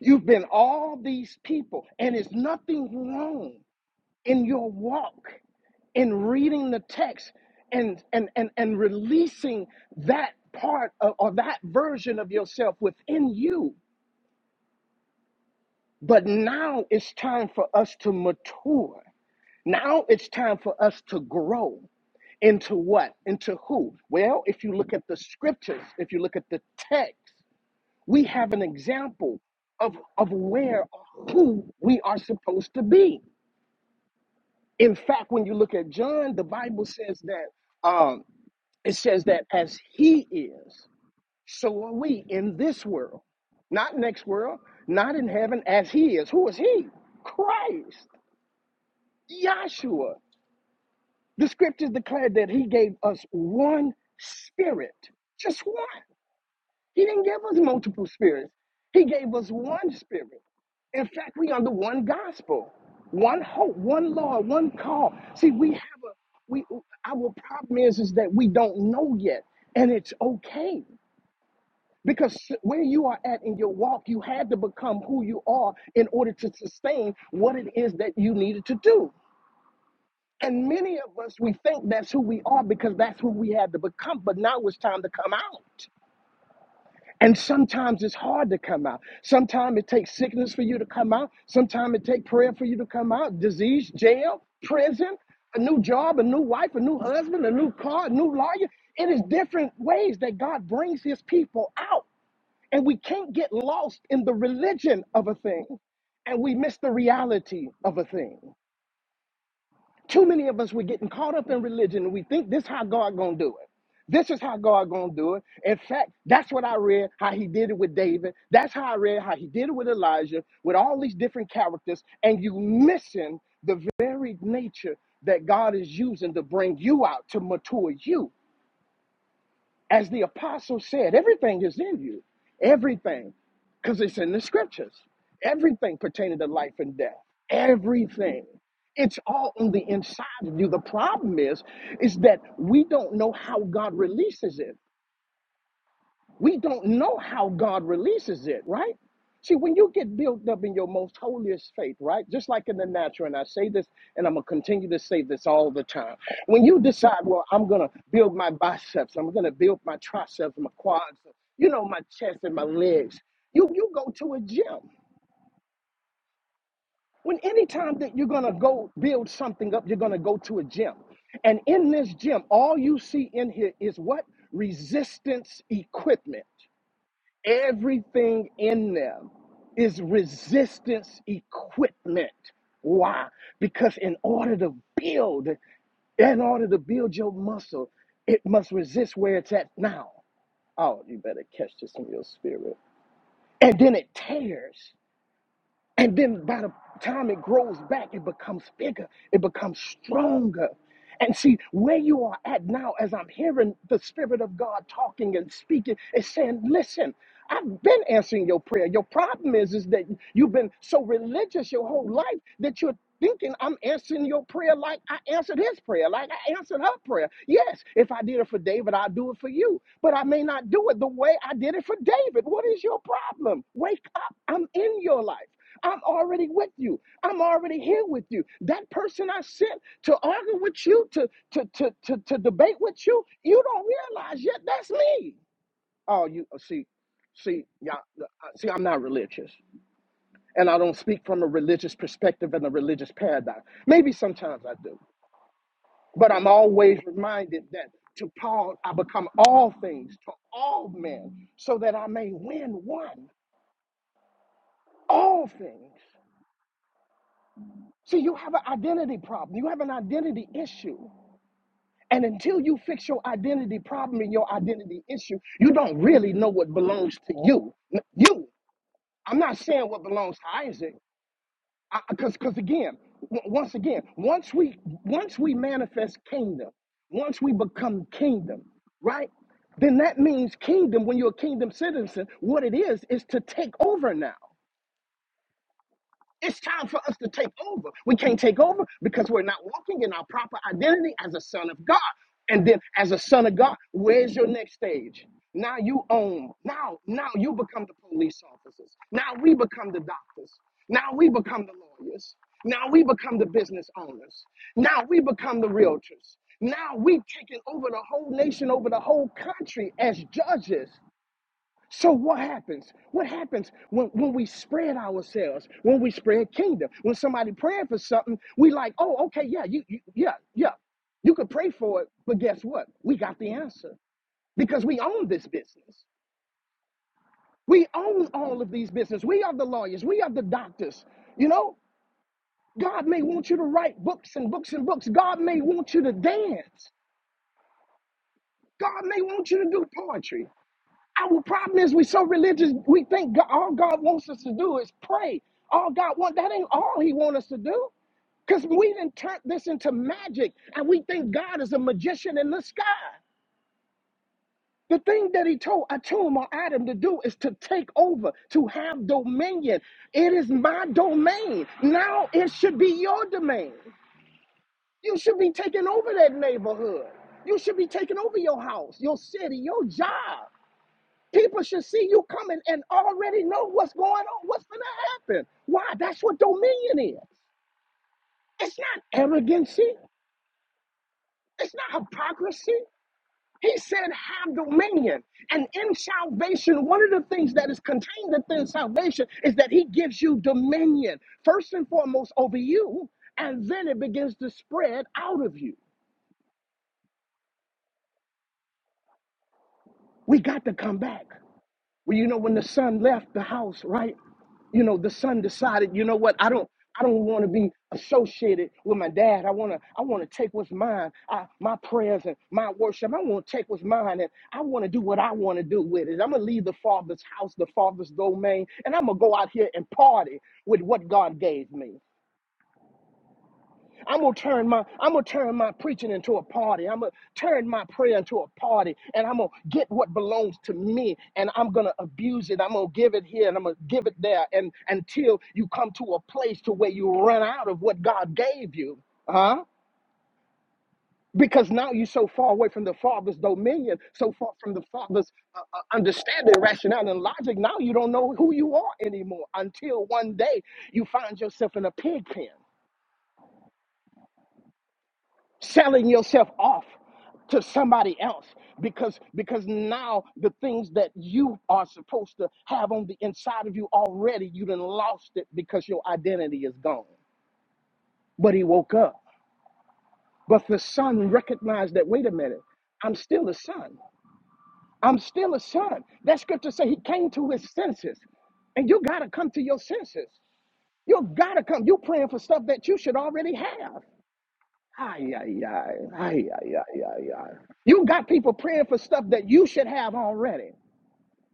You've been all these people, and it's nothing wrong in your walk. in reading the text and and and, and releasing that part of, or that version of yourself within you but now it's time for us to mature now it's time for us to grow into what into who well if you look at the scriptures if you look at the text we have an example of of where or who we are supposed to be in fact when you look at john the bible says that Um, It says that as he is, so are we in this world, not next world, not in heaven, as he is. Who is he? Christ, Yahshua. The scriptures declared that he gave us one spirit, just one. He didn't give us multiple spirits, he gave us one spirit. In fact, we under one gospel, one hope, one Lord, one call. See, we have a we our problem is is that we don't know yet, and it's okay. Because where you are at in your walk, you had to become who you are in order to sustain what it is that you needed to do. And many of us, we think that's who we are because that's who we had to become. But now it's time to come out. And sometimes it's hard to come out. Sometimes it takes sickness for you to come out. Sometimes it takes prayer for you to come out. Disease, jail, prison, a new job, a new wife, a new husband, a new car, a new lawyer. It is different ways that God brings his people out. And we can't get lost in the religion of a thing and we miss the reality of a thing. Too many of us we're getting caught up in religion and we think this how God gonna do it. This is how God gonna do it. In fact, that's what I read how he did it with David. That's how I read how he did it with Elijah, with all these different characters, and you missing the very nature that God is using to bring you out to mature you. As the apostle said, everything is in you. Everything. Because it's in the scriptures. Everything pertaining to life and death. Everything. It's all on the inside of you. The problem is, is that we don't know how God releases it. We don't know how God releases it, right? See, when you get built up in your most holiest faith, right? Just like in the natural, and I say this and I'm going to continue to say this all the time. When you decide, well, I'm going to build my biceps, I'm going to build my triceps, my quads, you know, my chest and my legs, you, you go to a gym. When any time that you're going to go build something up, you're going to go to a gym. And in this gym, all you see in here is what? Resistance equipment. Everything in them is resistance equipment. Why? Because in order to build, in order to build your muscle, it must resist where it's at now. Oh, you better catch this in your spirit. And then it tears. And then by the time it grows back, it becomes bigger, it becomes stronger. And see, where you are at now, as I'm hearing the Spirit of God talking and speaking, is saying, listen, I've been answering your prayer. Your problem is, is that you've been so religious your whole life that you're thinking I'm answering your prayer like I answered his prayer, like I answered her prayer. Yes, if I did it for David, I'll do it for you. But I may not do it the way I did it for David. What is your problem? Wake up. I'm in your life. I'm already with you. I'm already here with you. That person I sent to argue with you, to to to to, to debate with you, you don't realize yet that's me. Oh, you uh, see, see, y'all, uh, uh, see, I'm not religious, and I don't speak from a religious perspective and a religious paradigm. Maybe sometimes I do, but I'm always reminded that to Paul I become all things to all men, so that I may win one. All things. So you have an identity problem. You have an identity issue. And until you fix your identity problem and your identity issue, you don't really know what belongs to you. N- You. I'm not saying what belongs to Isaac. Because because again, w- once again, once we once we manifest kingdom, once we become kingdom, right? Then that means kingdom, when you're a kingdom citizen, what it is is to take over now. It's time for us to take over. We can't take over because we're not walking in our proper identity as a son of God. And then as a son of God, where's your next stage? Now you own. Now, now you become the police officers. Now we become the doctors. Now we become the lawyers. Now we become the business owners. Now we become the realtors. Now we have taken over the whole nation, over the whole country as judges. So what happens? What happens when, when we spread ourselves, when we spread kingdom? When somebody praying for something, we like, oh, okay, yeah, you, you yeah, yeah. You could pray for it, but guess what? We got the answer because we own this business. We own all of these business. We are the lawyers. We are the doctors. You know, God may want you to write books and books and books. God may want you to dance. God may want you to do poetry. Our problem is we're so religious, we think God, all God wants us to do is pray. All God wants, that ain't all he wants us to do. Because we didn't turn this into magic and we think God is a magician in the sky. The thing that he told Atum or Adam to do is to take over, to have dominion. It is my domain. Now it should be your domain. You should be taking over that neighborhood. You should be taking over your house, your city, your job. People should see you coming and already know what's going on, what's going to happen. Why? That's what dominion is. It's not arrogancy, it's not hypocrisy. He said, Have dominion. And in salvation, one of the things that is contained within salvation is that He gives you dominion, first and foremost over you, and then it begins to spread out of you. We got to come back. Well, you know, when the son left the house, right? You know, the son decided, you know what, I don't I don't want to be associated with my dad. I wanna I wanna take what's mine. I, my prayers and my worship. I wanna take what's mine and I wanna do what I wanna do with it. I'm gonna leave the father's house, the father's domain, and I'm gonna go out here and party with what God gave me. I'm gonna turn my I'm gonna turn my preaching into a party. I'm gonna turn my prayer into a party, and I'm gonna get what belongs to me, and I'm gonna abuse it. I'm gonna give it here, and I'm gonna give it there, and until you come to a place to where you run out of what God gave you, huh? Because now you're so far away from the Father's dominion, so far from the Father's uh, uh, understanding, rationale, and logic. Now you don't know who you are anymore. Until one day you find yourself in a pig pen. selling yourself off to somebody else because because now the things that you are supposed to have on the inside of you already you done lost it because your identity is gone but he woke up but the son recognized that wait a minute i'm still a son i'm still a son that scripture say he came to his senses and you gotta come to your senses you gotta come you praying for stuff that you should already have Ay, ay, ay, ay, ay, ay, ay, ay. You got people praying for stuff that you should have already.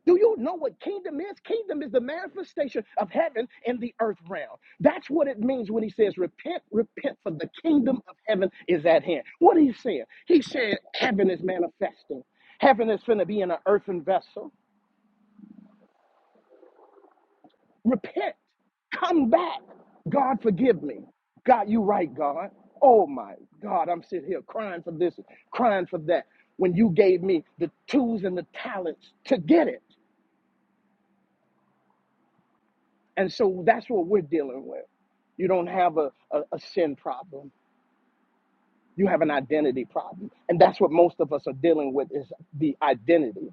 Do you know what kingdom is? Kingdom is the manifestation of heaven in the earth realm. That's what it means when he says, Repent, repent, for the kingdom of heaven is at hand. What is he saying? He said, Heaven is manifesting. Heaven is going to be in an earthen vessel. Repent. Come back. God, forgive me. God, you right, God. Oh my God, I'm sitting here crying for this, crying for that. When you gave me the tools and the talents to get it. And so that's what we're dealing with. You don't have a, a, a sin problem. You have an identity problem. And that's what most of us are dealing with is the identity.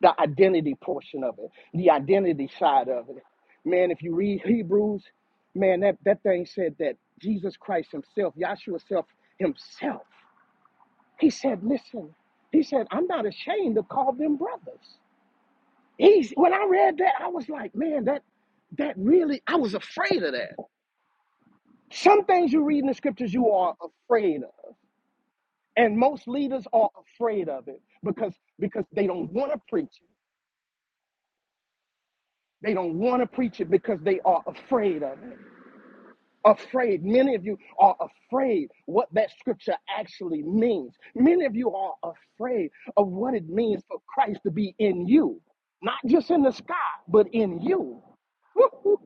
the identity portion of it, the identity side of it. Man, if you read Hebrews, man, that, that thing said that Jesus Christ himself, Yahshua self himself, he said, listen, he said, I'm not ashamed to call them brothers. He's when I read that, I was like, man, that that really I was afraid of that. Some things you read in the scriptures you are afraid of. And most leaders are afraid of it because because they don't want to preach it. They don't want to preach it because they are afraid of it. afraid. Many of you are afraid what that scripture actually means. Many of you are afraid of what it means for Christ to be in you, not just in the sky, but in you.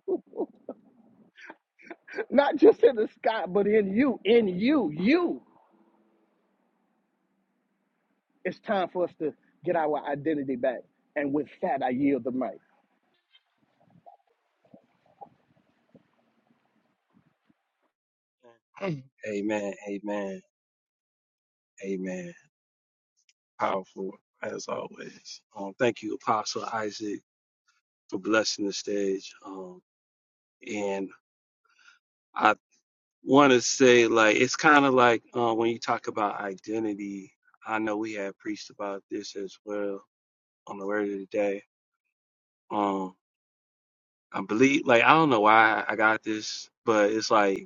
not just in the sky, but in you, in you, you. It's time for us to get our identity back. And with that, I yield the mic. Amen, amen, amen. amen. Powerful as always. Um, thank you, Apostle Isaac, for blessing the stage. Um, and I want to say, like, it's kind of like uh, when you talk about identity. I know we have preached about this as well on the word of the day. Um, I believe, like, I don't know why I got this, but it's like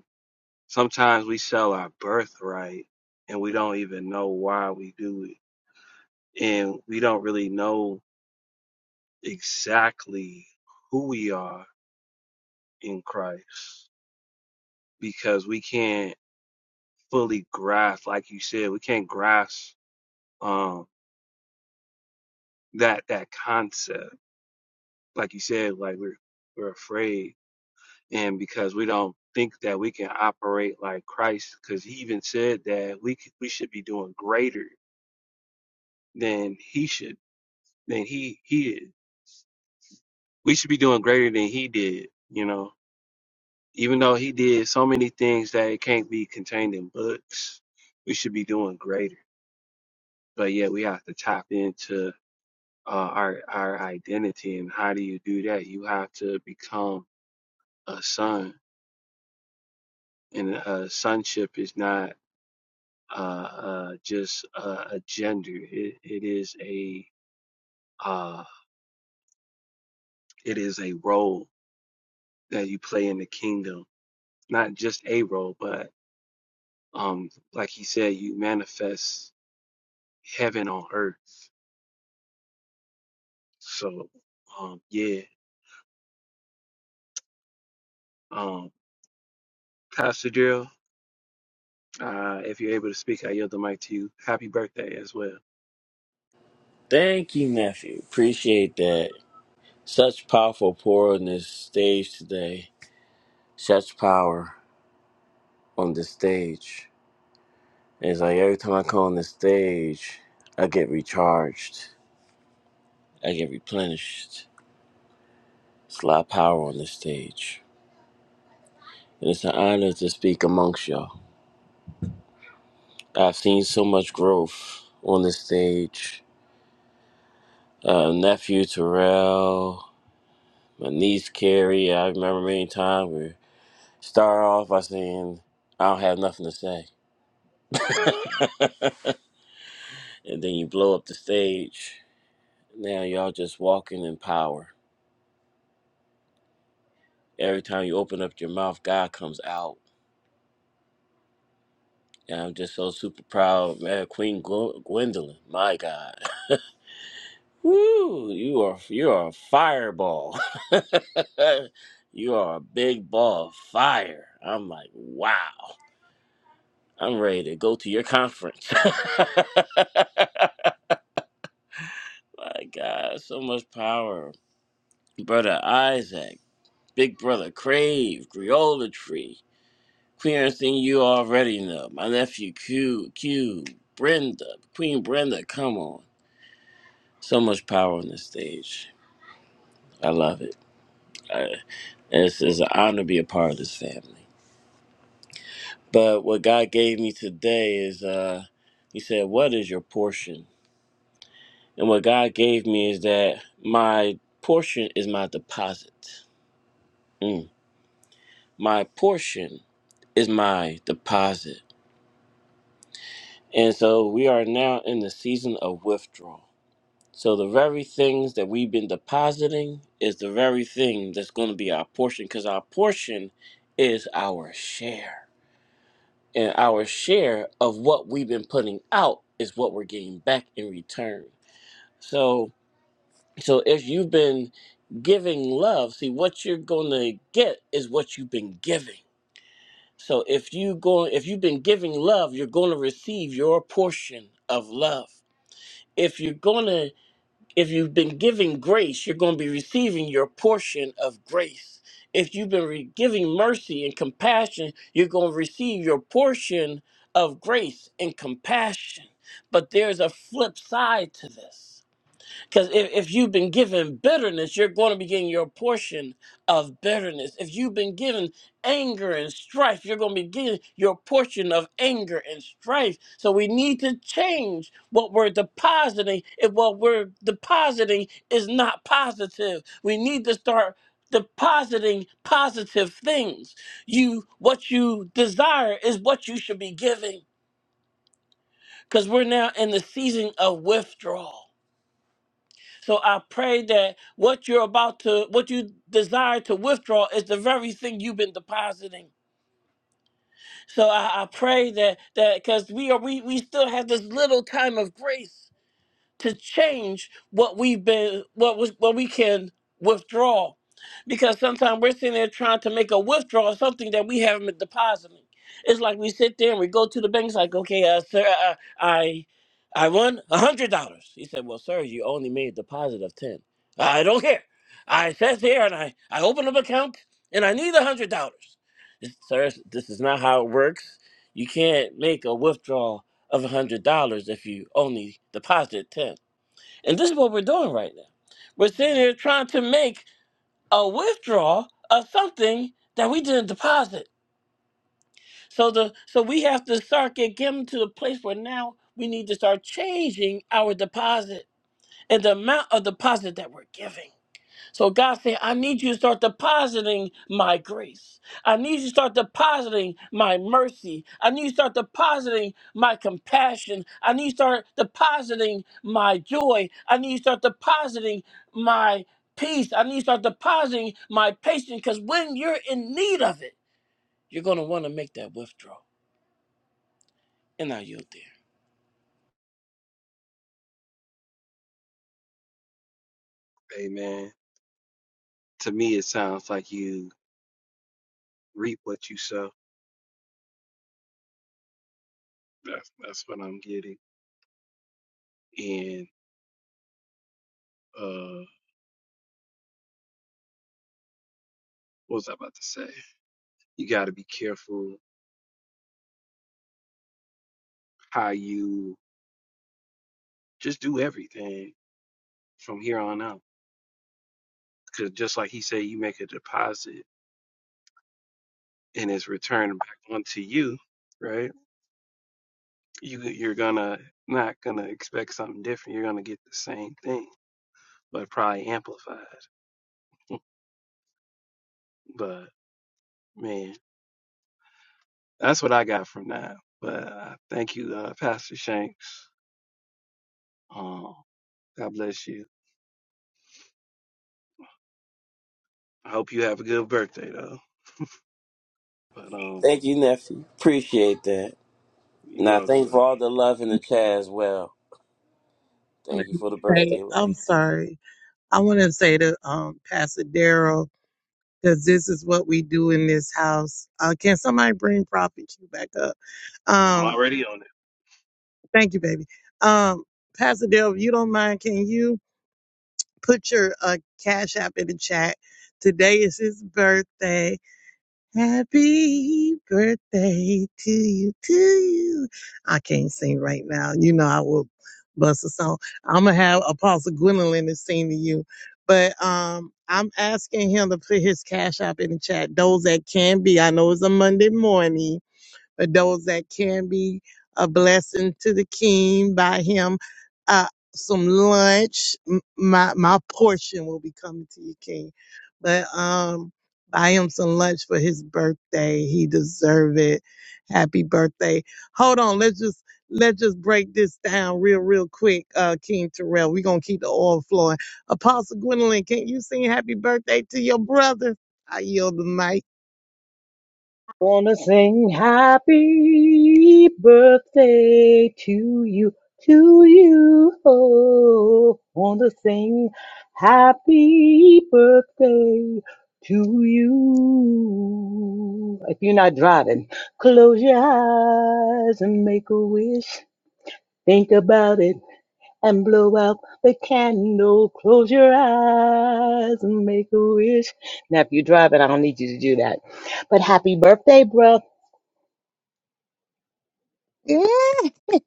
Sometimes we sell our birthright and we don't even know why we do it. And we don't really know exactly who we are in Christ because we can't fully grasp, like you said, we can't grasp um that that concept. Like you said, like we're we're afraid and because we don't think that we can operate like Christ, because he even said that we c- we should be doing greater than he should than he he is we should be doing greater than he did, you know. Even though he did so many things that it can't be contained in books, we should be doing greater. But yeah, we have to tap into uh, our our identity, and how do you do that? You have to become a son, and uh, sonship is not uh, uh, just uh, a gender. It, it is a uh, it is a role that you play in the kingdom, not just a role, but Um, like he said, you manifest heaven on earth. So, um, yeah. Um, Pastor Drill, uh, if you're able to speak, I yield the mic to you. Happy birthday as well. Thank you, nephew. Appreciate that. Such powerful pour on this stage today. Such power on the stage. And it's like every time I come on the stage, I get recharged. I get replenished. It's a lot of power on this stage. And it's an honor to speak amongst y'all. I've seen so much growth on this stage. Uh, nephew Terrell, my niece Carrie. I remember many times we start off by saying, I don't have nothing to say and then you blow up the stage. Now y'all just walking in power. Every time you open up your mouth, God comes out. And I'm just so super proud, man. Queen Gw- Gwendolyn, my God, woo! You are you are a fireball. you are a big ball of fire. I'm like, wow. I'm ready to go to your conference. my God, so much power, brother Isaac, big brother Crave, Griola Tree. Queerson, you already know. My nephew Q, Q, Brenda, Queen Brenda, come on. So much power on this stage. I love it. I, it's, it's an honor to be a part of this family. But what God gave me today is, uh, He said, What is your portion? And what God gave me is that my portion is my deposit. Mm. My portion is my deposit. And so we are now in the season of withdrawal So the very things that we've been depositing is the very thing that's going to be our portion because our portion is our share. And our share of what we've been putting out is what we're getting back in return. So so if you've been giving love, see what you're going to get is what you've been giving. So if you go if you've been giving love, you're going to receive your portion of love. If you're going to if you've been giving grace, you're going to be receiving your portion of grace. If you've been re- giving mercy and compassion, you're going to receive your portion of grace and compassion. But there's a flip side to this. Because if, if you've been given bitterness, you're going to be getting your portion of bitterness. If you've been given anger and strife, you're going to be getting your portion of anger and strife. So we need to change what we're depositing. If what we're depositing is not positive, we need to start depositing positive things. You what you desire is what you should be giving. Because we're now in the season of withdrawal so I pray that what you're about to, what you desire to withdraw is the very thing you've been depositing. So I, I pray that that because we are we we still have this little time of grace to change what we've been what was what we can withdraw because sometimes we're sitting there trying to make a withdrawal of something that we haven't been depositing it's like we sit there and we go to the bank it's like okay uh, sir uh, i i won a hundred dollars he said well sir you only made a deposit of ten i don't care i sat there and i i opened up an account and i need a hundred dollars sir this is not how it works you can't make a withdrawal of $100 if you only deposit 10 And this is what we're doing right now. We're sitting here trying to make a withdrawal of something that we didn't deposit. So the so we have to start get, getting to the place where now we need to start changing our deposit and the amount of deposit that we're giving. So God said, I need you to start depositing my grace. I need you to start depositing my mercy. I need you to start depositing my compassion. I need you to start depositing my joy. I need you to start depositing my peace. I need you to start depositing my patience. Because when you're in need of it, you're going to want to make that withdrawal. And I yield there. Amen. To me, it sounds like you reap what you sow. That's that's what I'm getting. And uh, what was I about to say? You got to be careful how you just do everything from here on out. Because just like he said, you make a deposit and it's returned back onto you, right? You you're gonna not gonna expect something different. You're gonna get the same thing, but probably amplified. But man, that's what I got from that. But uh, thank you, uh, Pastor Shanks. Um, God bless you. I hope you have a good birthday though. But um, Thank you, nephew. Appreciate that. you're And I welcome. thank you for all the love in the chat as well. I wanted Thank you to for the say- birthday love. I'm sorry. I want to say to um, Pastor Daryl, because this is what we do in this house. Uh, can somebody bring Prophet Q back up? I'm Um, already on Thank you, baby. Um, Pastor Dale, if you don't mind, can you put your uh, cash app in the chat? Today is his birthday. Happy birthday to you, to you. I can't sing right now. You know I will bust a song. I'm gonna have Apostle Gwendolyn to sing to you. But um, I'm asking him to put his cash app in the chat. Those that can be, I know it's a Monday morning for those that can be a blessing to the king. Buy him uh, some lunch. M- My my portion will be coming to you, King. But um, buy him some lunch for his birthday. He deserve it. Happy birthday. Hold on. Let's just let's just break this down real real quick, uh, King Terrell. We're gonna keep the oil flowing. Apostle Gwendolyn, can you sing happy birthday to your brother? I yield the mic. Wanna sing happy birthday to you, to you. Oh, wanna sing happy birthday to you. If you're not driving, close your eyes and make a wish. Think about it and blow out the candle. Close your eyes and make a wish. Now, if you're driving, I don't need you to do that. But happy birthday, bro. Yeah. Go,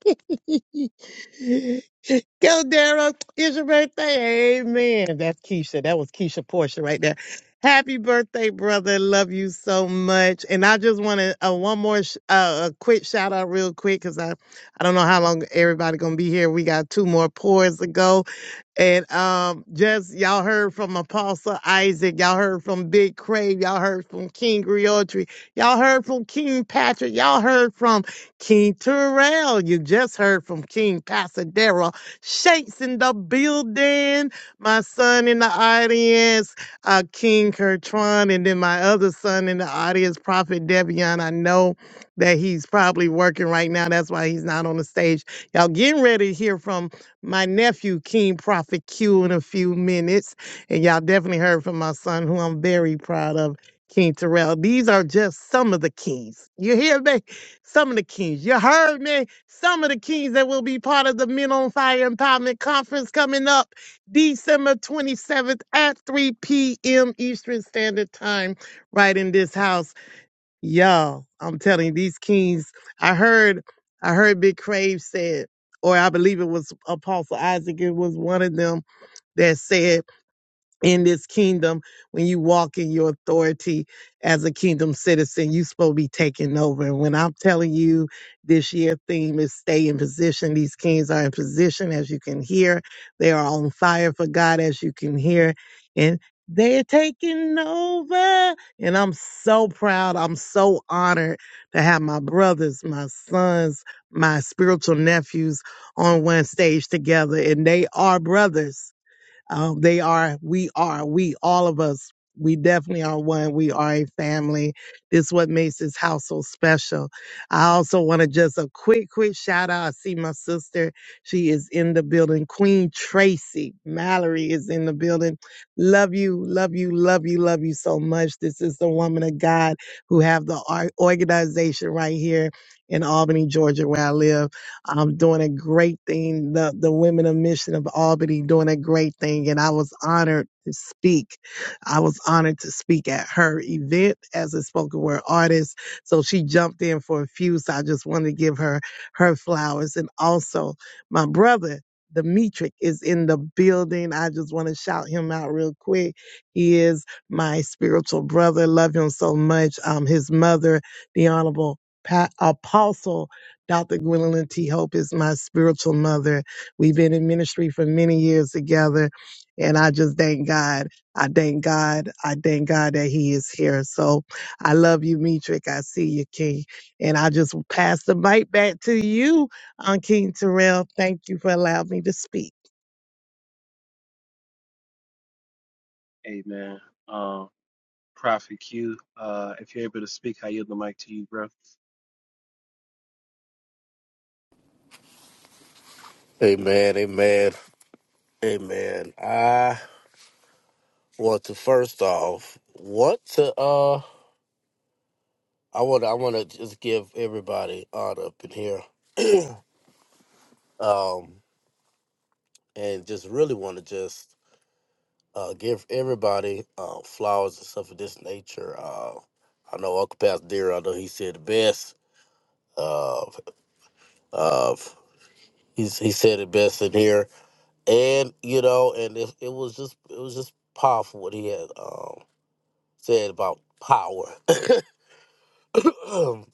Daryl. It's your birthday. Amen. That's Keisha. That was Keisha Portia right there. Happy birthday, brother. Love you so much. And I just want to uh, one more sh- uh, a quick shout out, real quick, because I I don't know how long everybody gonna be here. We got two more pours to go. And um, just y'all heard from Apostle Isaac, y'all heard from Big Crave, y'all heard from King Griotri, y'all heard from King Patrick, y'all heard from King Terrell, you just heard from King Pasadera. Shakes in the building. My son in the audience, uh, King Kertron, and then my other son in the audience, Prophet Devion. I know that he's probably working right now. That's why he's not on the stage. Y'all getting ready to hear from my nephew, King Prophet Q, in a few minutes. And y'all definitely heard from my son, who I'm very proud of. King Terrell. These are just some of the keys. You hear me? Some of the kings, you heard me. Some of the kings that will be part of the Men on Fire Empowerment Conference coming up December 27th at 3 p.m. Eastern Standard Time, right in this house. Y'all, I'm telling you, these kings, I heard, I heard Big Crave said, or I believe it was Apostle Isaac, it was one of them that said, in this kingdom when you walk in your authority as a kingdom citizen you supposed to be taking over and when i'm telling you this year theme is stay in position these kings are in position as you can hear they are on fire for god as you can hear and they're taking over and i'm so proud i'm so honored to have my brothers my sons my spiritual nephews on one stage together and they are brothers um, they are, we are, we, all of us, we definitely are one. We are a family. This is what makes this house so special. I also want to just a quick, quick shout out. I see my sister. She is in the building. Queen Tracy Mallory is in the building. Love you, love you, love you, love you so much. This is the woman of God who have the ar- organization right here in Albany, Georgia, where I live um, doing a great thing. The, the Women of Mission of Albany doing a great thing. And I was honored to speak. I was honored to speak at her event as a spoken word artist. So she jumped in for a few. So I just wanted to give her her flowers. And also my brother, Demetric is in the building. I just want to shout him out real quick. He is my spiritual brother. Love him so much. Um, his mother, the Honorable pa- Apostle Dr. Gwendolyn T. Hope is my spiritual mother. We've been in ministry for many years together, and I just thank God. I thank God. I thank God that He is here. So I love you, Metric. I see you, King. And I just pass the mic back to you, on King Terrell. Thank you for allowing me to speak. it. Amen. Um, Prophet Q, uh, if you're able to speak, I yield the mic to you, bro. Amen, amen, amen. I want to first off want to uh I wanna I wanna just give everybody honor up in here. Um and just really wanna just uh give everybody uh flowers and stuff of this nature. Uh I know Uncle Pastor Deer, I know he said the best of of he's he said it best in here. And you know, and it, it was just it was just powerful what he had um said about power.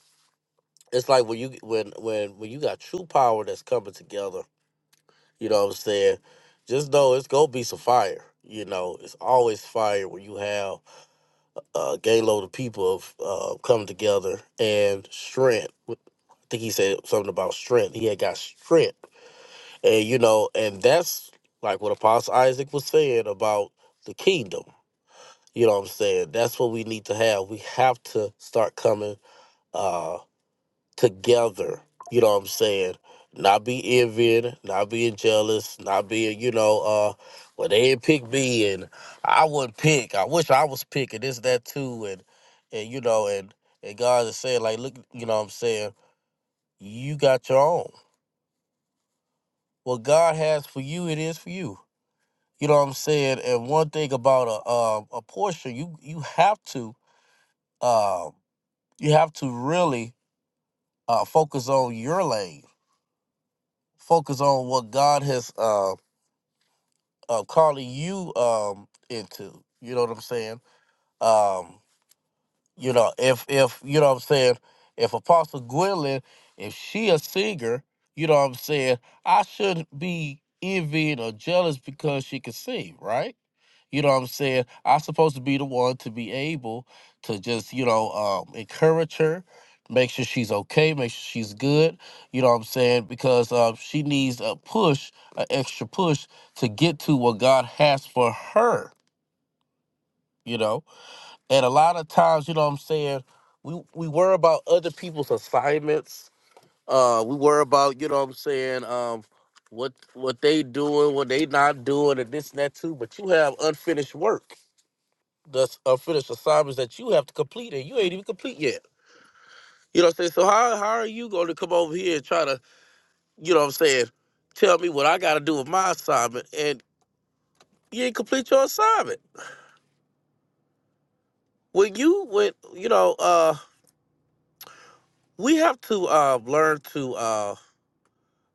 it's like when you when when when you got true power that's coming together you know what i'm saying just know it's gonna be some fire you know it's always fire when you have a gay load of people of uh, coming together and strength i think he said something about strength he had got strength and you know and that's like what apostle isaac was saying about the kingdom you know what i'm saying that's what we need to have we have to start coming uh together. You know what I'm saying? Not be envying, not being jealous, not being, you know, uh, well, they didn't pick me and I wouldn't pick. I wish I was picking this, that too, and and you know, and and God is saying, like, look, you know what I'm saying, you got your own. What God has for you, it is for you. You know what I'm saying? And one thing about a um a portion, you you have to um you have to really uh focus on your lane. Focus on what God has um uh, calling you um into. You know what I'm saying? Um, you know, if if you know what I'm saying, if Apostle Gwendolyn, if she a singer, you know what I'm saying, I shouldn't be envying or jealous because she can sing, right? You know what I'm saying? I'm supposed to be the one to be able to just, you know, um, encourage her, make sure she's okay, make sure she's good. You know what I'm saying? Because uh, she needs a push, an extra push to get to what God has for her, you know? And a lot of times, you know what I'm saying? We, we worry about other people's assignments. Uh, we worry about, you know what I'm saying, um, what what they doing, what they not doing, and this and that too. But you have unfinished work the unfinished assignments that you have to complete and you ain't even complete yet. You know what I'm saying? So how how are you going to come over here and try to, you know what I'm saying, tell me what I got to do with my assignment and you ain't complete your assignment? When you when you know, uh we have to uh learn to uh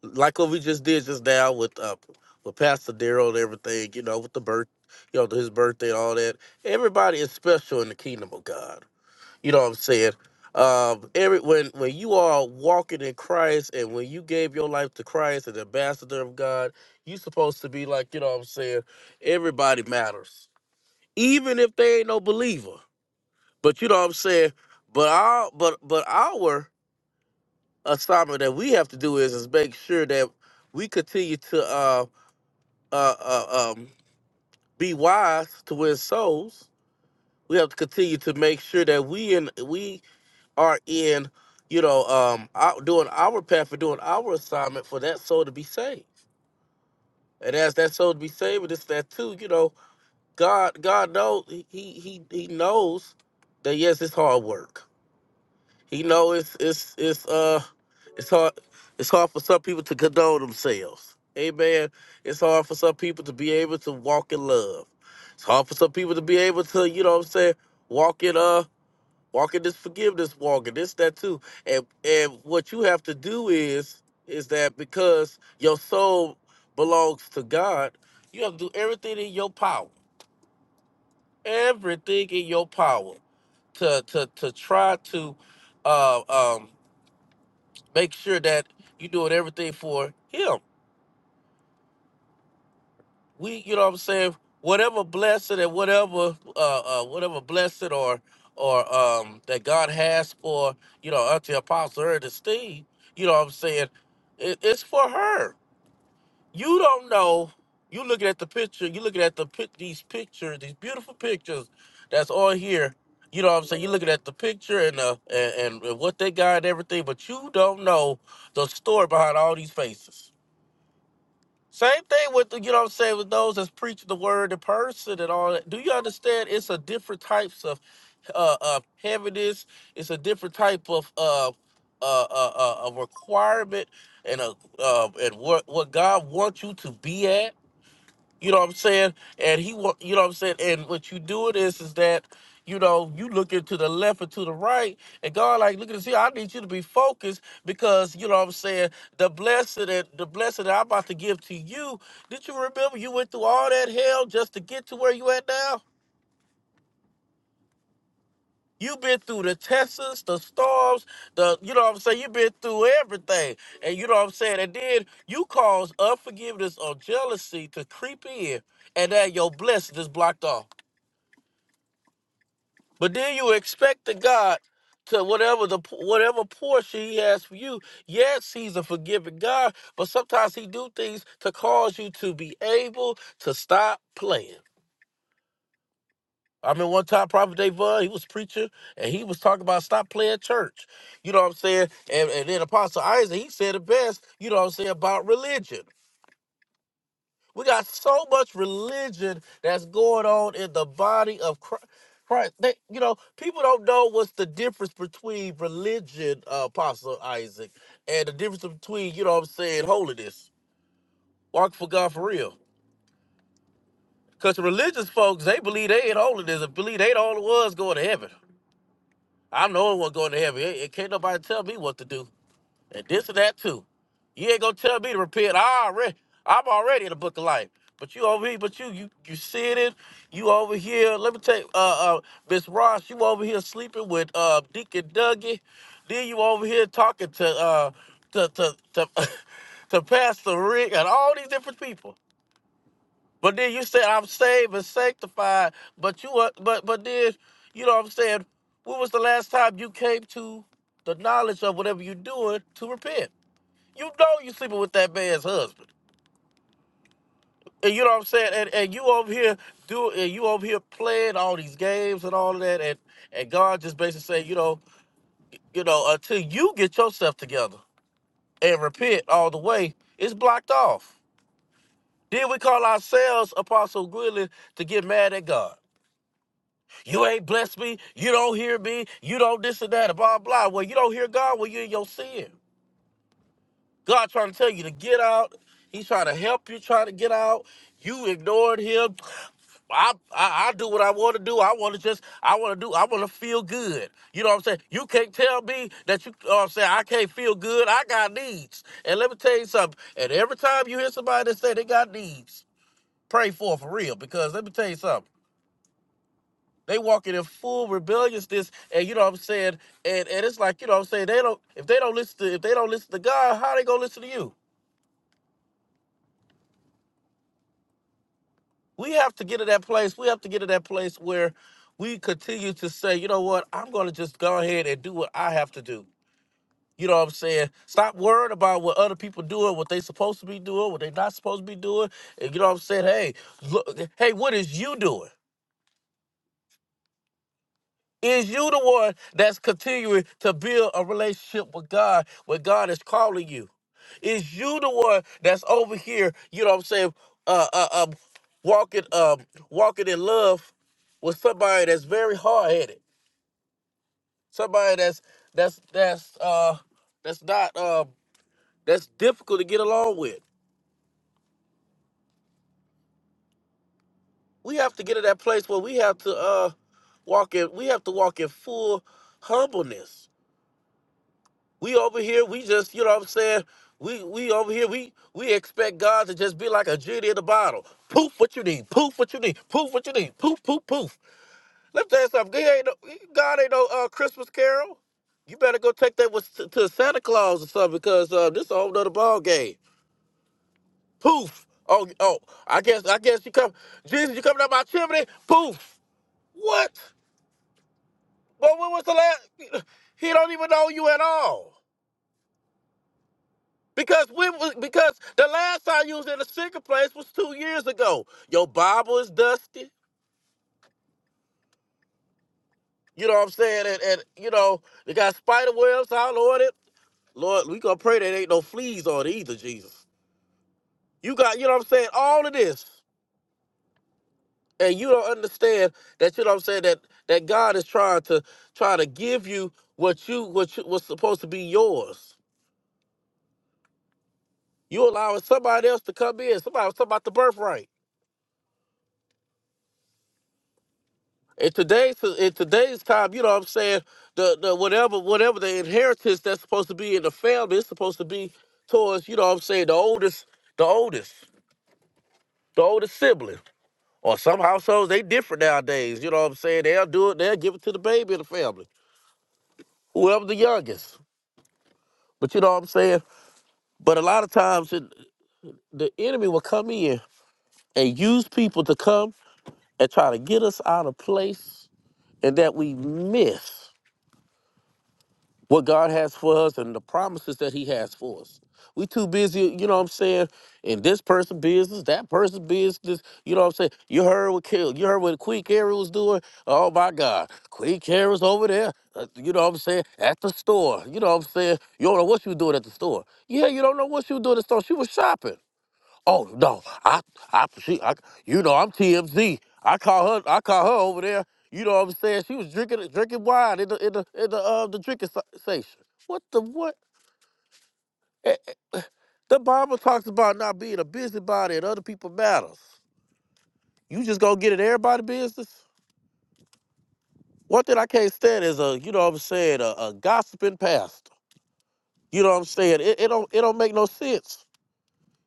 like what we just did just now with uh with Pastor Daryl and everything, you know, with the birth, you know, his birthday and all that. Everybody is special in the kingdom of God. You know what I'm saying? Um, every when when you are walking in Christ and when you gave your life to Christ and the ambassador of God, you supposed to be like, you know what I'm saying? Everybody matters. Even if they ain't no believer. But you know what I'm saying? But our but but our assignment that we have to do is is make sure that we continue to uh uh, uh um be wise to win souls. We have to continue to make sure that we and we are in, you know, um, our, doing our path for doing our assignment for that soul to be saved. And as that soul to be saved, and it's that too, you know, God, God knows he he he knows that yes, it's hard work. He knows it's it's it's uh it's hard it's hard for some people to condone themselves. Amen. It's hard for some people to be able to walk in love. It's hard for some people to be able to, you know what I'm saying, walk in uh walking this forgiveness walking this that too and and what you have to do is is that because your soul belongs to god you have to do everything in your power everything in your power to to to try to uh um make sure that you're doing everything for him we you know what I'm saying whatever blessed and whatever uh, uh whatever blessed or or um that God has for you know unto Apostle Ernestine, you know what I'm saying it, it's for her. You don't know. You looking at the picture. You looking at the pic these pictures, these beautiful pictures that's on here. You know what I'm saying? You're looking at the picture and uh and, and what they got and everything, but you don't know the story behind all these faces. Same thing with the, you know what I'm saying with those that's preaching the word in person and all that. Do you understand? It's a different types of uh, of heaviness. It's a different type of uh, uh, uh, uh, a requirement and a uh, and what what God wants you to be at. You know what I'm saying? And he wa- you know what I'm saying? And what you doing is is that, you know, you looking to the left or to the right, and God like, look at this here, I need you to be focused because you know what I'm saying, the blessing that the blessing that I'm about to give to you, did you remember you went through all that hell just to get to where you at now? You've been through the tests, the storms, the you know what I'm saying, you've been through everything. And you know what I'm saying? And then you cause unforgiveness or jealousy to creep in and then your blessing is blocked off. But then you expect the God to whatever the whatever portion He has for you. Yes, He's a forgiving God, but sometimes He do things to cause you to be able to stop playing. I mean, one time Prophet Davon, he was preaching and he was talking about stop playing church. You know what I'm saying? And, and then Apostle Isaac, he said the best, you know what I'm saying, about religion. We got so much religion that's going on in the body of Christ. Christ. They, you know, people don't know what's the difference between religion, uh, Apostle Isaac, and the difference between, you know what I'm saying, holiness. Walk for God for real. Because religious folks, they believe they ain't holiness and believe they the only ones going to heaven. I'm the only one going to heaven. It, can't nobody tell me what to do. and this and that too. You ain't gonna tell me to repent. I already, I'm already in the book of life. But you over here, but you you you sitting, you over here. Let me tell you, uh, uh, Miss Ross, you over here sleeping with uh Deacon Dougie. Then you over here talking to uh to to to, to Pastor Rick and all these different people. But then you said I'm saved and sanctified. But you uh, but but then you know what I'm saying. When was the last time you came to the knowledge of whatever you're doing to repent? You know you sleeping with that man's husband. And you know what I'm saying? And and you over here do and you over here playing all these games and all of that and and God just basically say, you know, you know, until you get yourself together and repent all the way, it's blocked off. Then we call ourselves Apostle Gwilyn to get mad at God. You ain't blessed me, you don't hear me, you don't this and that, and blah blah. Well, you don't hear God when you're in your sin. God trying to tell you to get out. He's trying to help you try to get out. You ignored him. I, I I do what I want to do. I want to just I want to do I want to feel good. You know what I'm saying? You can't tell me that you, you know what I'm saying I can't feel good. I got needs. And let me tell you something. And every time you hear somebody that say they got needs, pray for 'em for real because let me tell you something. They walking in full rebelliousness and you know what I'm saying? And and it's like, you know what I'm saying, they don't if they don't listen to if they don't listen to God, how they gonna listen to you? we have to get to that place. We have to get to that place where we continue to say, you know what, I'm going to just go ahead and do what I have to do. You know what I'm saying? Stop worrying about what other people doing, what they supposed to be doing, what they not supposed to be doing. And you know what I'm saying? Hey, look, hey, what is you doing? Is you the one that's continuing to build a relationship with God where God is calling you? Is you the one that's over here, you know what I'm saying, uh uh um walking um walking in love with somebody that's very hard headed. Somebody that's that's that's uh that's not um that's difficult to get along with. We have to get to that place where we have to uh walk in we have to walk in full humbleness We over here, we just, you know what I'm saying? We we over here, we we expect God to just be like a genie in the bottle. Poof what you need, poof what you need, poof what you need, poof, poof, poof. Let me tell you something. He ain't no, God ain't no uh, Christmas carol. You better go take that with, to, to Santa Claus or something because uh, this is a whole nother ball game. Poof. Oh, oh, I guess I guess you come Jesus, you coming up my chimney? Poof. What? But when was the last he don't even know you at all. Because we was- because the last time you was in a sicker place was two years ago. Your Bible is dusty. You know what I'm saying? And, and you know, they got spider webs all on it. Lord, we gonna pray that ain't no fleas on it either, Jesus. You got, you know what I'm saying, all of this. And you don't understand that, you know what I'm saying, that that God is trying to trying to give you what you what you what's supposed to be yours. You allowing somebody else to come in, somebody something about the birthright. In today's in today's time, you know what I'm saying, the, the whatever whatever the inheritance that's supposed to be in the family is supposed to be towards, you know what I'm saying, the oldest, the oldest, the oldest sibling. Or some households they different nowadays, you know what I'm saying? They'll do it, they'll give it to the baby in the family. Whoever the youngest. But you know what I'm saying? But a lot of times it, the enemy will come in and use people to come and try to get us out of place and that we miss. what God has for us and the promises that He has for us. We too busy, you know what I'm saying, in this person's business, that person's business, you know what I'm saying? You heard what Kill, you heard what Queen Carrie was doing. Oh my God, Queen Carrie's over there, uh, you know what I'm saying, at the store. You know what I'm saying? You don't know what she was doing at the store. Yeah, you don't know what she was doing at the store. She was shopping. Oh no, I I she I you know I'm TMZ. I call her I call her over there. You know what I'm saying? She was drinking drinking wine in the in the in the uh, the drinking sa- station. What the what? Eh, eh, The Bible talks about not being a busybody in other people matters. You just gonna get in everybody's business? One thing I can't stand is a you know what I'm saying a, a gossiping pastor. You know what I'm saying? It, it don't it don't make no sense.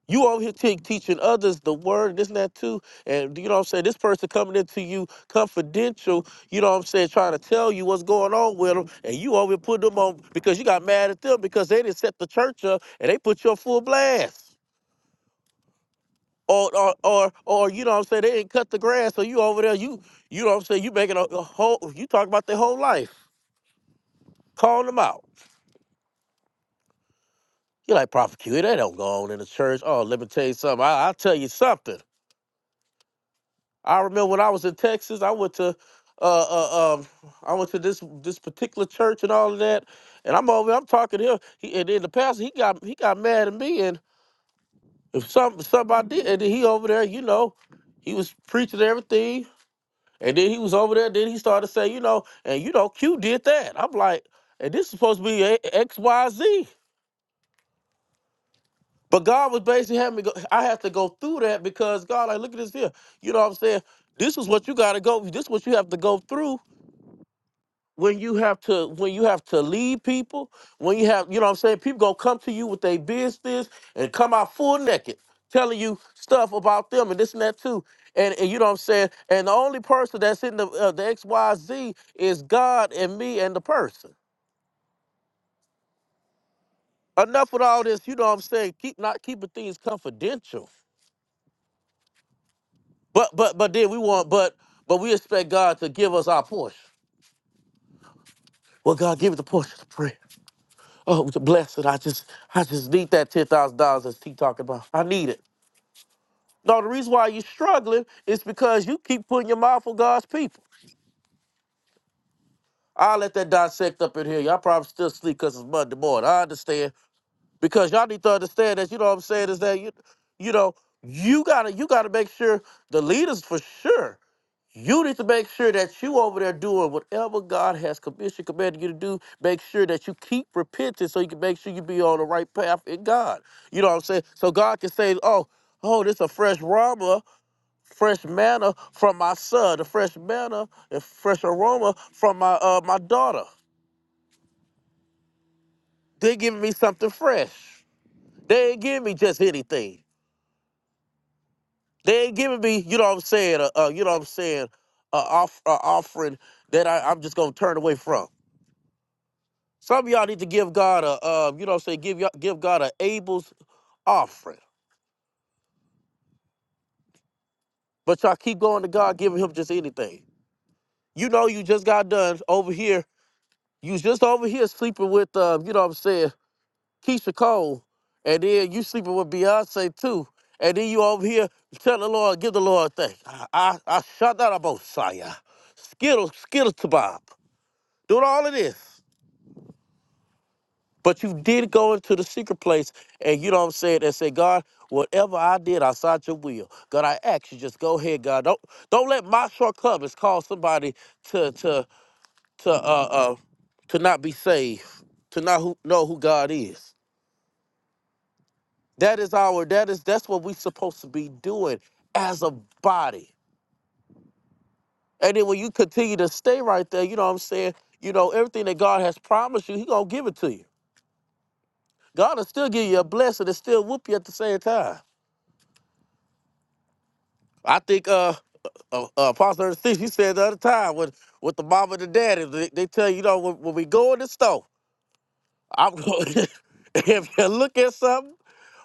You over here te- teaching others the word, this and that too. And you know what I'm saying? This person coming into you confidential, you know what I'm saying, trying to tell you what's going on with them. And you over here put them on because you got mad at them because they didn't set the church up and they put you on full blast. Or, or, or, or, you know what I'm saying, they didn't cut the grass. So you over there, you, you know what I'm saying, you making a, a whole, you talk about their whole life, calling them out. You're like, Prophet Q, they don't go on in the church. Oh, let me tell you something. I, I'll tell you something. I remember when I was in Texas, I went to uh, uh um I went to this this particular church and all of that, and I'm over I'm talking to him. He and then the pastor he got he got mad at me and if something something I did and then he over there, you know, he was preaching everything. And then he was over there, then he started to say, you know, and you know, Q did that. I'm like, and this is supposed to be a- X, Y, Z. But God was basically having me go, I have to go through that because God, like, look at this here. You know what I'm saying? This is what you gotta go, this is what you have to go through when you have to when you have to lead people when you have you know what i'm saying people gonna come to you with their business and come out full naked telling you stuff about them and this and that too and, and you know what i'm saying and the only person that's in the uh, the xyz is god and me and the person enough with all this you know what i'm saying keep not keeping things confidential but but but then we want but but we expect god to give us our portion well god give it the portion of prayer. Oh, blessed. I just I just need that ten thousand dollars as T talking about. I need it. No, the reason why you're struggling is because you keep putting your mouth on God's people. I'll let that dissect up in here. Y'all probably still sleep because it's Monday morning. I understand. Because y'all need to understand that, you know what I'm saying, is that you you know, you gotta you gotta make sure the leaders for sure You need to make sure that you over there doing whatever God has commissioned, commanded you to do. Make sure that you keep repenting so you can make sure you be on the right path in God. You know what I'm saying? So God can say, oh, oh, this is a fresh aroma, fresh manna from my son, a fresh manna and fresh aroma from my uh, my daughter. They're giving me something fresh. They ain't giving me just anything. They ain't giving me, you know what I'm saying, uh, uh, you know what I'm saying, uh, off, uh, offering that I, I'm just going to turn away from. Some of y'all need to give God a, uh, you know, what I'm saying give y'all, give God a Abel's offering, but y'all keep going to God giving him just anything. You know, you just got done over here. You just over here sleeping with, uh, you know, what I'm saying Keisha Cole, and then you sleeping with Beyonce too, and then you over here tell the Lord, give the Lord thanks. I I, I shut that up, Osiah. Skittle, skittle to Bob. Doing all of this. But you did go into the secret place and you know what I'm saying and say, God, whatever I did outside your will, God, I ask you just go ahead, God. Don't don't let my shortcomings cause somebody to to to uh uh to not be saved, to not who, know who God is. That is our that is that's what we're supposed to be doing as a body. And then when you continue to stay right there, you know what I'm saying? You know, everything that God has promised you, He gonna give it to you. God will still give you a blessing and still whoop you at the same time. I think uh, uh, uh Apostle Six, you said the other time with with the mom and the daddy, they, they tell you, you know, when, when we go in the store, I'm going. if you look at something,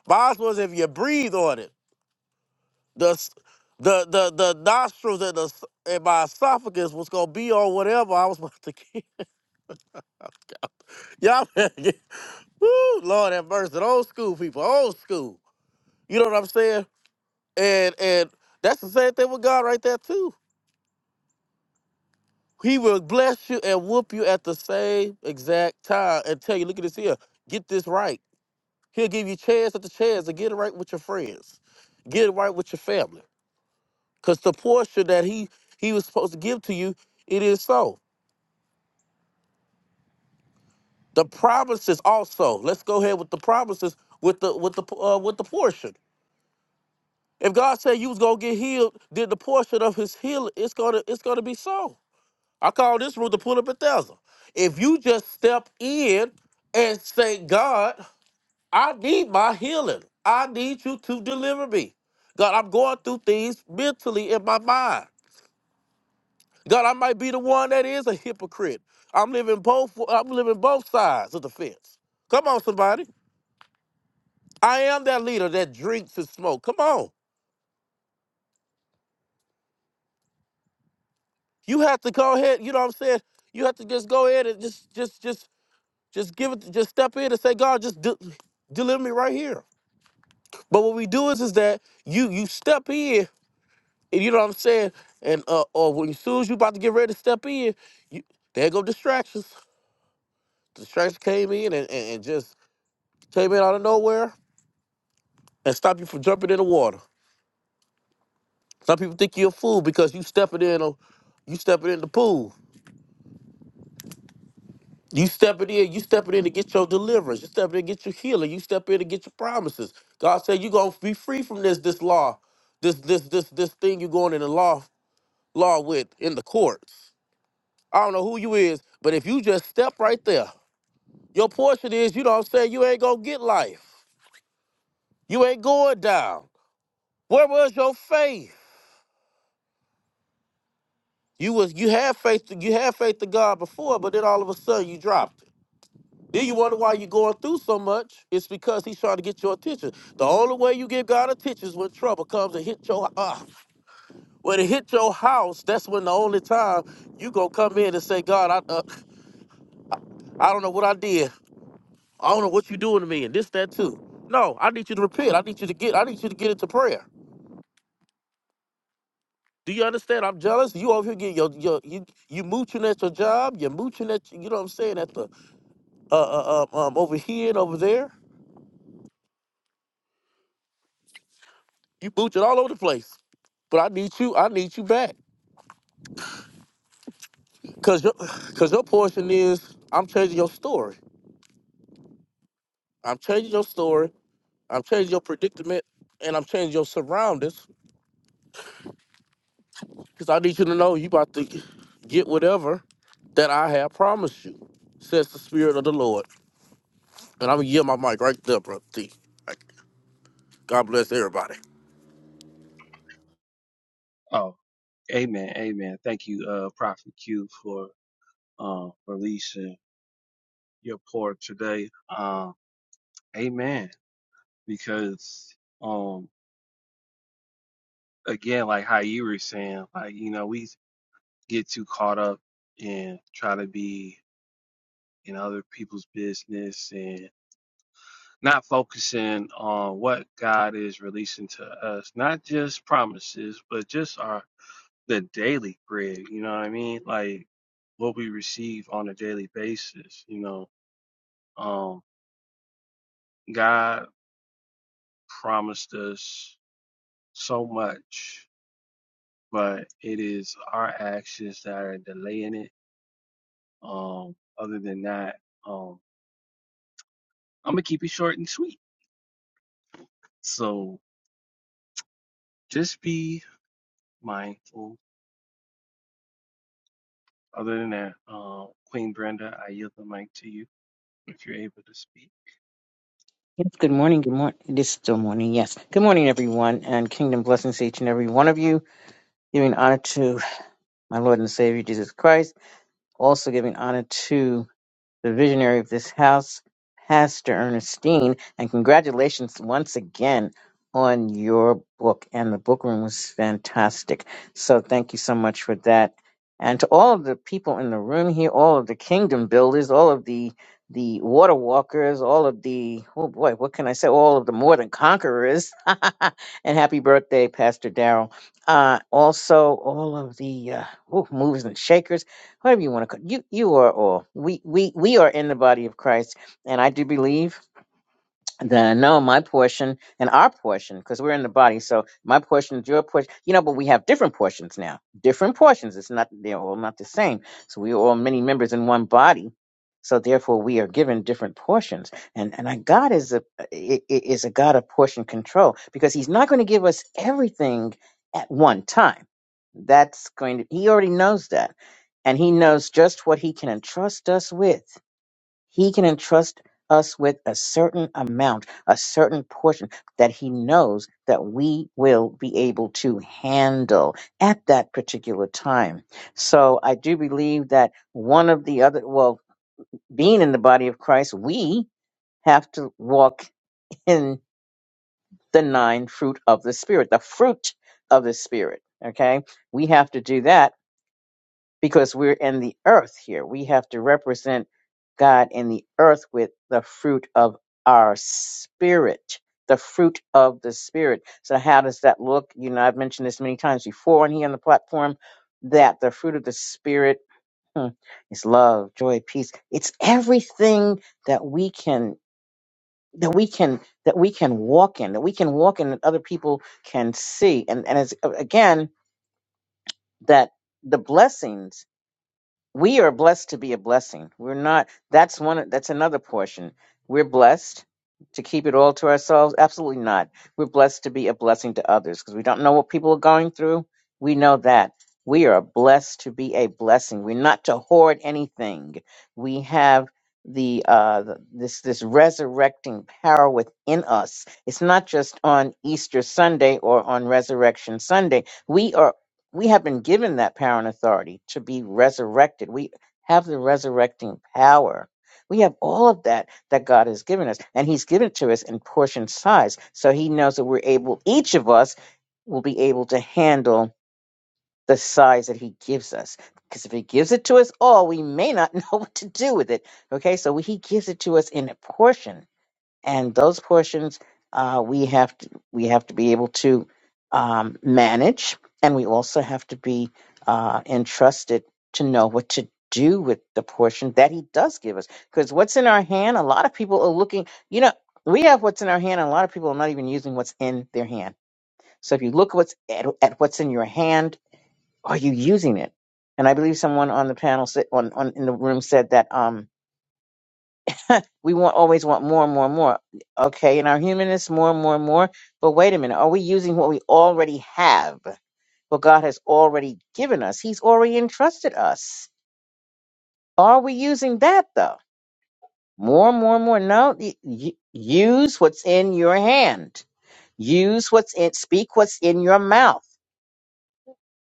my husband was if you breathe on it, the s- the the the nostrils and the s- and my esophagus was gonna be on whatever I was about to get. Y'all, better get- woo, Lord have mercy, old school people, old school. You know what I'm saying? And and that's the same thing with God right there too He will bless you and whoop you at the same exact time and tell you, look at this here, get this right. He'll give you chance after chance to get it right with your friends, get it right with your family. Because the portion that he he was supposed to give to you, it is so. The promises also. Let's go ahead with the promises with the with the uh, with the portion. If God said you was gonna get healed, then the portion of His healing, it's gonna it's gonna be so. I call this rule the pull of Bethesda. If you just step in and say, God, I need my healing. I need you to deliver me. God, I'm going through things mentally in my mind. God, I might be the one that is a hypocrite. I'm living both I'm living both sides of the fence. Come on, somebody. I am that leader that drinks and smoke. Come on. You have to go ahead, you know what I'm saying? You have to just go ahead and just just just just give it just step in and say, God, just de- deliver me right here. But what we do is is that you you step in, and you know what I'm saying, and uh, or when as soon as you about to get ready to step in, you there go distractions. Distractions came in and, and, and just came in out of nowhere and stop you from jumping in the water. Some people think you're a fool because you stepping in a, you stepping in the pool. You stepping in, you stepping in to get your deliverance. You stepping in to get your healing. You step in to get your promises. God said you gonna be free from this this law, this this this this thing you are going in the law law with in the courts. I don't know who you is, but if you just step right there, your portion is, you know what I'm saying, you ain't gonna get life. You ain't going down. Where was your faith? You was you had faith to, you had faith to God before, but then all of a sudden you dropped it. Then you wonder why you're going through so much. It's because he's trying to get your attention. The only way you get God attention is when trouble comes and hit your uh, when it hit your house. That's when the only time you gonna come in and say, God, I uh, I don't know what I did. I don't know what you're doing to me and this, that, too. No, I need you to repent. I need you to get. I need you to get into prayer. Do you understand? I'm jealous. You over here getting your, your you you mooching at your job. You're mooching at you know what I'm saying at the uh, uh uh, um over here and over there. You mooching all over the place. But I need you. I need you back. Cause your cause your portion is I'm changing your story. I'm changing your story. I'm changing your predicament, and I'm changing your surroundings Because I need you to know you about to get whatever that I have promised you, says the Spirit of the Lord. And I'm going to yield my mic right there, bro. T. Like, God bless everybody. Oh, amen, amen. Thank you, uh, Prophet Q, for uh, releasing your pour today. Um, amen. Because um, again, like how you were saying, like you know, we get too caught up in trying to be in other people's business and not focusing on what God is releasing to us, not just promises, but just our the daily bread, you know what I mean? Like what we receive on a daily basis, you know. Um God promised us so much, but it is our actions that are delaying it. Um other than that, um I'm gonna keep it short and sweet. So just be mindful. Other than that, um Queen Brenda, I yield the mic to you if you're able to speak. Yes, good morning. Good morning. It is still morning. Yes. Good morning, everyone, and kingdom blessings to each and every one of you. Giving honor to my Lord and Savior Jesus Christ. Also giving honor to the visionary of this house, Pastor Ernestine, and congratulations once again on your book. And the book room was fantastic. So thank you so much for that. And to all of the people in the room here, all of the kingdom builders, all of the the water walkers, all of the oh boy, what can I say? All of the more than conquerors. and happy birthday, Pastor Daryl. Uh, also, all of the uh, ooh, movers and shakers whatever you want to call you you are all we we we are in the body of christ and i do believe the no, my portion and our portion, because we're in the body. So my portion is your portion, you know. But we have different portions now, different portions. It's not they're all not the same. So we are all many members in one body. So therefore, we are given different portions. And and I- God is a i- i- is a God of portion control because He's not going to give us everything at one time. That's going to He already knows that, and He knows just what He can entrust us with. He can entrust us with a certain amount, a certain portion that he knows that we will be able to handle at that particular time. So I do believe that one of the other, well, being in the body of Christ, we have to walk in the nine fruit of the Spirit, the fruit of the Spirit. Okay. We have to do that because we're in the earth here. We have to represent God in the earth with the fruit of our spirit, the fruit of the spirit. So, how does that look? You know, I've mentioned this many times before on here on the platform that the fruit of the spirit hmm, is love, joy, peace. It's everything that we can that we can that we can walk in that we can walk in that other people can see and and as again that the blessings we are blessed to be a blessing. We're not. That's one. That's another portion. We're blessed to keep it all to ourselves. Absolutely not. We're blessed to be a blessing to others because we don't know what people are going through. We know that we are blessed to be a blessing. We're not to hoard anything. We have the uh the- this this resurrecting power within us it's not just on easter sunday or on resurrection sunday we are we have been given that power and authority to be resurrected. We have the resurrecting power. We have all of that that God has given us, and He's given it to us in portion size. So He knows that we're able, each of us will be able to handle the size that He gives us. Because if He gives it to us all, we may not know what to do with it. Okay, so He gives it to us in a portion and those portions uh, we have to we have to be able to um, manage, and we also have to be uh, entrusted to know what to do with the portion that He does give us. Because what's in our hand, a lot of people are looking. You know, we have what's in our hand, and a lot of people are not even using what's in their hand. So if you look what's at, at what's in your hand, are you using it? And I believe someone on the panel said, on, on in the room said that. Um, we want always want more and more and more. Okay, in our humanness, more and more and more. But wait a minute, are we using what we already have? What God has already given us? He's already entrusted us. Are we using that though? More and more and more. No, y- y- use what's in your hand. Use what's in. Speak what's in your mouth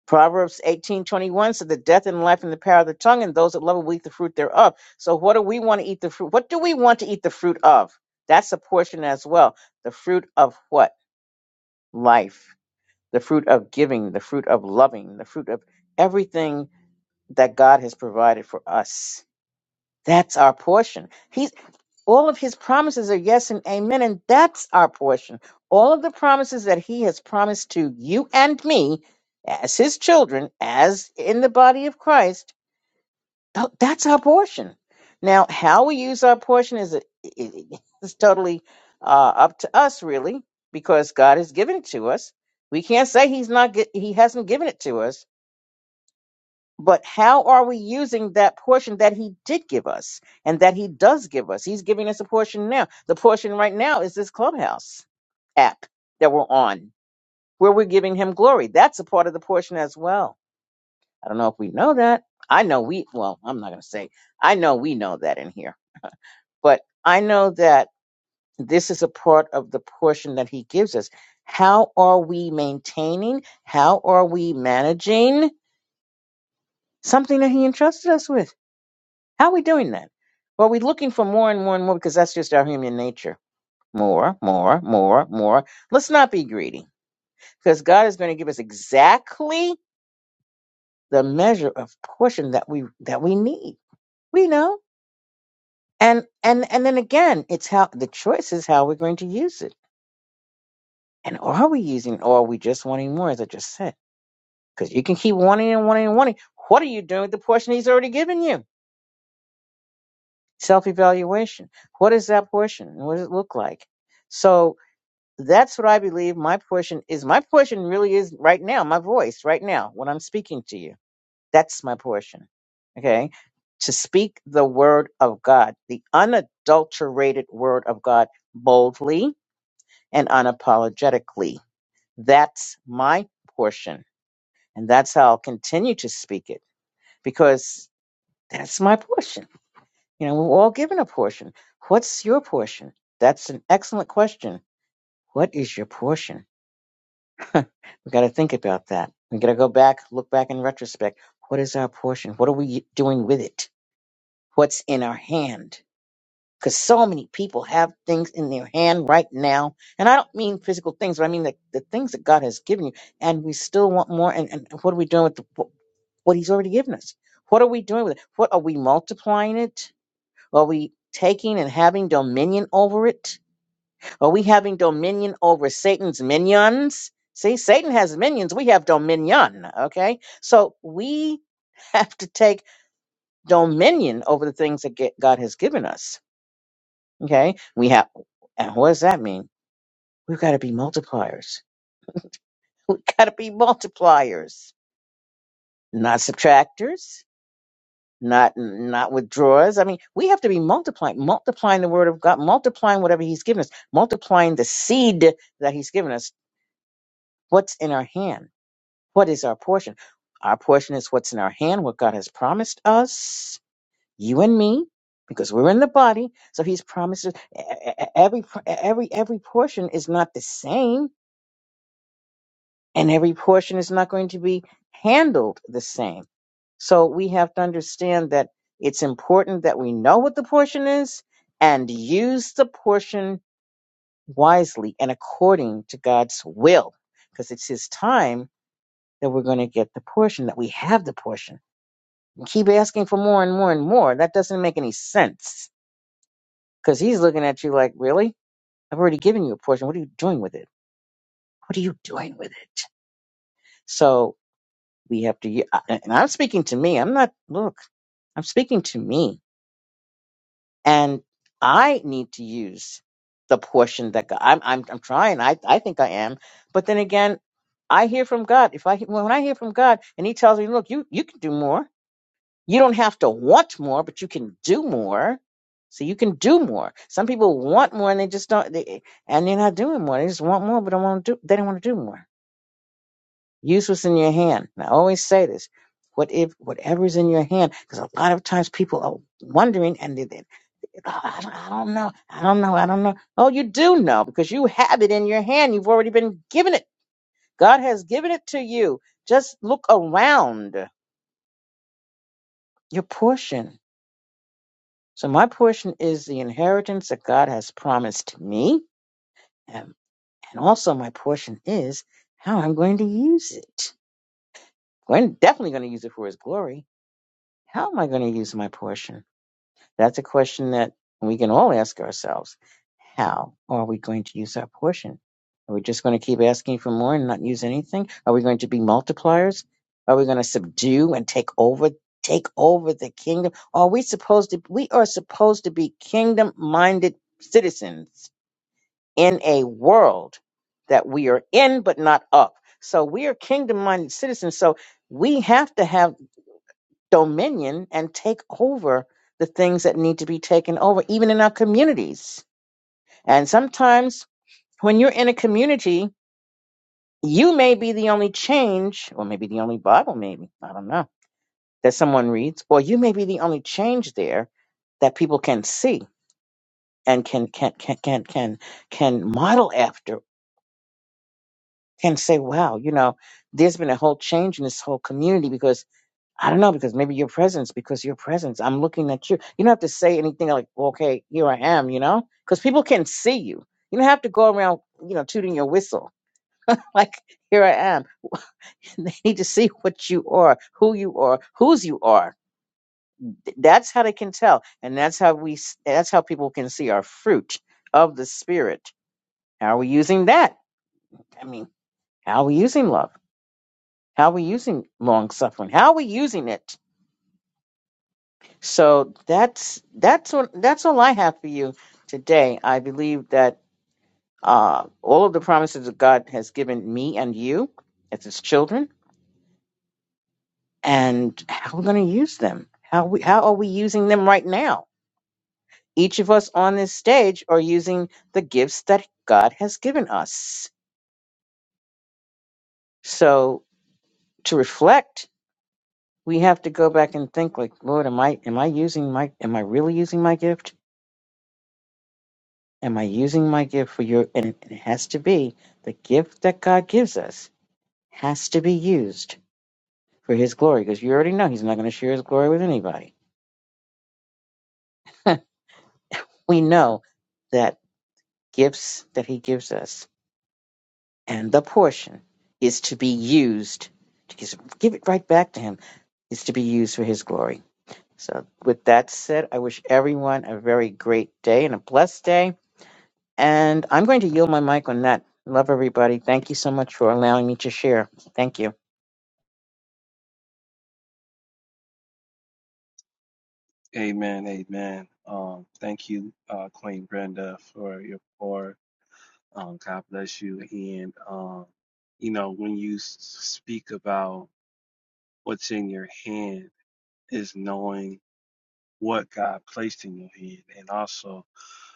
Proverbs eighteen twenty one said, The death and life in the power of the tongue, and those that love it will eat the fruit thereof. So, what do we want to eat the fruit? What do we want to eat the fruit of? That's a portion as well. The fruit of what? Life, the fruit of giving, the fruit of loving, the fruit of everything that God has provided for us. That's our portion. He all of his promises are yes and amen, and that's our portion. All of the promises that he has promised to you and me as his children, as in the body of Christ, th- that's our portion. Now, how we use our portion is, is totally uh, up to us, really, because God has given it to us. We can't say he's not gi- he hasn't given it to us but how are we using that portion that he did give us and that he does give us? He's giving us a portion now. The portion right now is this clubhouse app that we're on, where we're giving him glory. That's a part of the portion as well. I don't know if we know that. I know we, well, I'm not going to say, I know we know that in here, but I know that this is a part of the portion that he gives us. How are we maintaining? How are we managing something that he entrusted us with? How are we doing that? Well, we're looking for more and more and more because that's just our human nature. More, more, more, more. Let's not be greedy because God is going to give us exactly the measure of portion that we that we need. We know. And and and then again, it's how the choice is how we're going to use it. And are we using or are we just wanting more, as I just said? Because you can keep wanting and wanting and wanting. What are you doing with the portion he's already given you? Self evaluation. What is that portion? What does it look like? So That's what I believe my portion is. My portion really is right now, my voice right now, when I'm speaking to you. That's my portion. Okay. To speak the word of God, the unadulterated word of God boldly and unapologetically. That's my portion. And that's how I'll continue to speak it because that's my portion. You know, we're all given a portion. What's your portion? That's an excellent question. What is your portion? we got to think about that. We got to go back, look back in retrospect. What is our portion? What are we doing with it? What's in our hand? Because so many people have things in their hand right now. And I don't mean physical things, but I mean the, the things that God has given you. And we still want more. And, and what are we doing with the, what what He's already given us? What are we doing with it? What are we multiplying it? Are we taking and having dominion over it? Are we having dominion over Satan's minions? See, Satan has minions. We have dominion. Okay. So we have to take dominion over the things that get, God has given us. Okay. We have, and what does that mean? We've got to be multipliers. We've got to be multipliers, not subtractors, not, not withdrawers. I mean, we have to be multiplying, multiplying the word of God, multiplying whatever he's given us, multiplying the seed that he's given us. What's in our hand? What is our portion? Our portion is what's in our hand, what God has promised us, you and me, because we're in the body. So He's promised us- e- e- e, every every every portion is not the same, and every portion is not going to be handled the same. So we have to understand that it's important that we know what the portion is and use the portion wisely and according to God's will, because it's His time that we're going to get the portion that we have the portion Keep asking for more and more and more. That doesn't make any sense because he's looking at you like, really? I've already given you a portion. What are you doing with it? What are you doing with it? So we have to, I- and I'm speaking to me. I'm not, look, I'm speaking to me. And I need to use the portion that God, I'm, I'm, I'm trying. I, I think I am. But then again, I hear from God. If I, when I hear from God and he tells me, look, you, you can do more You don't have to want more, but you can do more. So you can do more. Some people want more and they just don't, they, and they're not doing more. They just want more, but don't want to do, they don't want to do more. Use what's in your hand. And I always say this. What if, whatever's in your hand, because a lot of times people are wondering and they, they oh, I, don't, I don't know. I don't know. I don't know. Oh, you do know because you have it in your hand. You've already been given it. God has given it to you. Just look around your portion So my portion is the inheritance that God has promised me, and, and also my portion is how I'm going to use it. I'm definitely going to use it for His glory. How am I going to use my portion? That's a question that we can all ask ourselves. How are we going to use our portion? Are we just going to keep asking for more and not use anything? Are we going to be multipliers? Are we going to subdue and take over, take over the kingdom? Are we supposed to, we are supposed to be kingdom minded citizens in a world that we are in, but not of. So we are kingdom minded citizens. So we have to have dominion and take over the things that need to be taken over, even in our communities. And sometimes when you're in a community, you may be the only change, or maybe the only Bible, maybe, I don't know, that someone reads, or you may be the only change there that people can see and can can can can can, can model after, can say, wow, you know, there's been a whole change in this whole community because I don't know because maybe your presence, because your presence, I'm looking at you. You don't have to say anything like, well, okay, here I am, you know, because people can see you. You don't have to go around, you know, tooting your whistle like, here I am. They need to see what you are, who you are, whose you are. Th- That's how they can tell, and that's how we. s- That's how people can see our fruit of the spirit. How are we using that? I mean, how are we using love? How are we using long suffering? How are we using it? So that's that's what that's all I have for you today. I believe that uh, all of the promises that God has given me and you as His children, and how we're going to use them. How we how are we using them right now? Each of us on this stage are using the gifts that God has given us. So to reflect, we have to go back and think like, Lord, am I am I using my am I really using my gift? Am I using my gift for your? And it, and it has to be the gift that God gives us has to be used for His glory, because you already know He's not going to share His glory with anybody. we know that gifts that He gives us and the portion is to be used to just give it right back to Him. Is to be used for His glory. So, with that said, I wish everyone a very great day and a blessed day. And I'm going to yield my mic on that. Love everybody. Thank you so much for allowing me to share. Thank you. Amen, amen. Um, thank you, uh, Queen Brenda, for your pour. Um, God bless you. And um, you know, when you s- speak about what's in your hand, is knowing what God placed in your hand, and also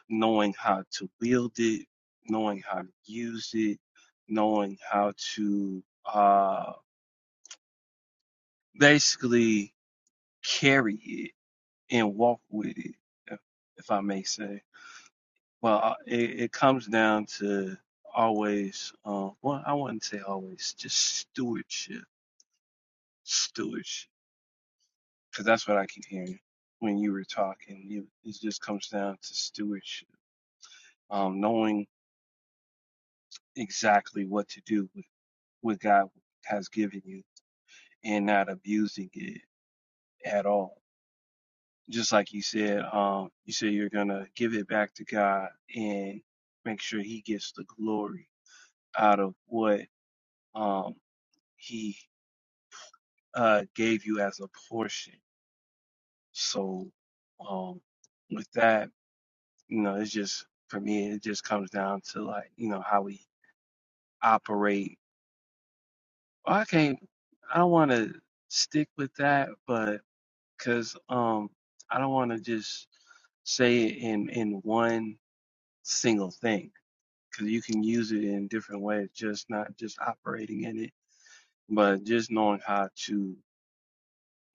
knowing how to wield it, knowing how to use it, knowing how to uh, basically carry it and walk with it, if, if I may say. Well, uh, it, it comes down to always, um, well, I wouldn't say always, just stewardship, stewardship, because that's what I keep hearing when you were talking. You, it just comes down to stewardship, um, knowing exactly what to do with what God has given you and not abusing it at all. Just like you said, um, you said you're gonna give it back to God and make sure He gets the glory out of what um, He uh, gave you as a portion. So, um, with that, you know, it's just for me, it just comes down to like, you know, how we operate. Well, I can't, I don't want to stick with that, but because um, I don't want to just say it in in one single thing because you can use it in different ways, just not just operating in it, but just knowing how to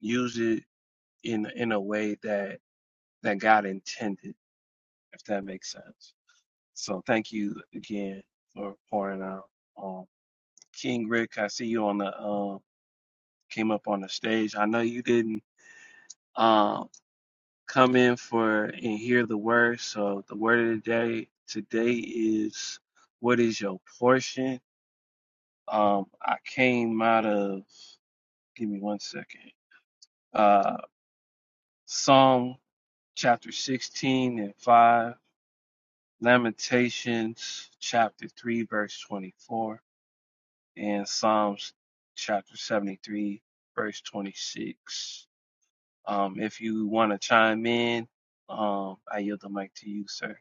use it in in a way that that God intended if that makes sense. So thank you again for pouring out. Um, King Rick, I see you on the um came up on the stage. I know you didn't um come in for and hear the word. So the word of the day today is what is your portion? Um, I came out of give me one second. Uh, Psalm chapter 16 and 5, Lamentations chapter 3 verse 24. and Psalms chapter 73, verse 26. Um, if you want to chime in, um, I yield the mic to you, sir.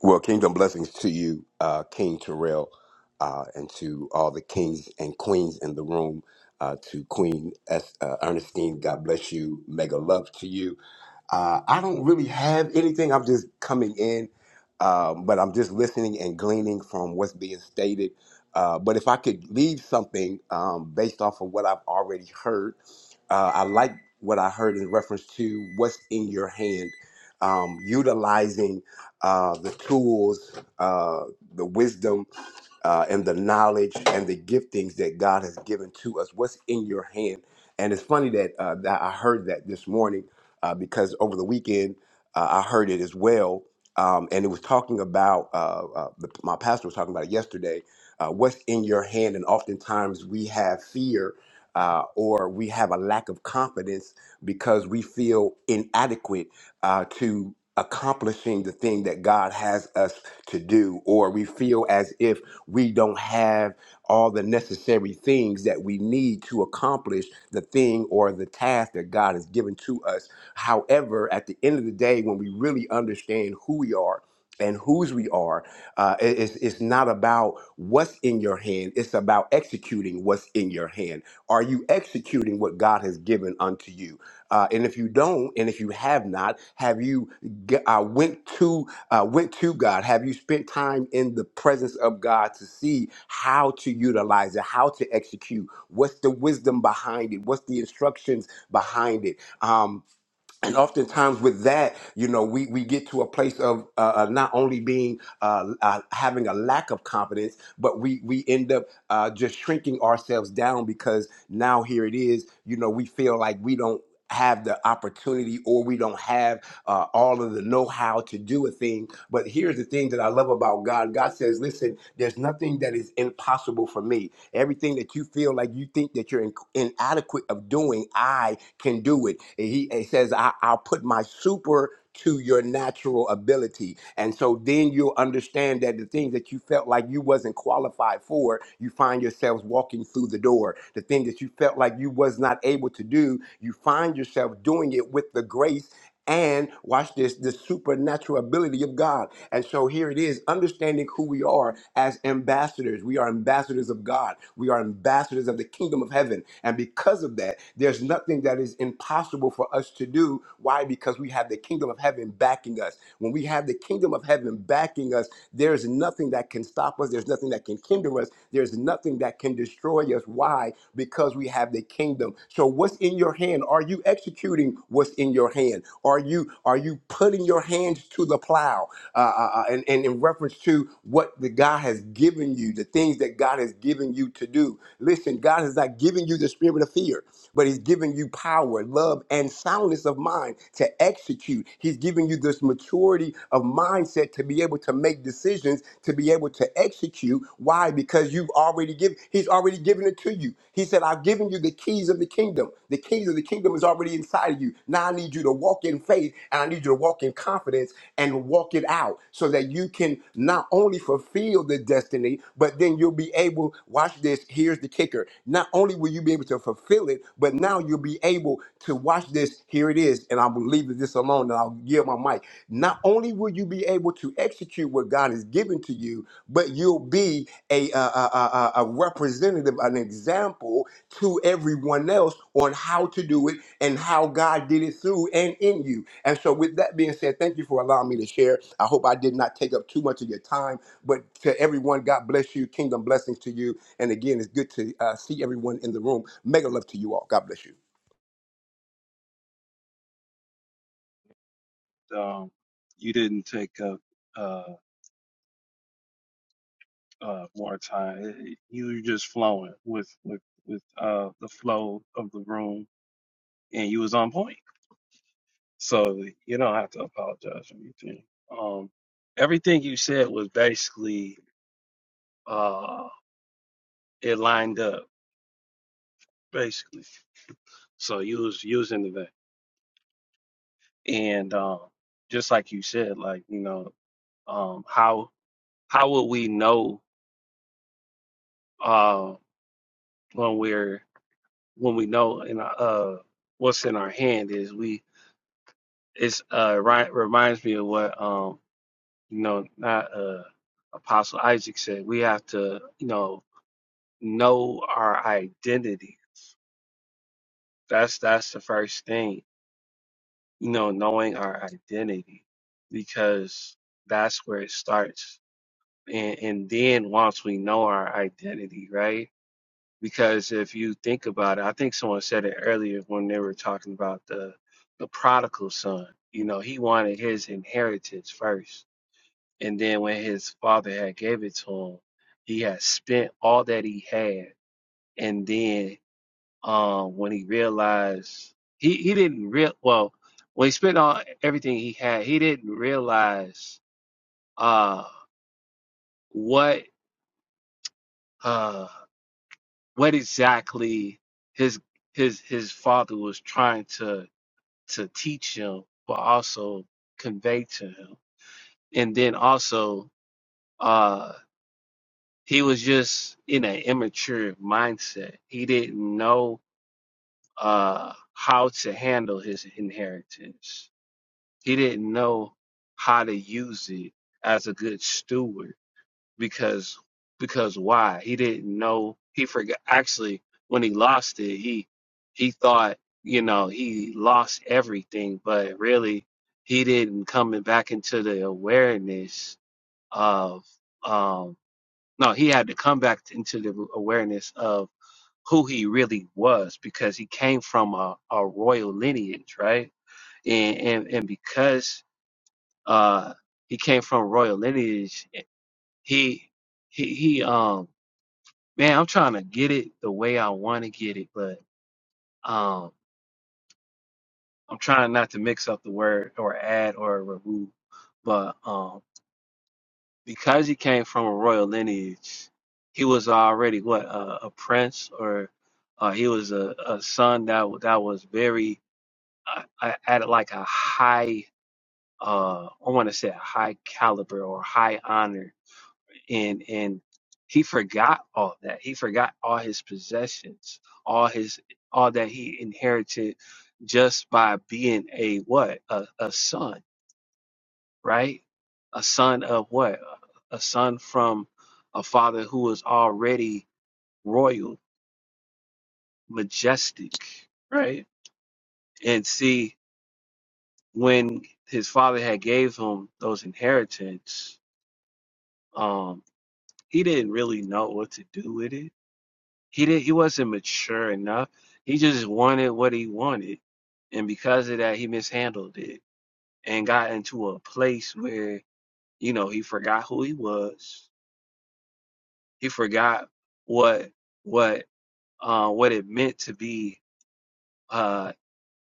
Well, kingdom blessings to you, uh, King Terrell, uh, and to all the kings and queens in the room. Uh, to Queen S, uh, Ernestine, God bless you. Mega love to you. Uh, I don't really have anything. I'm just coming in, um, but I'm just listening and gleaning from what's being stated. Uh, but if I could leave something um, based off of what I've already heard, uh, I like what I heard in reference to what's in your hand, um, utilizing uh, the tools, uh, the wisdom uh, and the knowledge and the giftings that God has given to us. What's in your hand? And it's funny that, uh, that I heard that this morning uh, because over the weekend uh, I heard it as well. Um, and it was talking about, uh, uh, the, my pastor was talking about it yesterday, uh, what's in your hand. And oftentimes we have fear uh, or we have a lack of confidence because we feel inadequate uh, to accomplishing the thing that God has us to do, or we feel as if we don't have all the necessary things that we need to accomplish the thing or the task that God has given to us. However, at the end of the day, when we really understand who we are, and whose we are, uh, it- it's, it's not about what's in your hand. It's about executing what's in your hand. Are you executing what God has given unto you? Uh, and if you don't, and if you have not, have you g- uh, went to uh, went to God? Have you spent time in the presence of God to see how to utilize it, how to execute? What's the wisdom behind it? What's the instructions behind it? Um and oftentimes with that you know we we get to a place of uh, uh, not only being uh, uh, having a lack of confidence but we we end up uh, just shrinking ourselves down because now here it is you know we feel like we don't have the opportunity or we don't have uh, all of the know-how to do a thing but here's the thing that i love about god god says listen there's nothing that is impossible for me Everything that you feel like you think that you're in- inadequate of doing, I can do it. And he and he says, I, I'll put my super to your natural ability. And so then you'll understand that the things that you felt like you wasn't qualified for, you find yourselves walking through the door. The thing that you felt like you was not able to do, you find yourself doing it with the grace and watch this the supernatural ability of God. And so here it is, understanding who we are as ambassadors. We are ambassadors of God. We are ambassadors of the kingdom of heaven. And because of that, there's nothing that is impossible for us to do. Why? Because we have the kingdom of heaven backing us. When we have the kingdom of heaven backing us, there's nothing that can stop us. There's nothing that can hinder us. There's nothing that can destroy us. Why? Because we have the kingdom. So what's in your hand? Are you executing? executing what's in your hand? Are you are you putting your hands to the plow? Uh, uh, uh, and, and in reference to what the God has given you, the things that God has given you to do. Listen, God has not given you the spirit of fear, but He's given you power, love, and soundness of mind to execute. He's giving you this maturity of mindset to be able to make decisions, to be able to execute. Why? Because you've already given, He's already given it to you. He said, I've given you the keys of the kingdom kingdom. The kingdom, the kingdom is already inside of you. Now I need you to walk in faith and I need you to walk in confidence and walk it out so that you can not only fulfill the destiny, but then you'll be able, watch this, here's the kicker. Not only will you be able to fulfill it, but now you'll be able to watch this, here it is, and I will leave this alone and I'll give my mic. Not only will you be able to execute what God has given to you, but you'll be a, a, a, a a representative, an example to everyone else on how to do it and how God did it through and in you. And so, with that being said, thank you for allowing me to share. I hope I did not take up too much of your time, but to everyone, God bless you. Kingdom blessings to you. And again, it's good to uh, see everyone in the room. Mega love to you all. God bless you. Um, you didn't take up uh, uh, more time. It- it- You were just flowing with with with uh, the flow of the room, and you was on point. So you don't have to apologize or anything. Um, everything you said was basically uh, it lined up, basically. So you was using the vein. And um, just like you said, like you know, um, how how would we know uh, when we're when we know in our, uh, what's in our hand is we it's uh ri- reminds me of what um you know not uh Apostle Isaac said we have to you know know our identity. That's that's the first thing you know knowing our identity because that's where it starts and, and then once we know our identity, right? Because if you think about it, I think someone said it earlier when they were talking about the the prodigal son. You know, he wanted his inheritance first, and then when his father had gave it to him, he had spent all that he had, and then um, when he realized he he didn't real well when he spent all everything he had, he didn't realize uh what uh what exactly his his his father was trying to to teach him but also convey to him and then also uh he was just in an immature mindset he didn't know uh how to handle his inheritance he didn't know how to use it as a good steward because because why he didn't know he forgot actually when he lost it he he thought you know he lost everything but really he didn't come back into the awareness of um no he had to come back into the awareness of who he really was because he came from a, a royal lineage right and and, and because uh he came from royal lineage he he he um Man, I'm trying to get it the way I want to get it, but um, I'm trying not to mix up the word or add or remove. But um, because he came from a royal lineage, he was already what a, a prince, or uh, he was a, a son that wa- that was very uh, uh, at like a high, uh, I want to say a high caliber or high honor and and he forgot all that he forgot all his possessions all his all that he inherited just by being a what a, a son right a son of what a son from a father who was already royal majestic right and see when his father had gave him those inheritance um he didn't really know what to do with it He didn't he wasn't mature enough. He just wanted what he wanted. And because of that he mishandled it and got into a place where, you know, he forgot who he was. He forgot what what uh what it meant to be uh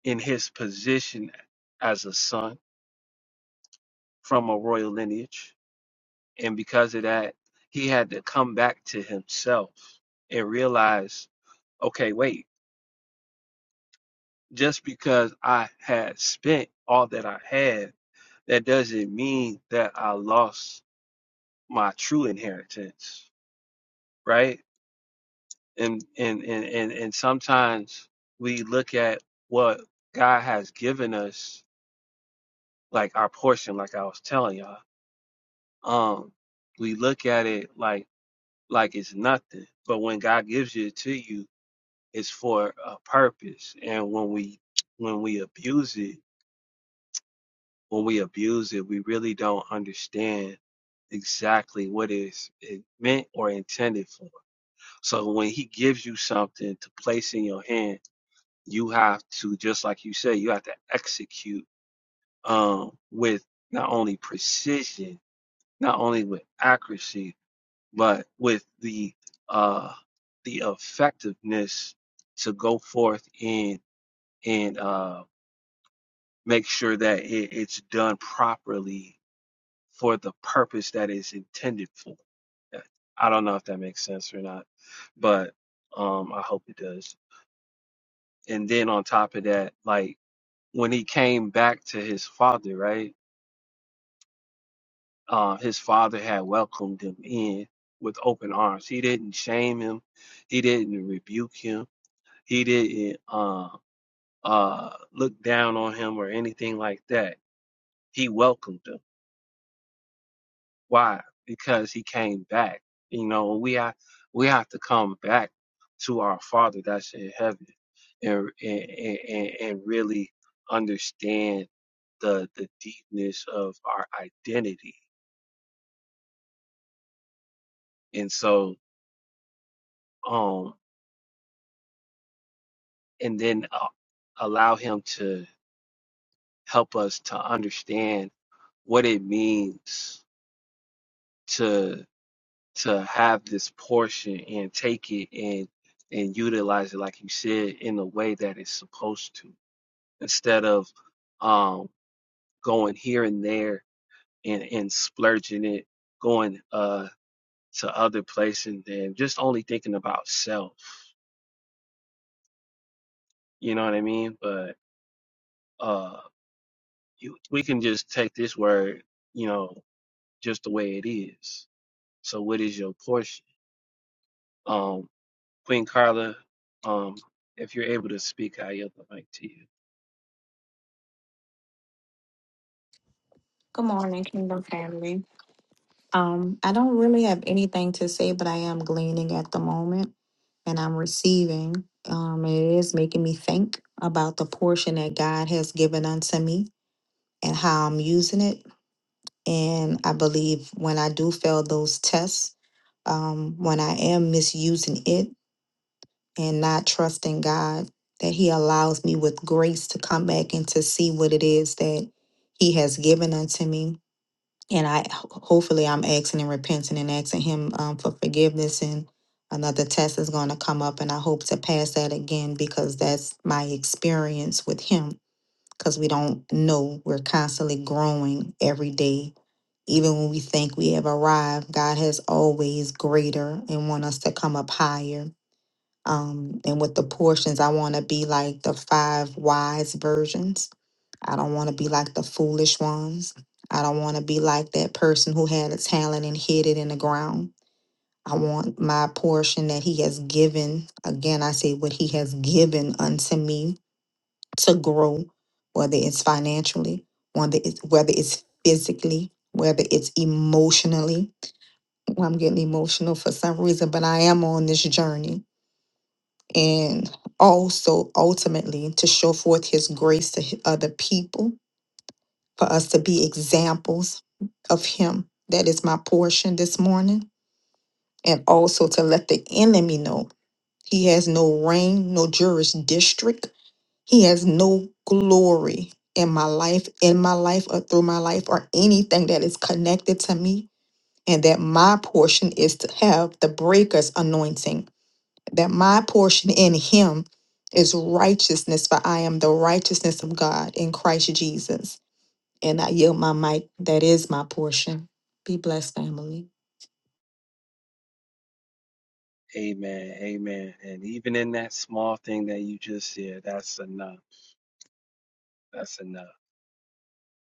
in his position as a son from a royal lineage. And because of that, he had to come back to himself and realize, okay, wait. just because I had spent all that I had, that doesn't mean that I lost my true inheritance, right? And and and and, and sometimes we look at what God has given us, like our portion, like I was telling y'all. Um, we look at it like like it's nothing, but when God gives it to you, it's for a purpose. And when we when we abuse it, when we abuse it, we really don't understand exactly what is it meant or intended for. So when he gives you something to place in your hand, you have to just like you said, you have to execute um with not only precision, not only with accuracy, but with the uh the effectiveness to go forth and and uh make sure that it, it's done properly for the purpose that is intended for. I don't know if that makes sense or not, but um, I hope it does. And then on top of that, like when he came back to his father, right? Uh, his father had welcomed him in with open arms. He didn't shame him. He didn't rebuke him. He didn't uh, uh, look down on him or anything like that. He welcomed him Why? Because he came back. You know, we have we have to come back to our Father that's in heaven, and and and, and really understand the the deepness of our identity. And so, um, and then uh, allow Him to help us to understand what it means to. to have this portion and take it and and utilize it like you said in the way that it's supposed to instead of um going here and there and and splurging it going uh to other places and just only thinking about self you know what i mean but uh you, we can just take this word you know just the way it is so what is your portion Um. Queen Carla, um, if you're able to speak, I yield the mic to you. Good morning, Kingdom family. Um, I don't really have anything to say, but I am gleaning at the moment and I'm receiving. Um, it is making me think about the portion that God has given unto me and how I'm using it. And I believe when I do fail those tests, um, when I am misusing it and not trusting God, that He allows me with grace to come back and to see what it is that He has given unto me and I ho- hopefully I'm asking and repenting and asking Him um, for forgiveness. And another test is going to come up, and I hope to pass that again because that's my experience with Him. Because we don't know, we're constantly growing every day. Even when we think we have arrived, God has always greater and want us to come up higher. Um, and with the portions, I want to be like the five wise versions. I don't want to be like the foolish ones. I don't want to be like that person who had a talent and hid it in the ground. I want my portion that he has given. Again, I say what he has given unto me to grow, whether it's financially, whether it's, whether it's physically, whether it's emotionally. Well, I'm getting emotional for some reason, but I am on this journey and also ultimately to show forth his grace to hi- other people for us to be examples of him that is my portion this morning and also to let the enemy know he has no reign no jurisdiction he has no glory in my life in my life or through my life or anything that is connected to me and that my portion is to have the breaker's anointing that my portion in him is righteousness, for I am the righteousness of God in Christ Jesus. And I yield my mic. That is my portion. Be blessed, family. Amen. Amen. And even in that small thing that you just said, that's enough. That's enough.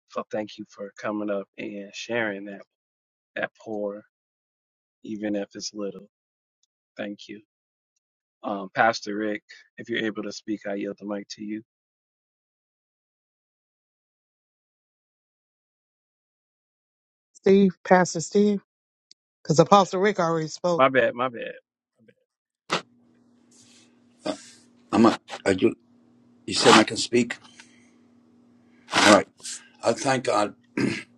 So thank you for coming up and sharing that that pour, even if it's little. Thank you. Um, Pastor Rick, if you're able to speak, I yield the mic to you. Steve, Pastor Steve, because Apostle Rick already spoke. My bad, my bad. My I'm a, I do, you said I can speak. All right. I thank God.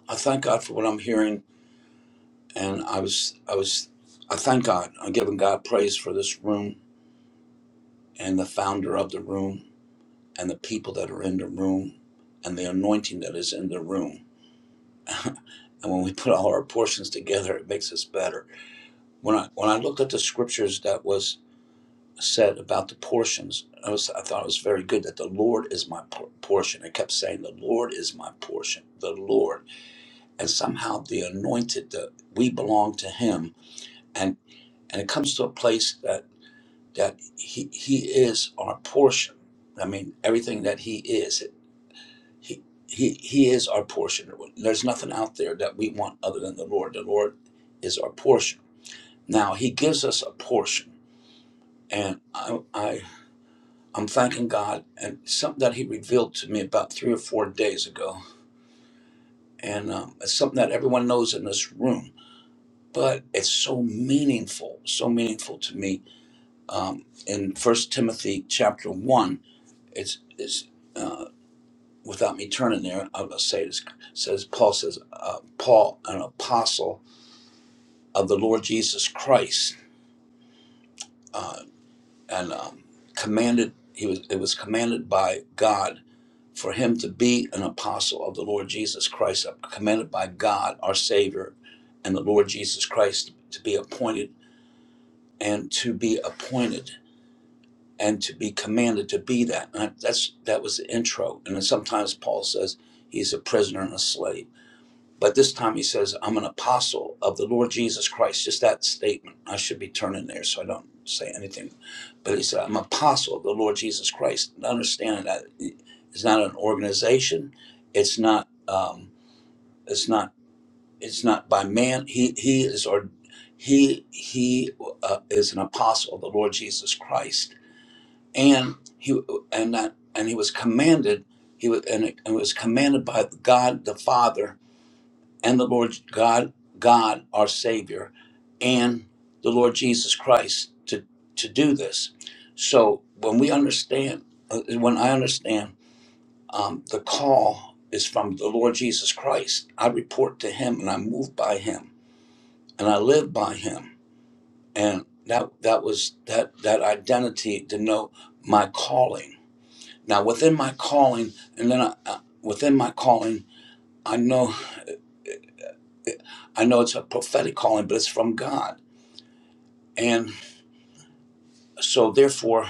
I thank God for what I'm hearing, and I was, I was, I thank God. I'm giving God praise for this room and the founder of the room and the people that are in the room and the anointing that is in the room. And when we put all our portions together, it makes us better. When I when I looked at the scriptures that was said about the portions, I was I thought it was very good that the Lord is my por- portion. It kept saying the Lord is my portion. The Lord. and somehow the anointed the we belong to him and and it comes to a place that that he he is our portion i mean everything that he is he he he is our portion there's nothing out there that we want other than the lord the lord is our portion now he gives us a portion and i i i'm thanking god and something that he revealed to me about three or four days ago and um, it's something that everyone knows in this room but it's so meaningful, so meaningful to me. Um, in First Timothy chapter one, it's, it's uh, without me turning there, I'm gonna say this. Says Paul says uh, Paul, an apostle of the Lord Jesus Christ, uh, and um, commanded he was it was commanded by God for him to be an apostle of the Lord Jesus Christ, uh, commanded by God our Savior, and the Lord Jesus Christ to be appointed and to be appointed and to be commanded to be that. And that's that was the intro. And then sometimes Paul says he's a prisoner and a slave, but this time he says I'm an apostle of the Lord Jesus Christ. Just that statement. I should be turning there so I don't say anything. But he said I'm an apostle of the Lord Jesus Christ. And understand that it's not an organization. It's not. Um, it's not. It's not by man. He he is or he he uh, is an apostle of the Lord Jesus Christ and he and that and he was commanded he was and it, and it was commanded by God the Father and the Lord God God our Savior and the Lord Jesus Christ to to do this. So when we understand, uh, when I understand, um, the call is from the Lord Jesus Christ. I report to Him and I move by Him and I live by Him. And that that was that that identity denote my calling now, within my calling, and then I, uh, within my calling, I know I know it's a prophetic calling, but it's from God, and so therefore,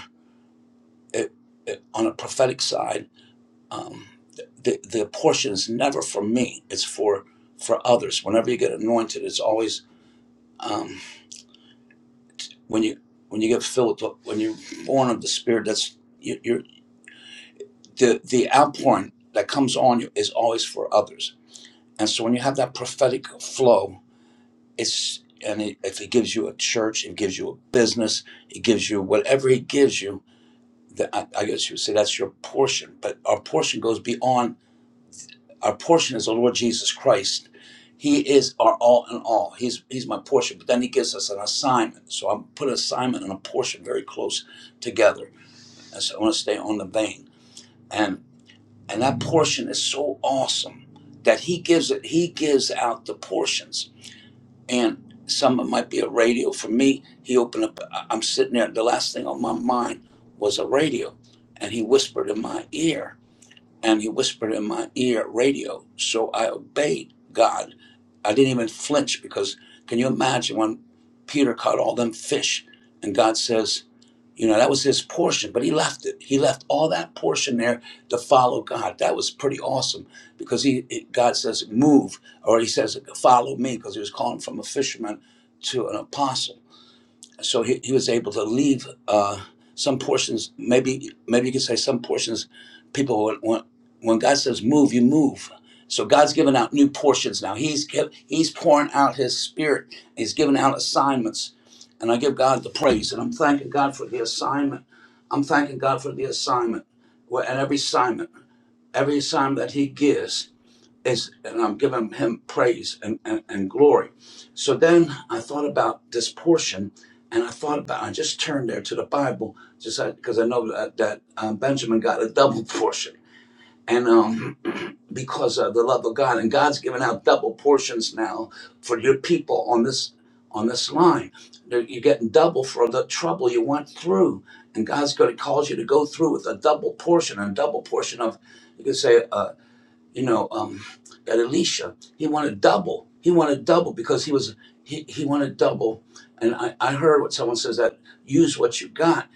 it, it, on a prophetic side, um, the the portion is never for me; it's for for others. Whenever you get anointed, it's always um, when you when you get filled with the- when you're born of the Spirit. That's you, you're the the outpouring that comes on you is always for others, and so when you have that prophetic flow It's and it, if he gives you a church, it gives you a business, it gives you whatever he gives you. That I, I guess you would say that's your portion, but our portion goes beyond. Our portion is the Lord Jesus Christ. He is our all in all. He's he's my portion. But then he gives us an assignment. So I put assignment and a portion very close together. And so I want to stay on the vein. And and that portion is so awesome that he gives it. He gives out the portions and some might be a radio. For me, he opened up. I'm sitting there. The last thing on my mind was a radio, and he whispered in my ear, and he whispered in my ear, radio. So I obeyed God. I didn't even flinch because can you imagine when Peter caught all them fish, and God says, you know, that was his portion, but he left it. He left all that portion there to follow God. That was pretty awesome because he it- God says move or he says follow me because he was calling from a fisherman to an apostle so he, he was able to leave uh, some portions maybe maybe you could say some portions people when, when when god says move you move so god's giving out new portions now he's kept, he's pouring out his spirit he's giving out assignments and i give god the praise and i'm thanking god for the assignment i'm thanking god for the assignment Well, and every assignment every assignment that he gives is and I'm giving him praise and, and, and glory. So then I thought about this portion and I thought about I just turned there to the Bible just because I know that, that um, Benjamin got a double portion and um, because of the love of God and God's giving out double portions now for your people on this on this line. You're you're getting double for the trouble you went through and God's going to cause you to go through with a double portion a double portion of you could say uh, you know, um, at Alicia. He wanted double. He wanted double because he was he, he wanted double. And I, I heard what someone says that use what you got,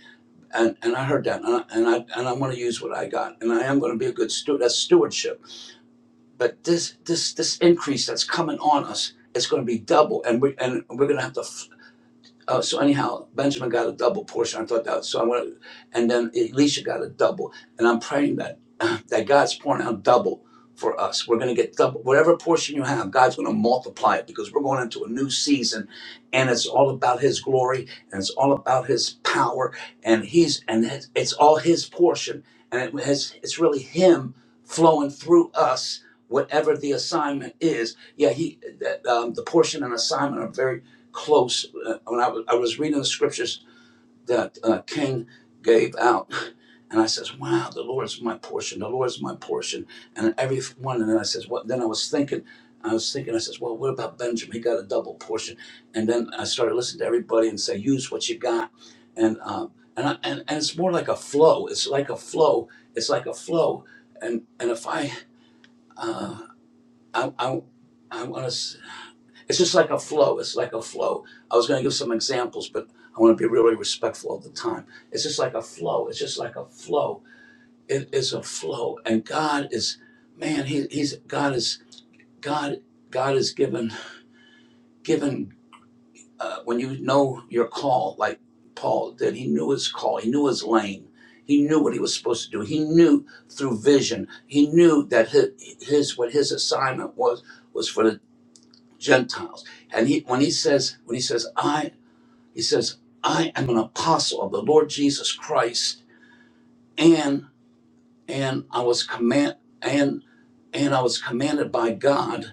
and, and I heard that, and I, and I and I'm going to use what I got, and I am going to be a good steward. That's stewardship. But this this this increase that's coming on us, it's going to be double, and we and we're going to have to uh, so anyhow, Benjamin got a double portion. I thought that. So I went, and then Elisha got a double. And I'm praying that that God's pouring out double for us. We're going to get double whatever portion you have. God's going to multiply it because we're going into a new season, and it's all about His glory and it's all about His power, and He's and his, it's all His portion, and it has, it's really Him flowing through us. Whatever the assignment is, yeah, he that, um, the portion and assignment are very close. Uh, when I was, I was reading the scriptures that uh, King gave out, and I says, "Wow, the Lord is my portion. The Lord is my portion." And every one, and then I says, "What?" Then I was thinking, I was thinking, I says, "Well, what about Benjamin? He got a double portion." And then I started listening to everybody and say, "Use what you got," and um, and, I, and and it's more like a flow. It's like a flow. It's like a flow. And and if I uh, I I, I want to. It's just like a flow. It's like a flow. I was going to give some examples, but I want to be really respectful of the time. It's just like a flow. It's just like a flow. It is a flow, and God is, man, he, he's God is God. God is given given uh, when you know your call, like Paul did. He knew his call. He knew his lane. He knew what he was supposed to do. He knew through vision. He knew that his, his what his assignment was was for the Gentiles. And he when he says when he says I He says, I am an apostle of the Lord Jesus Christ, and and I was command and and I was commanded by God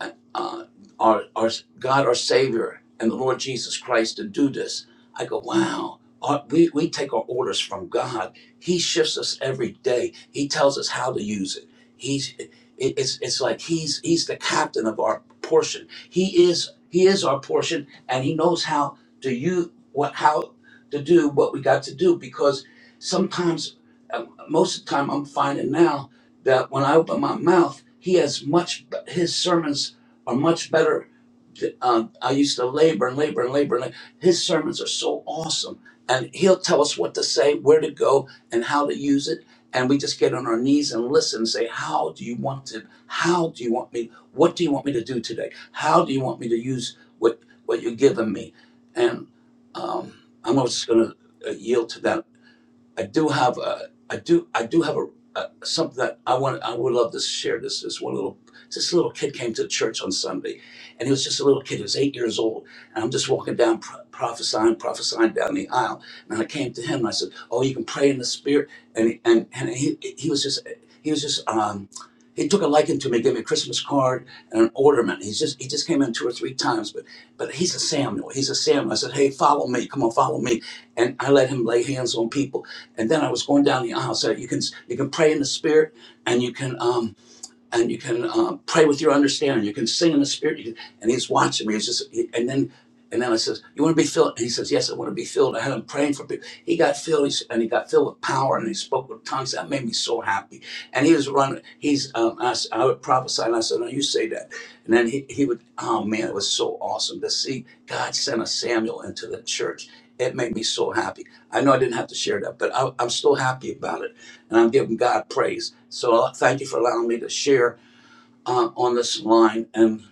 uh, our, our God, our Savior, and the Lord Jesus Christ to do this. I go, wow. Our- we, we take our orders from God. He shifts us every day. He tells us how to use it. He's it, it's it's like he's he's the captain of our portion. He is he is our portion, and he knows how to you what how to do what we got to do. Because sometimes, uh, most of the time, I'm finding now that when I open my mouth, he has much his sermons are much better. Um, I used to labor and labor and labor. And labor. His sermons are so awesome. And he'll tell us what to say, where to go, and how to use it. And we just get on our knees and listen and say, How do you want to? How do you want me? What do you want me to do today? How do you want me to use what, what you're giving me? And um, I'm just going to yield to that I do have a, I do, I do have a, a something that I want. I would love to share. This this one little, this little kid came to the church on Sunday, and he was just a little kid. He was eight years old, and I'm just walking down, pro- prophesying, prophesying down the aisle, and I came to him and I said, "Oh, you can pray in the spirit," and and and he he was just he was just um. He took a liking to me, gave me a Christmas card and an ornament. He's just he just came in two or three times, but but he's a Samuel. He's a Samuel. I said, Hey, follow me. Come on, follow me. And I let him lay hands on people and then I was going down the aisle. So you can you can pray in the spirit, and you can um, and you can um, pray with your understanding. You can sing in the spirit. You can, and he's watching me. He's just, he- and then, and then I says, "You want to be filled?" And he says, "Yes, I want to be filled." I had him praying for people. He got filled, he's, and he got filled with power, and he spoke with tongues. That made me so happy. And he was running. He's, um, I, s- I would prophesy, and I said, "No, you say that." And then he, he would. Oh man, it was so awesome to see God sent a Samuel into the church. It made me so happy. I know I didn't have to share that, but I, I'm still happy about it, and I'm giving God praise. So uh, thank you for allowing me to share uh, on this line, and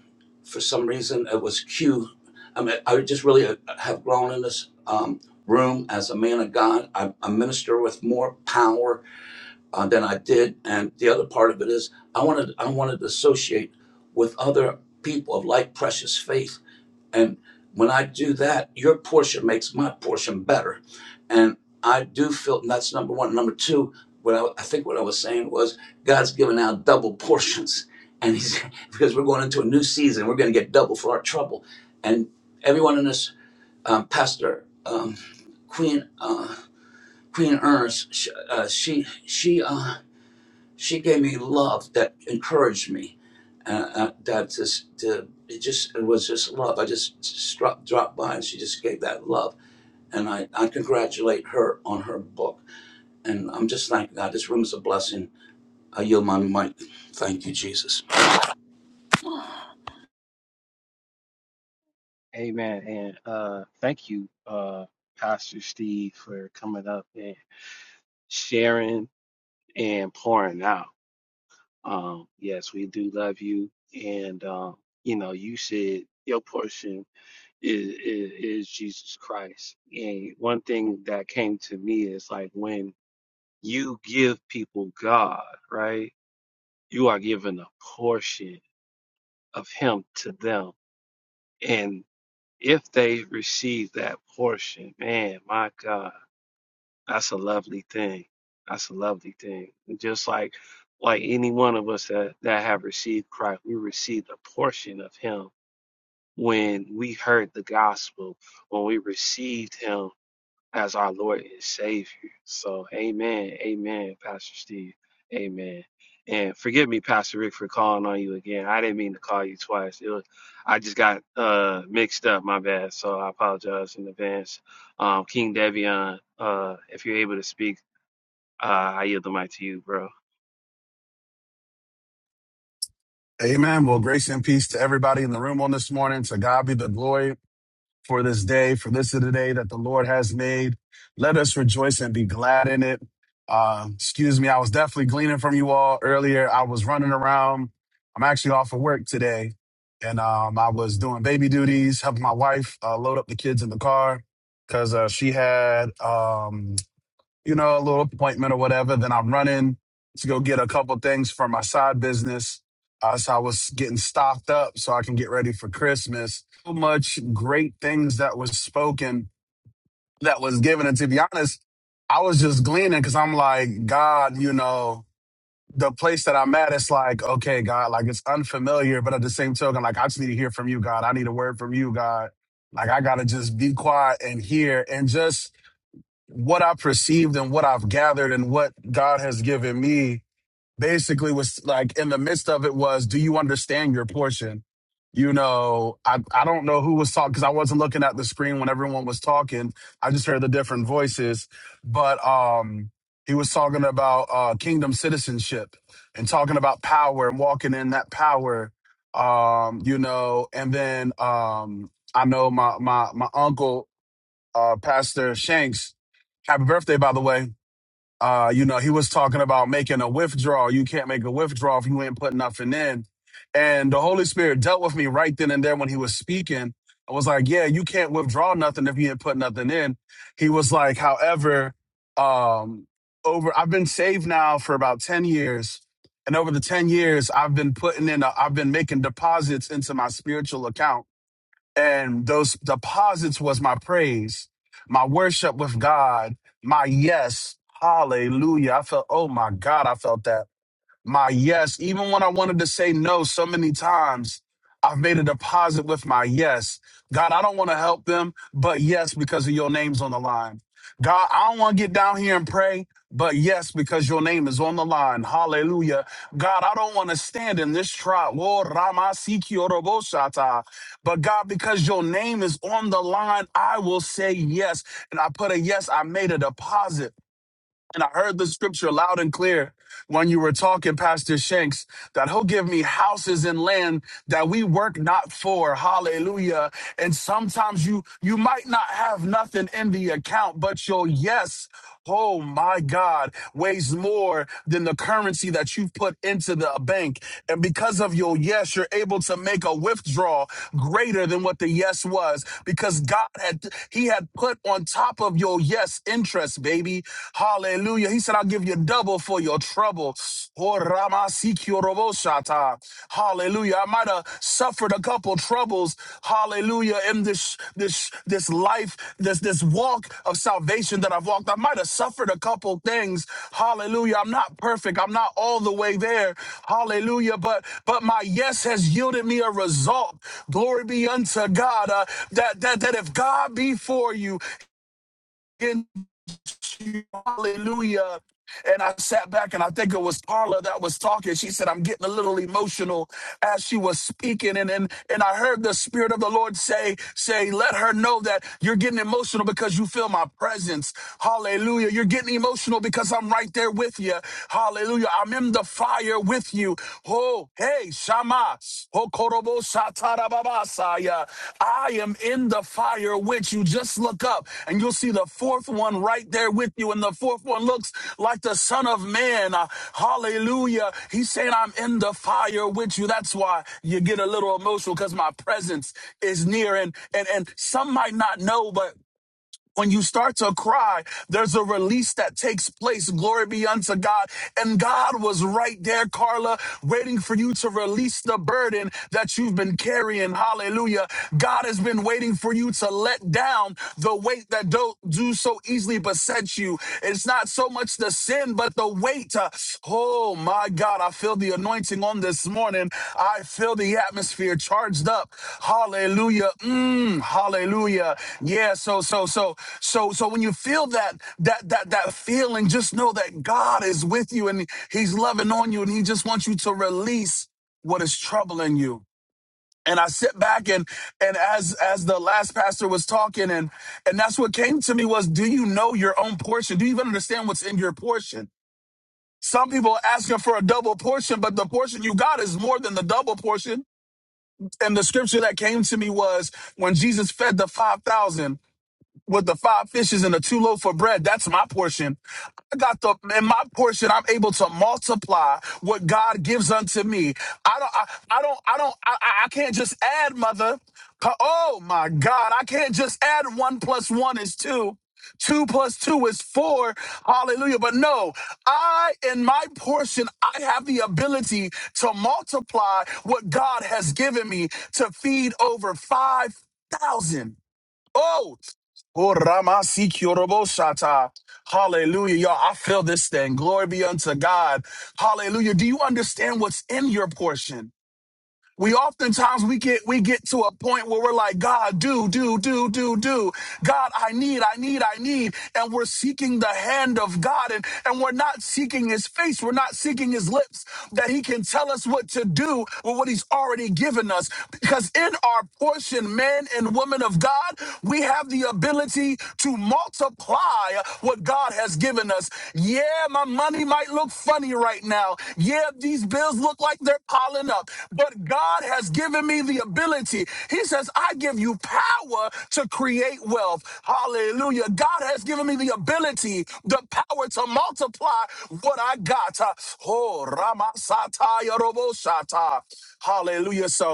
for some reason it was Q. I mean, I just really uh, have grown in this um, room as a man of God. I, I minister with more power uh, than I did, and the other part of it is I wanted I wanted to associate with other people of like precious faith and when I do that, your portion makes my portion better. And I do feel and that's number one. Number two, what I, I think what I was saying was God's given out double portions. And he's because we're going into a new season, we're going to get double for our trouble. And everyone in this, um, Pastor um, Queen uh, Queen Ernst, she, uh, she she uh, she gave me love that encouraged me uh, uh, that just to, it just it was just love. I just struck, dropped by and she just gave that love, and I, I congratulate her on her book, and I'm just thanking God. This room is a blessing. I yield my mic. Thank you, Jesus. bad. Amen. And uh thank you, uh, Pastor Steve, for coming up and sharing and pouring out. Um, yes, we do love you, and um, you know, you said your portion is, is is Jesus Christ. And one thing that came to me is like when you give people God, right? You are giving a portion of Him to them, and if they receive that portion, man, my God That's a lovely thing. That's a lovely thing. And Just like like any one of us that, that have received Christ, we received a portion of him when we heard the gospel, when we received him as our Lord and Savior. So amen. Amen, Pastor Steve. Amen. And forgive me, Pastor Rick, for calling on you again. I didn't mean to call you twice. It was I just got uh mixed up, my bad. So I apologize in advance um, King Devion, uh, if you're able to speak, uh, I yield the mic to you, bro. Amen. Well, grace and peace to everybody in the room on this morning. To God be the glory for this day, for this is the day that the Lord has made. Let us rejoice and be glad in it. Uh, excuse me, I was definitely gleaning from you all earlier. I was running around. I'm actually off of work today, and um, I was doing baby duties, helping my wife uh, load up the kids in the car because uh, she had um, you know, a little appointment or whatever. Then I'm running to go get a couple things for my side business. Uh, so I was getting stocked up so I can get ready for Christmas. So much great things that was spoken, that was given. And to be honest, I was just gleaning because I'm like, God, you know, the place that I'm at, it's like, okay, God, like it's unfamiliar, but at the same token, like I just need to hear from you, God. I need a word from you, God. Like I gotta just be quiet and hear and just what I perceived and what I've gathered and what God has given me basically was like in the midst of it was, do you understand your portion? You know, I, I don't know who was talking because I wasn't looking at the screen when everyone was talking. I just heard the different voices, but um, he was talking about uh, kingdom citizenship and talking about power and walking in that power. Um, you know, and then um, I know my my my uncle, uh, Pastor Shanks, Happy birthday, by the way. Uh, you know, he was talking about making a withdrawal. You can't make a withdrawal if you ain't putting nothing in. And the Holy Spirit dealt with me right then and there when he was speaking. I was like, yeah, you can't withdraw nothing if you ain't put nothing in. He was like, however, um, over I've been saved now for about 10 years. And over the 10 years, I've been putting in, a, I've been making deposits into my spiritual account and those deposits was my praise, my worship with God, my yes, hallelujah. I felt, oh my God, I felt that my yes, even when I wanted to say no so many times, I've made a deposit with my yes. God, I don't want to help them, but yes, because of your name's on the line. God, I don't want to get down here and pray, but yes, because your name is on the line. Hallelujah. God, I don't want to stand in this trial. Lord, Rama Sikioroboshata. But God, because your name is on the line, I will say yes. And I put a yes, I made a deposit. And I heard the scripture loud and clear when you were talking, Pastor Shanks, that he'll give me houses and land that we work not for. Hallelujah. And sometimes you, you might not have nothing in the account, but your yes, oh my God, weighs more than the currency that you've put into the bank. And because of your yes, you're able to make a withdrawal greater than what the yes was because God had, he had put on top of your yes interest, baby. Hallelujah. He said, I'll give you double for your trouble. Oh, Rama Hallelujah. I might have suffered a couple troubles. Hallelujah. In this this this life, this this walk of salvation that I've walked. I might have suffered a couple things. Hallelujah. I'm not perfect. I'm not all the way there. Hallelujah. But but my yes has yielded me a result. Glory be unto God. uh, that, that that if God be for you, into you. Hallelujah. And I sat back and I think it was Carla that was talking. She said, I'm getting a little emotional as she was speaking. And and, and I heard the Spirit of the Lord say, say, let her know that you're getting emotional because you feel my presence. Hallelujah. You're getting emotional because I'm right there with you. Hallelujah. I'm in the fire with you. Oh. Oh, hey, Shama. Hokorobo satarababasaya. I am in the fire with you. Just look up and you'll see the fourth one right there with you. And the fourth one looks like the Son of Man. Uh, hallelujah. He's saying, I'm in the fire with you. That's why you get a little emotional because my presence is near. And, and, and some might not know, but when you start to cry, there's a release that takes place. Glory be unto God. And God was right there, Carla, waiting for you to release the burden that you've been carrying. Hallelujah. God has been waiting for you to let down the weight that don't do so easily besets you. It's not so much the sin, but but the weight, uh, oh my God, I feel the anointing on this morning. I feel the atmosphere charged up. Hallelujah. Mm, hallelujah. Yeah, so so so so so when you feel that that that that feeling, just know that God is with you and He's loving on you and He just wants you to release what is troubling you. And I sit back and and as as the last pastor was talking and and that's what came to me was do you know your own portion? Do you even understand what's in your portion? Some people are asking for a double portion, but the portion you got is more than the double portion. And the scripture that came to me was when Jesus fed the 5,000, with the five fishes and the two loaf of bread. That's my portion. I got the in my portion. I'm able to multiply what God gives unto me. I don't. I, I don't. I don't. I, I can't just add, mother. Oh my God! I can't just add one plus one is two. Two plus two is four. Hallelujah. But no, I, in my portion, I have the ability to multiply what God has given me to feed over 5,000. Oh, oh, Ramasi Kyoroboshata. Hallelujah. Y'all, I feel this thing. Glory be unto God. Hallelujah. Do you understand what's in your portion? We oftentimes we get we get to a point where we're like, God, do, do, do, do, do. God, I need, I need, I need. And we're seeking the hand of God and, and we're not seeking his face. We're not seeking his lips that he can tell us what to do with what he's already given us. Because in our portion, men and women of God, we have the ability to multiply what God what God has given us. Yeah, my money might look funny right now. Yeah, these bills look like they're piling up, but God has given me the ability. He says, I give you power to create wealth. Hallelujah. God has given me the ability, the power to multiply what I got. Oh, Ramasata Yorobosata. Hallelujah. So,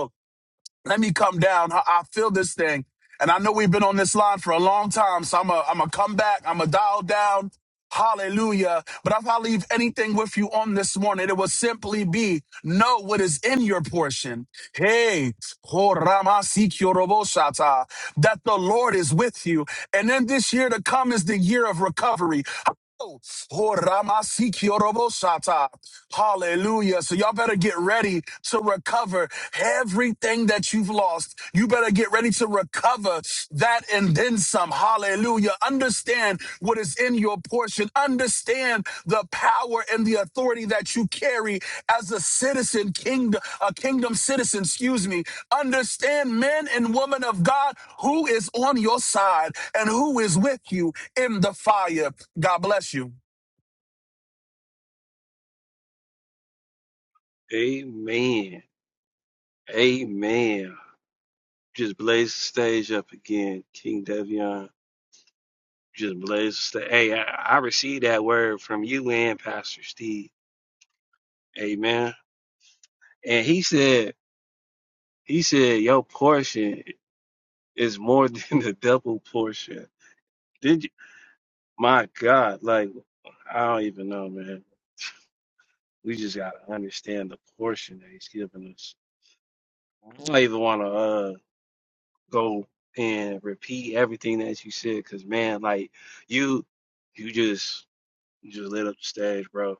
let me come down. I, I feel this thing. And I know we've been on this line for a long time, so I'm a I'm a come back. I'm a dial down. Hallelujah. But if I leave anything with you on this morning, it will simply be know what is in your portion. Hey, ho rama si kyorobo shata, that the Lord is with you. And then this year to come is the year of recovery. Oh, ho rama si kyorobo shata. Hallelujah. So y'all better get ready to recover everything that you've lost. You better get ready to recover that and then some. Hallelujah. Understand what is in your portion. Understand the power and the authority that you carry as a citizen, kingdom, a kingdom citizen, excuse me. Understand men and women of God who is on your side and who is with you in the fire. God bless you. Amen. Amen. Just blaze the stage up again, King Devion. Just blaze the stage. Hey, I, I received that word from you and Pastor Steve. Amen. And he said, he said, your portion is more than the double portion. Did you? My God, like, I don't even know, man. We just got to understand the portion that he's giving us. I don't even want to. go and repeat everything that you said because man like you you just you just lit up the stage bro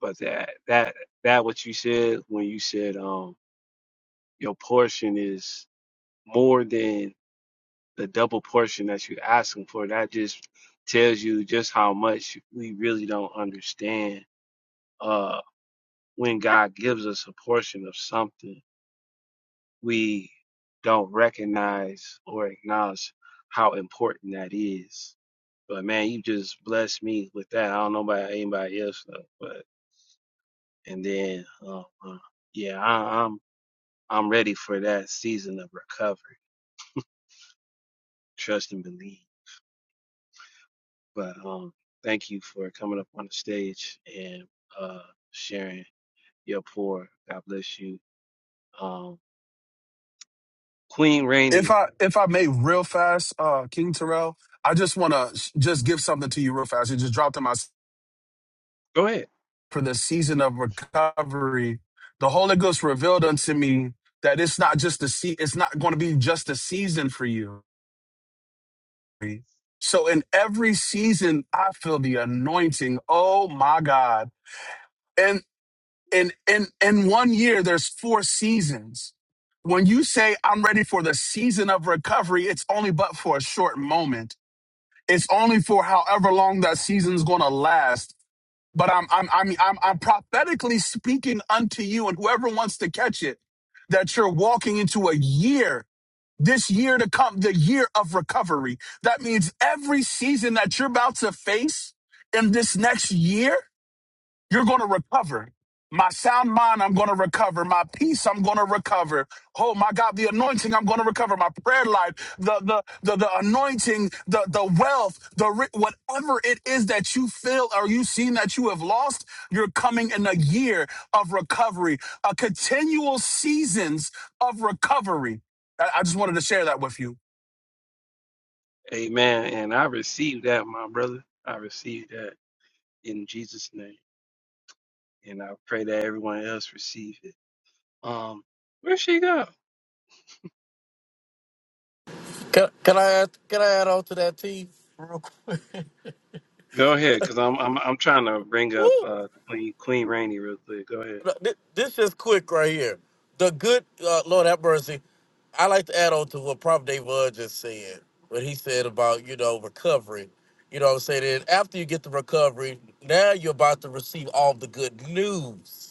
but that that that what you said when you said um your portion is more than the double portion that you're asking for that just tells you just how much we really don't understand uh when god gives us a portion of something we don't recognize or acknowledge how important that is But man, you just blessed me with that. I don't know about anybody else though, but and then um, uh, yeah, I, I'm I'm ready for that season of recovery. Trust and believe. But um, thank you for coming up on the stage and uh sharing your pour. God bless you, um, Queen If Rainey. I if I may, real fast, uh, King Terrell, I just want to just give something to you real fast. It just dropped in my s- Go ahead, for the season of recovery. The Holy Ghost revealed unto me that it's not just a se- it's not going to be just a season for you. So in every season, I feel the anointing. Oh my God! And in in in one year, there's four seasons. When you say I'm ready for the season of recovery, it's only but for a short moment It's only for however long that season's going to last. But I'm, I'm, I'm, I'm, I'm prophetically speaking unto you and whoever wants to catch it that you're walking into a year, this year to come, the year of recovery. That means every season that you're about to face in this next year, you're going to recover. My sound mind, I'm going to recover. My peace, I'm going to recover. Oh my God, the anointing, I'm going to recover. My prayer life, the the the, the anointing, the the wealth, the ri- whatever it is that you feel or you seen that you have lost, you're coming in a year of recovery, a continual seasons of recovery. I, I just wanted to share that with you. Amen. And I received that, my brother. I received that in Jesus' name, and I pray that everyone else receive it. Um, where'd she go? Can, can I add, can I add on to that T real quick? Go ahead, cause I'm I'm I'm trying to bring up Woo! uh Queen Queen Rainey real quick. Go ahead. Th- This is quick right here. The good uh, Lord have mercy. I like to add on to what Prophet Dave Bud just said, what he said about you know recovery. You know what I'm saying? And after you get the recovery, now you're about to receive all the good news.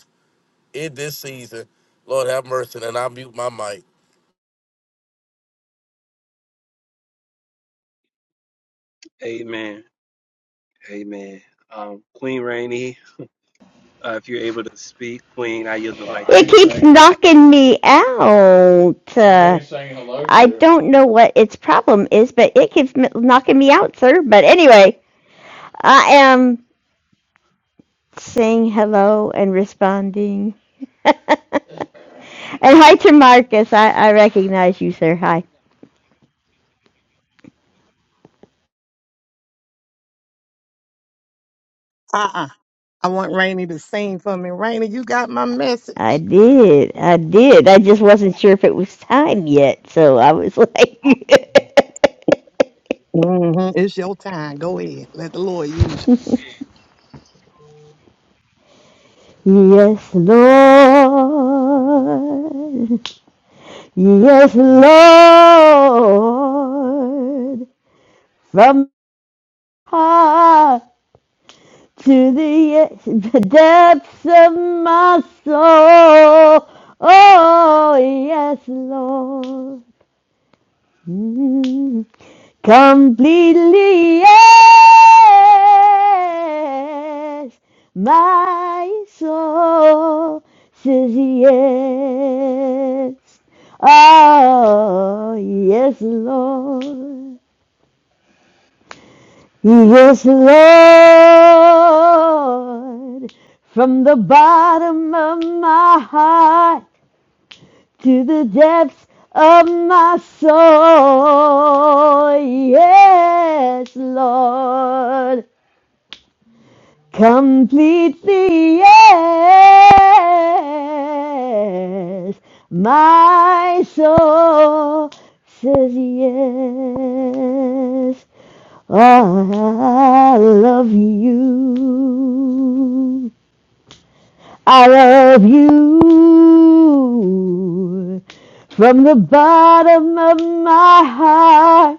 in this season. Lord have mercy, and I mute my mic. Amen. Amen. Um, Queen Rainey, uh, if you're able to speak, Queen, I yield the mic to It you. keeps knocking me out. Uh, I don't know what its problem is, but it keeps knocking me out, sir. But anyway, I am saying hello and responding. And hi to Marcus. I, I recognize you, sir. Hi. Uh-uh. I want Rainey to sing for me. Rainey, you got my message. I did. I did. I just wasn't sure if it was time yet, so I was like, hmm It's your time. Go ahead. Let the Lord use you. Yes, Lord. Yes, Lord. From heart to the, the depths of my soul. Oh, yes, Lord. Mm. Completely, yes. My soul says yes. Oh, yes, Lord. Yes, Lord, from the bottom of my heart to the depths of my soul. Yes, Lord, completely, yes, my soul says yes. I love you. I love you from the bottom of my heart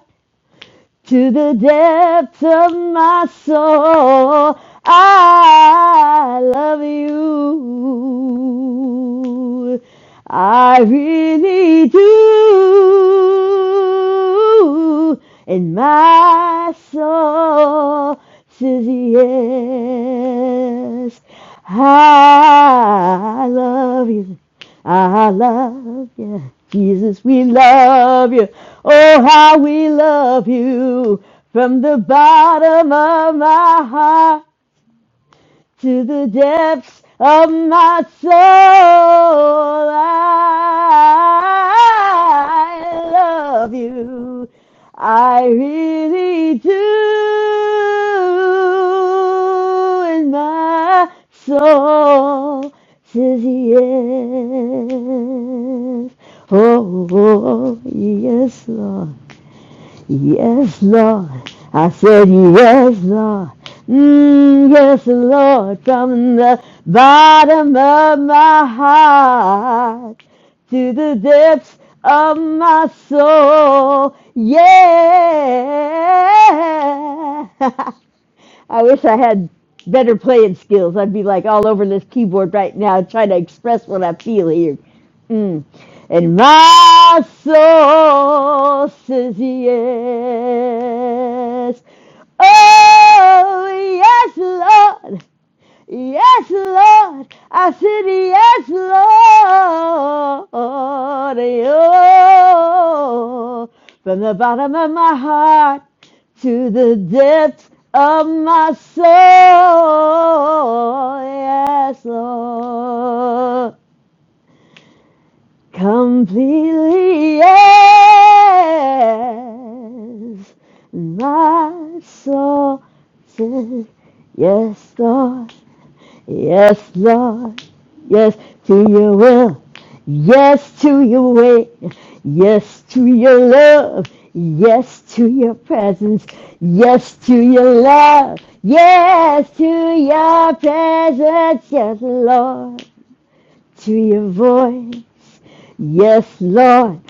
to the depths of my soul. I love you. I really do. And my soul says yes. I love you. Ah, I love you. Jesus, we love you. Oh, how we love you from the bottom of my heart to the depths of my soul. I love you. I really do. And my soul says yes. Oh, oh, oh, yes, Lord. Yes, Lord. I said, Yes, Lord. Mm, yes, Lord. From the bottom of my heart to the depths of my soul. Yeah. I wish I had better playing skills. I'd be like all over this keyboard right now trying to express what I feel here. Mm. And my soul says yes. Oh, yes, Lord. Yes, Lord. I said, Yes, Lord. Oh, from the bottom of my heart to the depths of my soul. Yes, Lord. Completely, yes. My soul says, Yes, Lord. Yes, Lord. Yes to your will. Yes to your way. Yes to your love. Yes to your presence. Yes to your love. Yes to your presence. Yes, Lord. To your voice. Yes, Lord.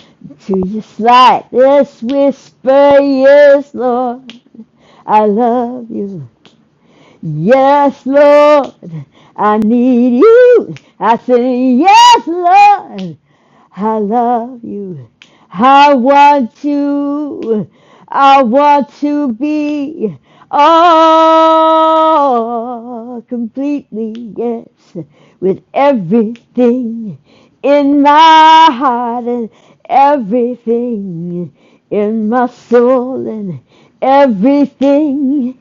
To your slightest whisper. Yes, Lord. I love you. Yes, Lord, I need you. I say, Yes, Lord, I love you. I want you. I want to be all completely, yes, with everything in my heart and everything in my soul and everything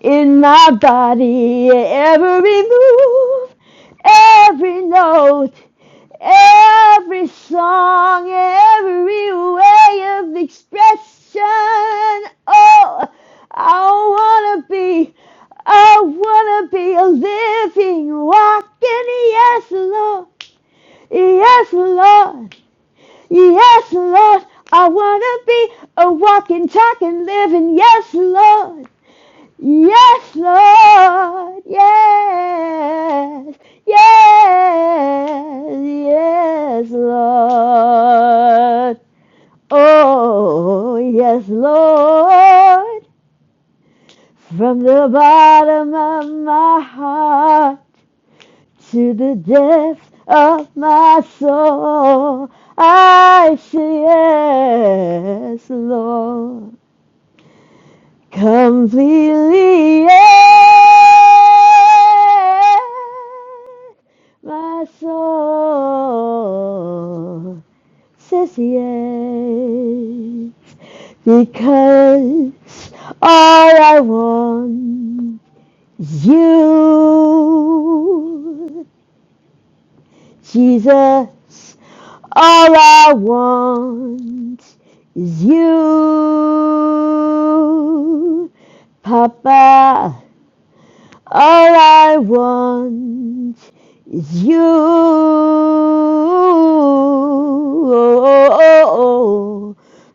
in my body, every move, every note, every song, every way of expression. Oh, I wanna be, I wanna be a living, walking, yes, Lord, yes, Lord, yes, Lord. I wanna be a walking, talking, living, yes, Lord. Yes, Lord. Yes. Yes. Yes, Lord. Oh, yes, Lord. From the bottom of my heart to the depths of my soul, I say yes, Lord. completely yeah, my soul says yes because all I want is you Jesus all I want is you Papa All I want is you.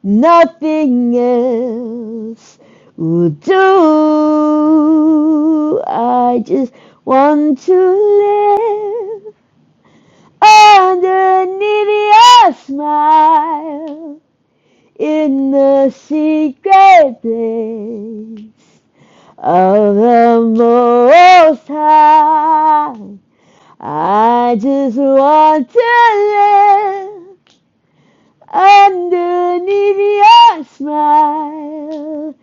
Nothing else will do. I just want to live underneath your smile in the secret place of the Most High. I just want to live underneath your smile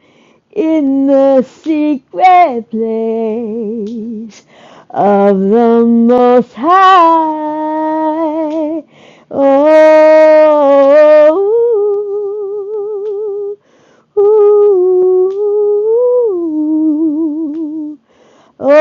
in the secret place of the Most High. Oh. Ooh, ooh, Oh,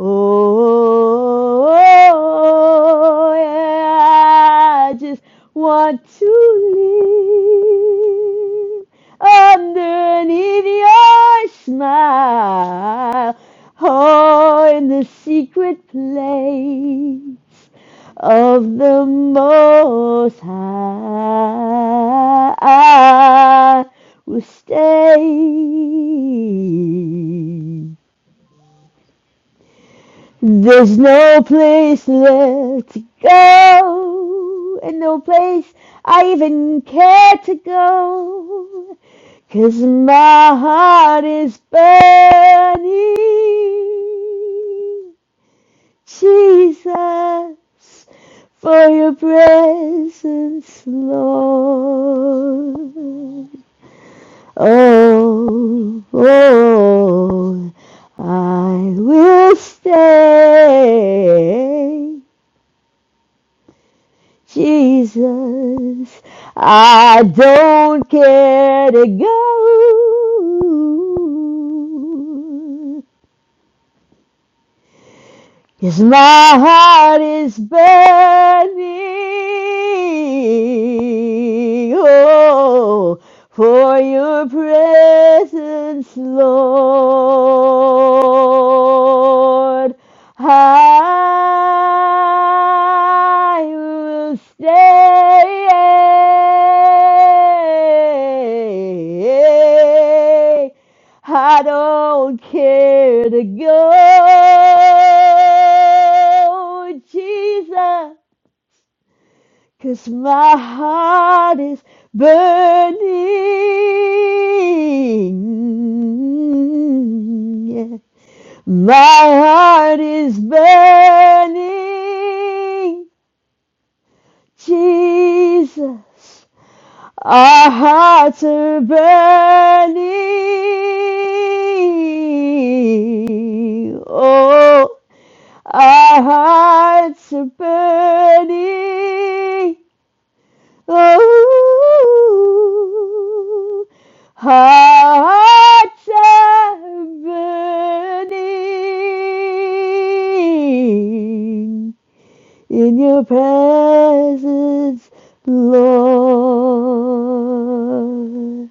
oh, oh, yeah. I just want to live underneath your smile. Oh, in the secret place of the Most High. I will stay. There's no place left to go, and no place I even care to go, 'cause my heart is burning. Jesus, for your presence, Lord. Oh, oh, I will stay. Jesus, I don't care to go. Cause my heart is burning, oh, for your presence, Lord. I will stay I don't care to go, Jesus, 'cause my heart is burning. Yeah. My heart is burning, Jesus. Our hearts are burning. Oh, our hearts are burning. Oh, hearts are burning in your presence, Lord.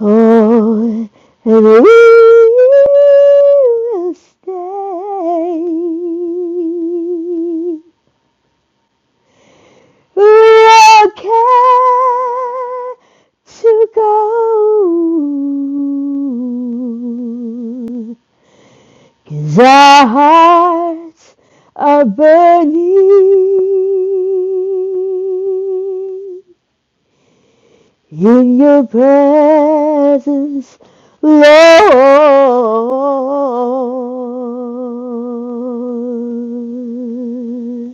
Oh, and we will stay. We're okay to go. Cause our hearts are burning in your presence, Lord.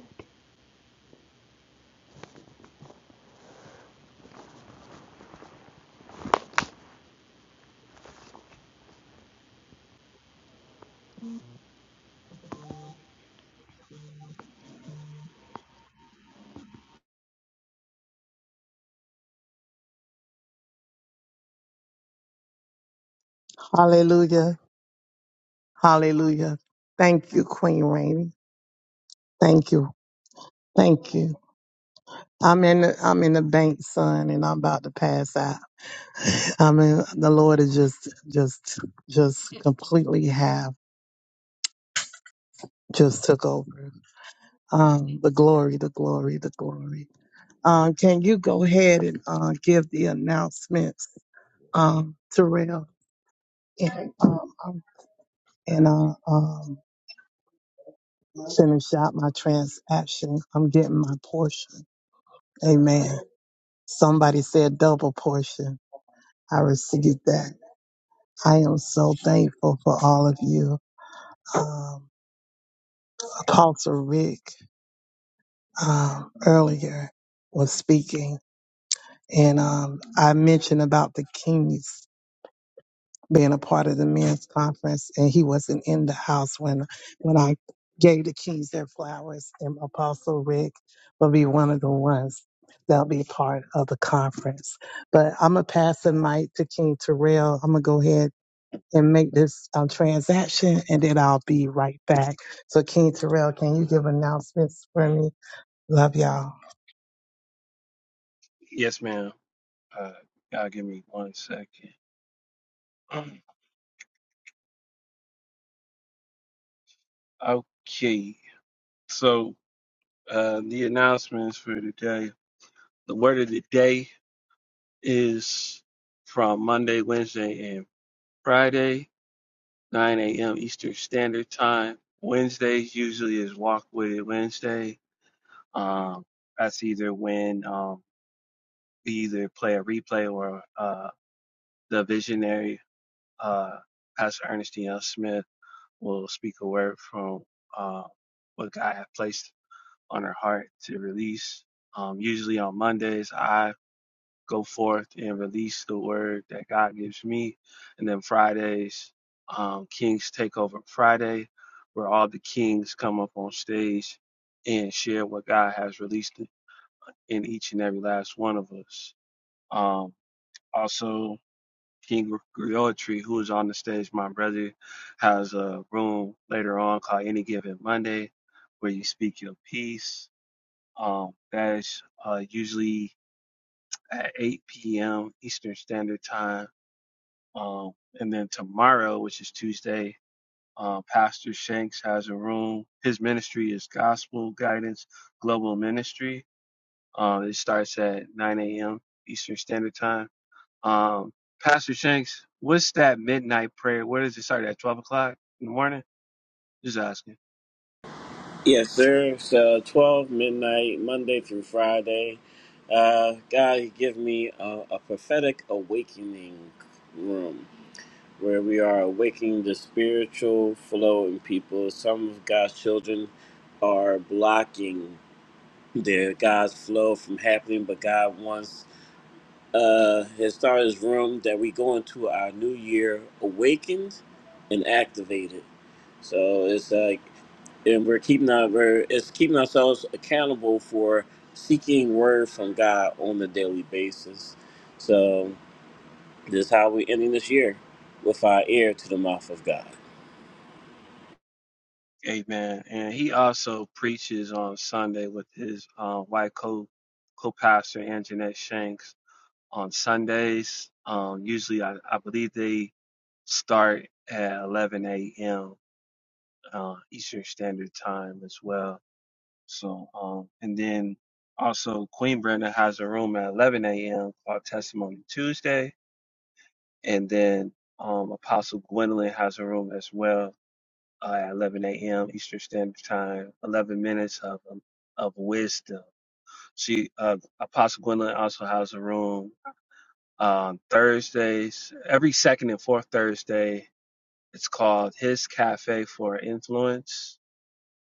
Hallelujah. Hallelujah. Thank you, Queen Rainey. Thank you. Thank you. I'm in the, I'm in the bank, son, and I'm about to pass out. I mean, the Lord has just, just, just completely have just took over. Um, the glory, the glory, the glory. Um, can you go ahead and uh, give the announcements, um, Terrell, and um, I'm- and uh, um, finish out my transaction. I'm getting my portion. Amen. Somebody said double portion. I received that. I am so thankful for all of you. Um, Apostle Rick um, earlier was speaking, and um, I mentioned about the Kings being a part of the men's conference, and he wasn't in the house when when I gave the Kings their flowers. And Apostle Rick will be one of the ones that'll be part of the conference. But I'm gonna pass the mic to King Terrell. I'm gonna go ahead and make this um, transaction, and then I'll be right back. So, King Terrell, can you give announcements for me? Love y'all. Yes, ma'am. Uh, y'all give me one second. Okay. So uh, the announcements for today. The word of the day is from Monday, Wednesday, and Friday. 9 a.m. Eastern Standard Time. Wednesdays usually is Walk With It Wednesday. Um, that's either when um, we either play a replay or uh, the visionary, uh, Pastor Ernestine L. Smith, will speak a word from uh, what God has placed on her heart to release. Um, usually on Mondays, I. go forth and release the word that God gives me. And then Fridays, um, Kings Takeover Friday, where all the kings come up on stage and share what God has released in each and every last one of us. Um, also, King Griotry, who is on the stage, my brother, has a room later on called Any Given Monday, where you speak your piece. Um, that is uh, usually at 8 p.m. Eastern Standard Time Um, and then tomorrow, which is Tuesday, uh, Pastor Shanks has a room. His ministry is Gospel Guidance Global Ministry. Uh, it starts at 9 a.m. Eastern Standard Time. Um, Pastor Shanks, what's that midnight prayer? Where does it start at 12 o'clock in the morning? Just asking. Yes, sir. It's uh, 12 midnight, Monday through Friday. Uh, God, give me a, a prophetic awakening room where we are awakening the spiritual flow in people. Some of God's children are blocking their God's flow from happening, but God wants uh, His starters room that we go into our new year awakened and activated. So it's like and we're keeping our we're, it's keeping ourselves accountable for seeking word from God on a daily basis. So this is how we ending this year with our ear to the mouth of God. Amen. And he also preaches on Sunday with his uh, wife co co pastor Anjanette Shanks on Sundays. Um, usually, I, I believe they start at 11 a.m. Uh, Eastern Standard Time as well. So, um, and then also Queen Brenda has a room at 11 a.m. called Testimony Tuesday, and then um, Apostle Gwendolyn has a room as well uh, at 11 a.m. Eastern Standard Time. 11 minutes of um, of wisdom. She uh, Apostle Gwendolyn also has a room um, Thursdays, every second and fourth Thursday. It's called His Cafe for Influence.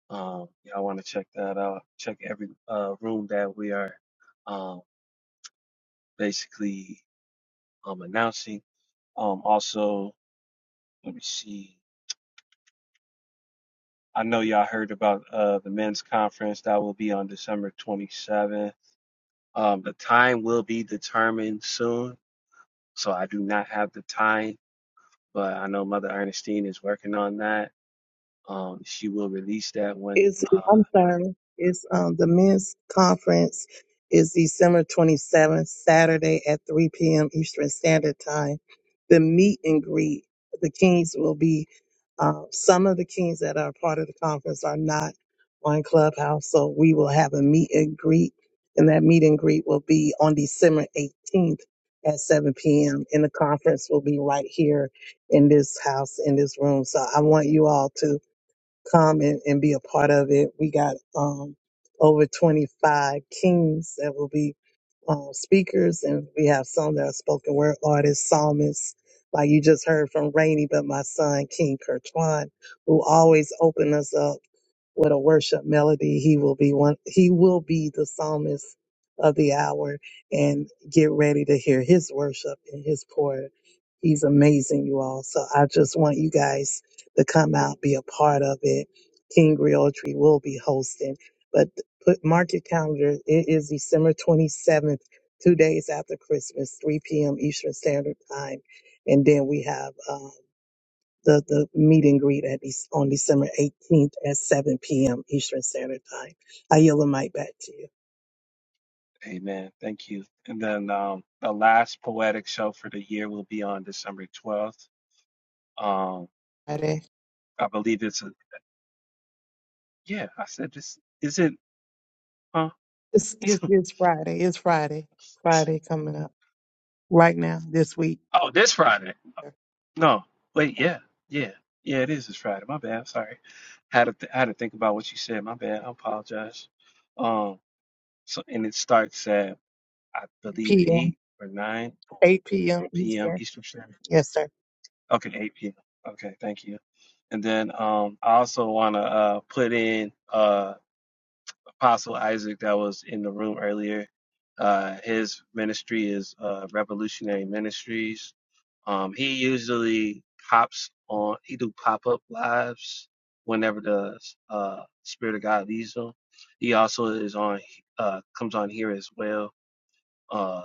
Um, y'all want to check that out? Check every uh, room that we are um, basically um, announcing. Um, also, let me see. I know y'all heard about uh, the men's conference that will be on December 27th. Um, the time will be determined soon, so I do not have the time, but I know Mother Ernestine is working on that um, she will release that when. It's Uh, I'm sorry. It's um the men's conference is December 27th, Saturday at 3 p.m. Eastern Standard Time. The meet and greet, the Kings will be. Uh, some of the Kings that are part of the conference are not on Clubhouse, so we will have a meet and greet, and that meet and greet will be on December 18th at 7 p.m. And the conference will be right here in this house, in this room. So I want you all to come and, and be a part of it. We got um, over 25 kings that will be um, speakers, and we have some that are spoken word artists, psalmists, like you just heard from Rainey, but my son, King Kertwan, who always open us up with a worship melody. He will be one. He will be the psalmist of the hour, and get ready to hear his worship and his pour. He's amazing, you all. So I just want you guys to come out, be a part of it. King Realtree will be hosting, but put mark your calendar. It is December 27th, two days after Christmas, 3 p.m. Eastern Standard Time. And then we have uh, the, the meet and greet at Dec- on December 18th at 7 p.m. Eastern Standard Time. I yield the mic back to you. amen. Thank you. And then um, the last poetic show for the year will be on December 12th. Um, Friday. I believe it's a, yeah, I said this, is it, huh? It's, it's, it's Friday. It's Friday. Friday coming up right now this week, Oh, this Friday. No, wait, yeah, yeah, yeah, it is this Friday. My bad. I'm sorry. Had to, th- had to think about what you said. My bad. I apologize. Um, so, and it starts at, I believe, p.m., 8 or 9 8 p.m. p.m. Eastern. Eastern Standard Yes, sir. Okay, 8 p.m. Okay, thank you. And then um, I also want to uh, put in uh, Apostle Isaac that was in the room earlier. Uh, his ministry is uh, Revolutionary Ministries. Um, he usually pops on. He do pop up lives whenever the uh, Spirit of God leads him. He also is on. Uh, comes on here as well uh,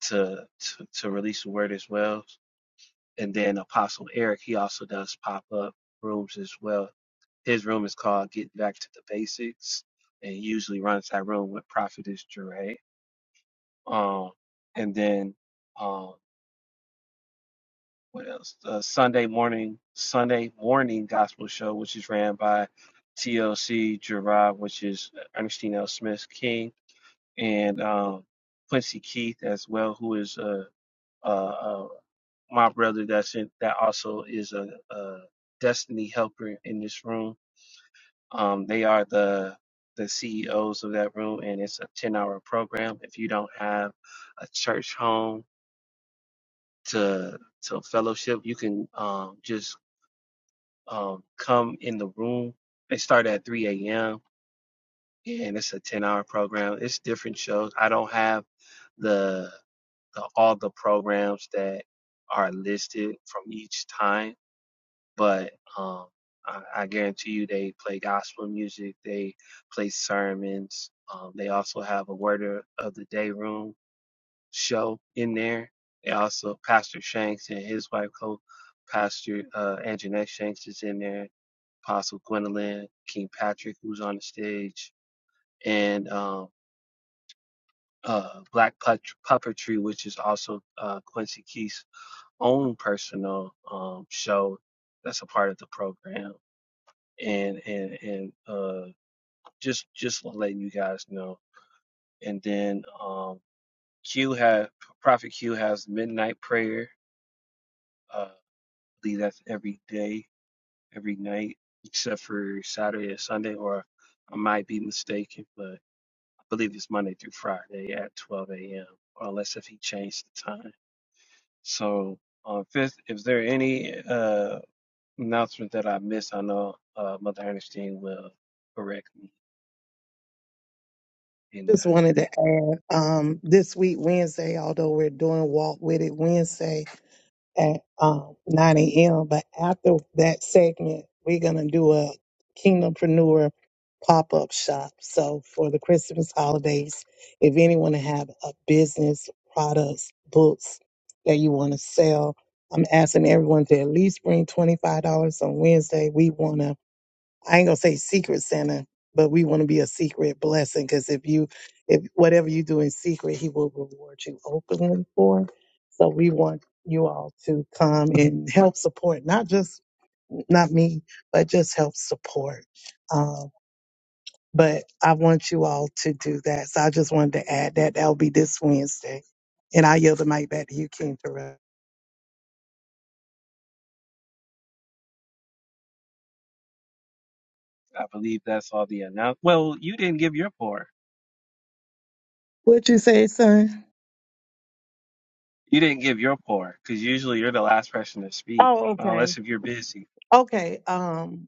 to, to to release the word as well and then Apostle Eric, he also does pop up rooms as well. His room is called Get Back to the Basics, and he usually runs that room with Prophetess Jure. Um, and then um, what else? The Sunday morning, Sunday morning gospel show, which is ran by TLC Gerard, which is Ernestine L. Smith King, and um, Quincy Keith as well, who is a, a, my brother that's in, that also is a, a destiny helper in this room. Um, they are the the CEOs of that room, and it's a ten hour program. If you don't have a church home to to fellowship, you can um, just um, come in the room. They start at three a.m. and it's a ten hour program. It's different shows. I don't have the, the all the programs that are listed from each time but um, I, I guarantee you they play gospel music, they play sermons. Um, they also have a word of of the day room show in there. They also Pastor Shanks and his wife co Pastor uh, Anjanette Shanks is in there. Apostle Gwendolyn King Patrick, who's on the stage, and um, uh, Black Put- Puppetry, which is also uh, Quincy Keith's own personal um, show that's a part of the program and and and uh just just letting you guys know and then um q has prophet q has midnight prayer uh I believe that's every day every night except for saturday or sunday or i might be mistaken but i believe it's monday through friday at 12 a.m or unless if he changed the time so um fifth if there are any uh announcement that i missed i know uh mother ernestine will correct me and I Just wanted believe. to add um, this week, Wednesday, although we're doing Walk With It Wednesday at um, 9 a.m., but after that segment, we're going to do a Kingdompreneur pop up shop. So for the Christmas holidays, if anyone have a business, products, books that you want to sell, I'm asking everyone to at least bring $25 on Wednesday. We want to I ain't gonna say secret Santa, but we want to be a secret blessing because if you, if whatever you do in secret, He will reward you openly for. So we want you all to come and help support, not just not me, but just help support. Um, but I want you all to do that. So I just wanted to add that that'll be this Wednesday, and I yield the mic back to you, King Terrell. I believe that's all the announce. Well, you didn't give your pour. What'd you say, son? You didn't give your pour because usually you're the last person to speak, Oh, okay, unless if you're busy. okay. Um,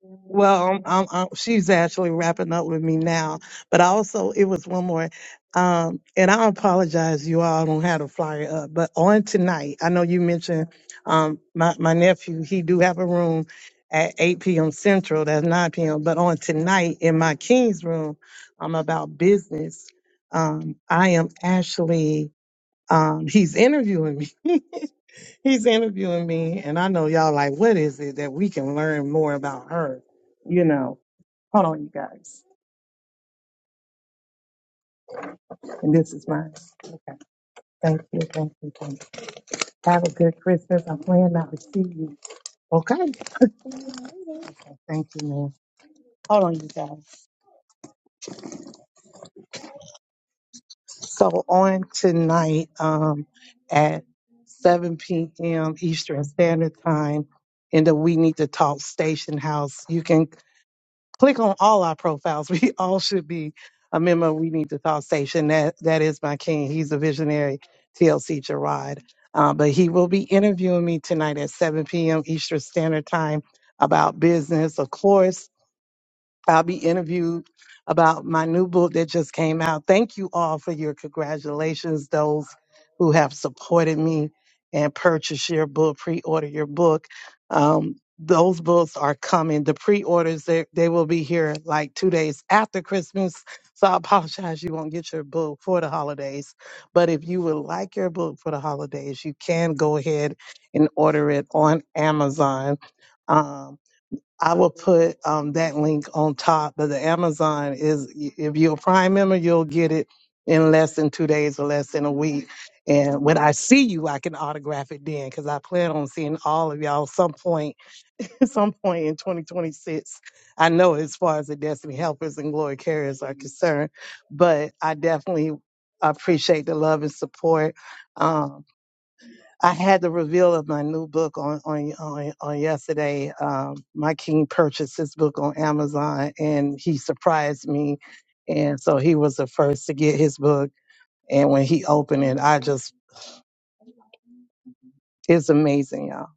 Well, I'm, I'm, I'm, she's actually wrapping up with me now, but also it was one more. Um, and I apologize, you all don't have to fly up, but on tonight, I know you mentioned um, my, my nephew, he do have a room at 8 p.m. Central, that's 9 p.m. But on tonight in my King's room, I'm about business. Um, I am actually, um, he's interviewing me. He's interviewing me, and I know y'all like, what is it that we can learn more about her? You know, hold on, you guys. And this is mine. Okay. Thank you. Thank you. Thank you. Have a good Christmas. I'm planning not to see you. Okay. Okay, Thank you, man. Hold on, you guys. So on tonight, um, at seven PM Eastern Standard Time in the We Need to Talk Station House, you can click on all our profiles. We all should be a member. of We need to talk station. That that is my king. He's a visionary, TLC Gerard. Uh, but he will be interviewing me tonight at 7 p.m. Eastern Standard Time about business, of course I'll be interviewed about my new book that just came out. Thank you all for your congratulations, those who have supported me and purchased your book, pre-order your book. Um, those books are coming. The pre-orders, they, they will be here like two days after Christmas. So I apologize you won't get your book for the holidays. But if you would like your book for the holidays, you can go ahead and order it on Amazon. Um, I will put um, that link on top. But the Amazon is, if you're a Prime member, you'll get it in less than two days or less than a week. And when I see you, I can autograph it then because I plan on seeing all of y'all some point, some point in 2026. I know as far as the Destiny Helpers and Glory Carriers are concerned, but I definitely appreciate the love and support. Um, I had the reveal of my new book on on on, on yesterday. Um, my king purchased his book on Amazon, and he surprised me, and so he was the first to get his book. And when he opened it, I just it's amazing, y'all.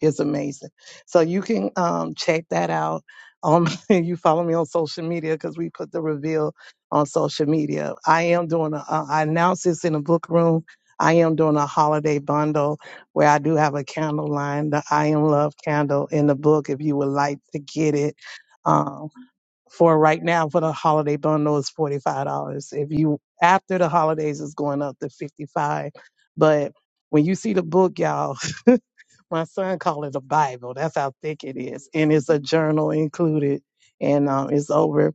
It's amazing. So you can um, check that out. Um, you follow me on social media because we put the reveal on social media. I am doing. A, uh, I announced this in a book room. I am doing a holiday bundle where I do have a candle line, the I Am Love candle in the book. If you would like to get it, um, for right now for the holiday bundle is forty five dollars. If you after the holidays is going up to fifty five, but when you see the book, y'all my son called it a Bible. That's how thick it is, and it's a journal included, and um, it's over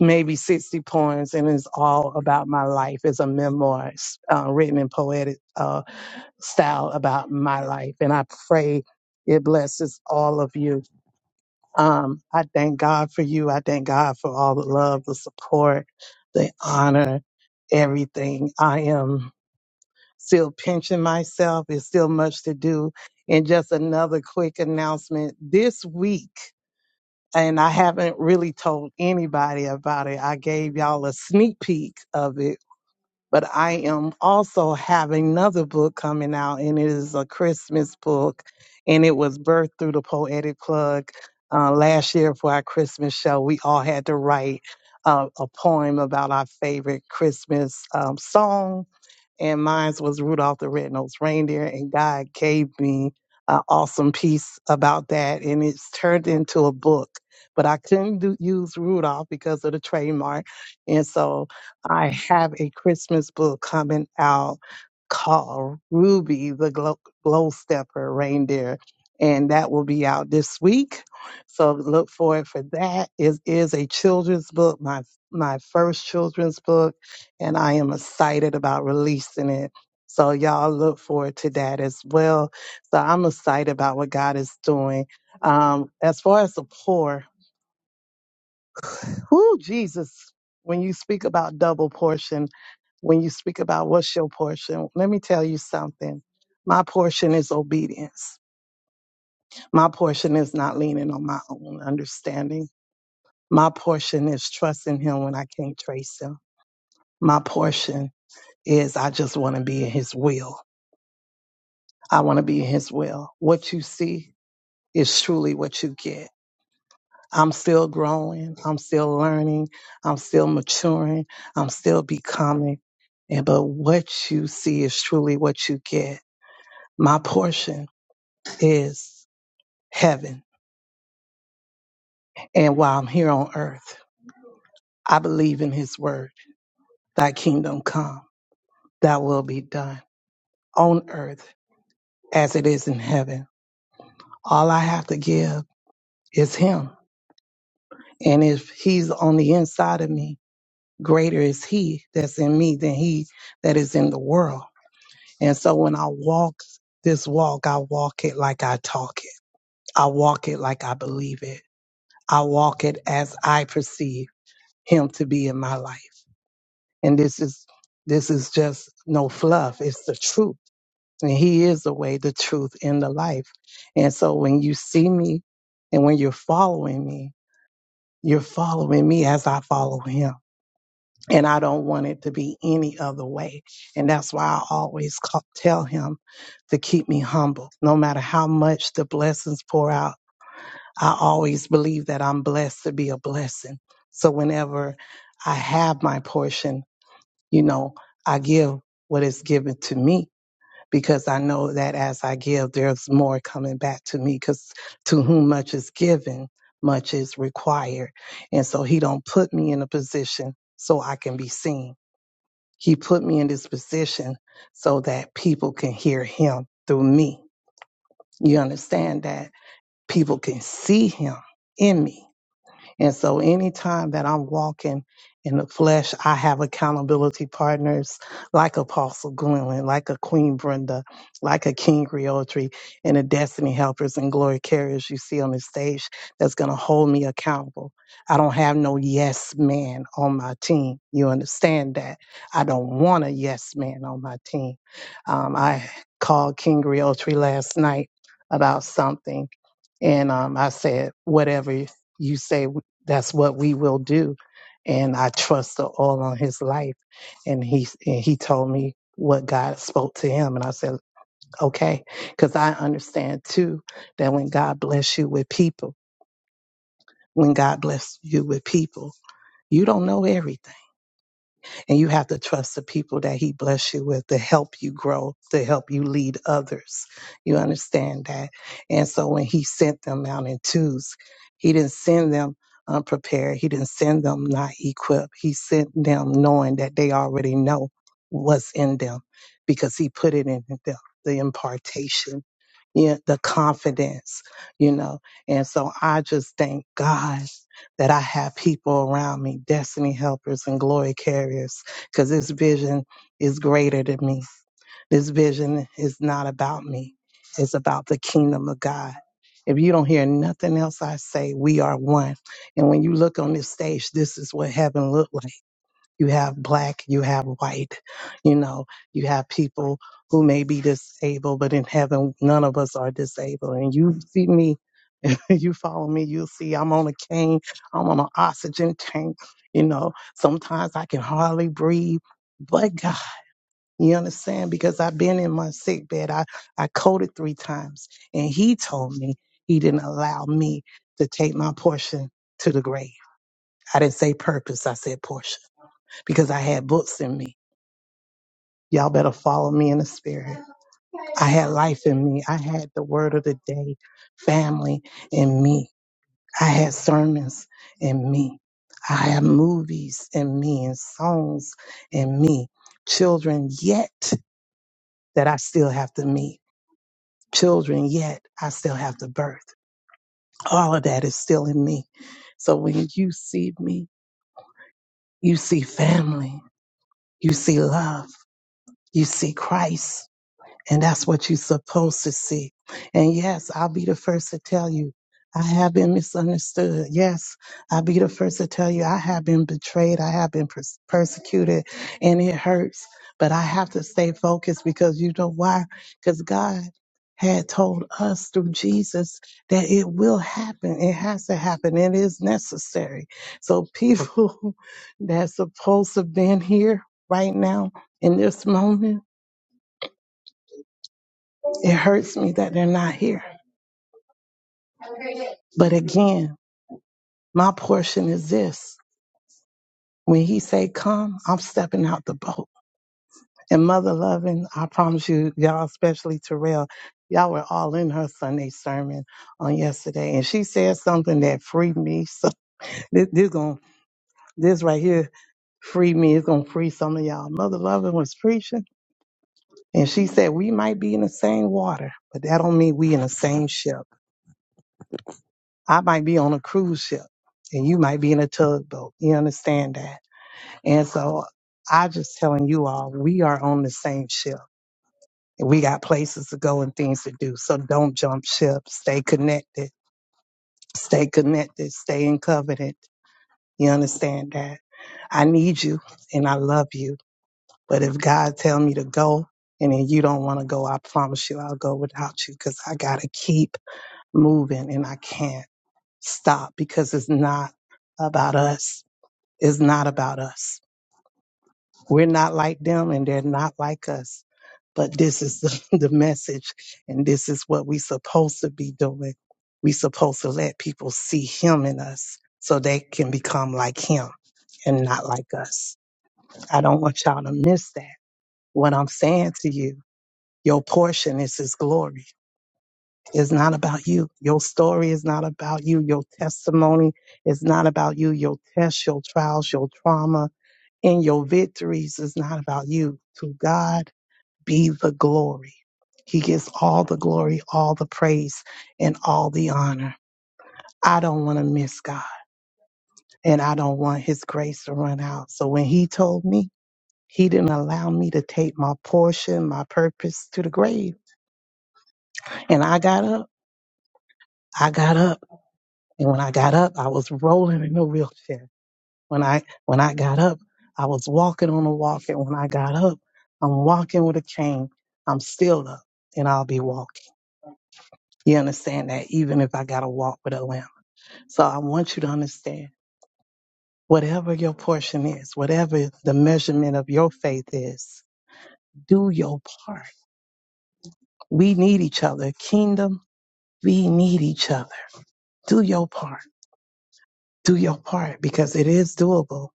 maybe sixty poems, and it's all about my life. It's a memoir it's, uh, written in poetic uh, style about my life, and I pray it blesses all of you. Um, I thank God for you. I thank God for all the love, the support, the honor, everything. I am still pinching myself. It's still much to do. And just another quick announcement this week, and I haven't really told anybody about it. I gave y'all a sneak peek of it, but I am also having another book coming out, and it is a Christmas book, and it was birthed through the Poetic Plug. Uh, last year for our Christmas show, we all had to write uh, a poem about our favorite Christmas um, song and mine was Rudolph the Red-Nosed Reindeer. And God gave me an awesome piece about that, and it's turned into a book. But I couldn't do, use Rudolph because of the trademark, and so I have a Christmas book coming out called Ruby the Glow, Glow Stepper Reindeer, and that will be out this week. So look forward for that. It is a children's book, my my first children's book and I am excited about releasing it. So y'all look forward to that as well. So I'm excited about what God is doing. Um, as far as the poor, who Jesus, when you speak about double portion, when you speak about what's your portion, let me tell you something. My portion is obedience. My portion is not leaning on my own understanding. My portion is trusting him when I can't trace him. My portion is I just want to be in his will. I want to be in his will. What you see is truly what you get. I'm still growing. I'm still learning. I'm still maturing. I'm still becoming. And but what you see is truly what you get. My portion is heaven. And while I'm here on earth, I believe in his word. Thy kingdom come, thy will be done on earth as it is in heaven. All I have to give is him. And if he's on the inside of me, greater is he that's in me than he that is in the world. And so when I walk this walk, I walk it like I talk it. I walk it like I believe it. I walk it as I perceive him to be in my life. And this is this is just no fluff. It's the truth. And he is the way, the truth, and the life. And so when you see me and when you're following me, you're following me as I follow him and I don't want it to be any other way. And that's why I always ca- tell him to keep me humble. No matter how much the blessings pour out, I always believe that I'm blessed to be a blessing. So whenever I have my portion, you know, I give what is given to me because I know that as I give, there's more coming back to me because to whom much is given, much is required. And so he don't put me in a position so I can be seen he put me in this position so that people can hear him through me. You understand that people can see him in me and so anytime that I'm walking in the flesh, I have accountability partners like Apostle Gwendolyn, like a Queen Brenda, like a King Realtree, and the Destiny Helpers and Glory Carriers you see on the stage that's going to hold me accountable. I don't have no yes man on my team. You understand that? I don't want a yes man on my team. Um, I called King Realtree last night about something, and um, I said, whatever you say that's what we will do. And I trust the oil on his life. And he and he told me what God spoke to him, and I said, okay, because I understand too that when God bless you with people, when God bless you with people, you don't know everything and you have to trust the people that He bless you with to help you grow, to help you lead others. You understand that? And so when He sent them out in twos, He didn't send them unprepared. He didn't send them not equipped. He sent them knowing that they already know what's in them because He put it in them, the impartation yeah, the confidence, you know. And so I just thank God that I have people around me, destiny helpers and glory carriers, because this vision is greater than me. This vision is not about me, it's about the kingdom of God. If you don't hear nothing else I say, we are one. And when you look on this stage, this is what heaven looks like. You have black, you have white, you know, you have people who may be disabled, but in heaven, none of us are disabled. And you see me, you follow me, you'll see I'm on a cane, I'm on an oxygen tank, you know, sometimes I can hardly breathe. But God, you understand? Because I've been in my sick bed. I, I coded three times and he told me he didn't allow me to take my portion to the grave. I didn't say purpose. I said portion because I had books in me. Y'all better follow me in the spirit. I had life in me. I had the word of the day, family in me. I had sermons in me. I had movies in me and songs in me. Children yet that I still have to meet. Children yet I still have to birth. All of that is still in me. So when you see me, you see family, you see love, you see Christ And that's what you're supposed to see. And yes, I'll be the first to tell you, I have been misunderstood. Yes, I'll be the first to tell you, I have been betrayed. I have been pers- persecuted and it hurts. But I have to stay focused because you know why? Because God had told us through Jesus that it will happen. It has to happen. It is necessary. So people that's supposed to have been here right now in this moment it hurts me that they're not here. But again, my portion is this. When he say come, I'm stepping out the boat. And mother loving, I promise you, y'all, especially Terrell, y'all were all in her Sunday sermon on yesterday. And she said something that freed me. So this, this going this right here freed me. It's gonna free some of y'all. Mother loving was preaching. And she said, We might be in the same water, but that don't mean we in the same ship. I might be on a cruise ship and you might be in a tugboat. You understand that? And so I just telling you all, we are on the same ship. and We got places to go and things to do. So don't jump ship. Stay connected. Stay connected. Stay in covenant. You understand that? I need you and I love you. But if God tell me to go and then you don't want to go, I promise you I'll go without you because I got to keep moving and I can't stop because it's not about us. It's not about us. We're not like them and they're not like us. But this is the, the message and this is what we supposed to be doing. We supposed to let people see him in us so they can become like him and not like us. I don't want y'all to miss that. What I'm saying to you, your portion is his glory. It's not about you. Your story is not about you. Your testimony is not about you. Your tests, your trials, your trauma, in your victories is not about you. To God be the glory. He gets all the glory, all the praise, and all the honor. I don't want to miss God, and I don't want His grace to run out. So when He told me, He didn't allow me to take my portion, my purpose to the grave. And I got up. I got up. And when I got up, I was rolling in a wheelchair. When I when I got up, I was walking on a walk, and when I got up, I'm walking with a cane. I'm still up, and I'll be walking. You understand that? Even if I gotta walk with a limp. So I want you to understand. Whatever your portion is, whatever the measurement of your faith is, do your part. We need each other. Kingdom, we need each other. Do your part. Do your part because it is doable.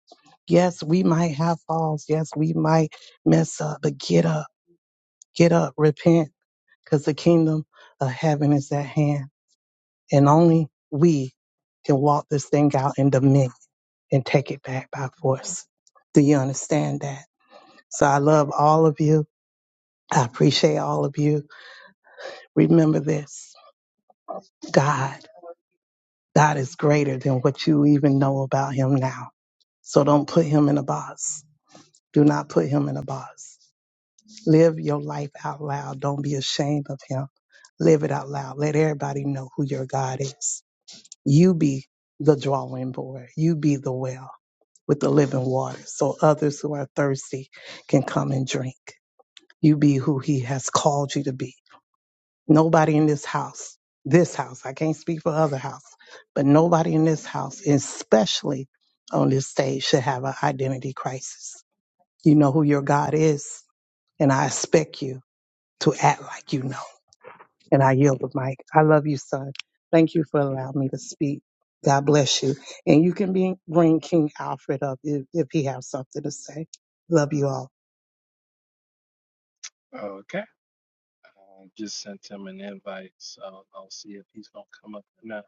Yes, we might have falls. Yes, we might mess up, but get up Get up, repent, because the kingdom of heaven is at hand. And only we can walk this thing out in dominion and take it back by force. Do you understand that? So I love all of you. I appreciate all of you. Remember this God, God is greater than what you even know about him now. So don't put him in a box. Do not put him in a box. Live your life out loud. Don't be ashamed of him. Live it out loud. Let everybody know who your God is. You be the drawing board. You be the well with the living water so others who are thirsty can come and drink. You be who he has called you to be. Nobody in this house, this house, I can't speak for other house, but nobody in this house, especially on this stage, should have an identity crisis. You know who your God is, and I expect you to act like you know. And I yield the mic. I love you, son. Thank you for allowing me to speak. God bless you. And you can be, bring King Alfred up if, if he has something to say. Love you all. Okay. I just sent him an invite, so I'll see if he's gonna come up or not.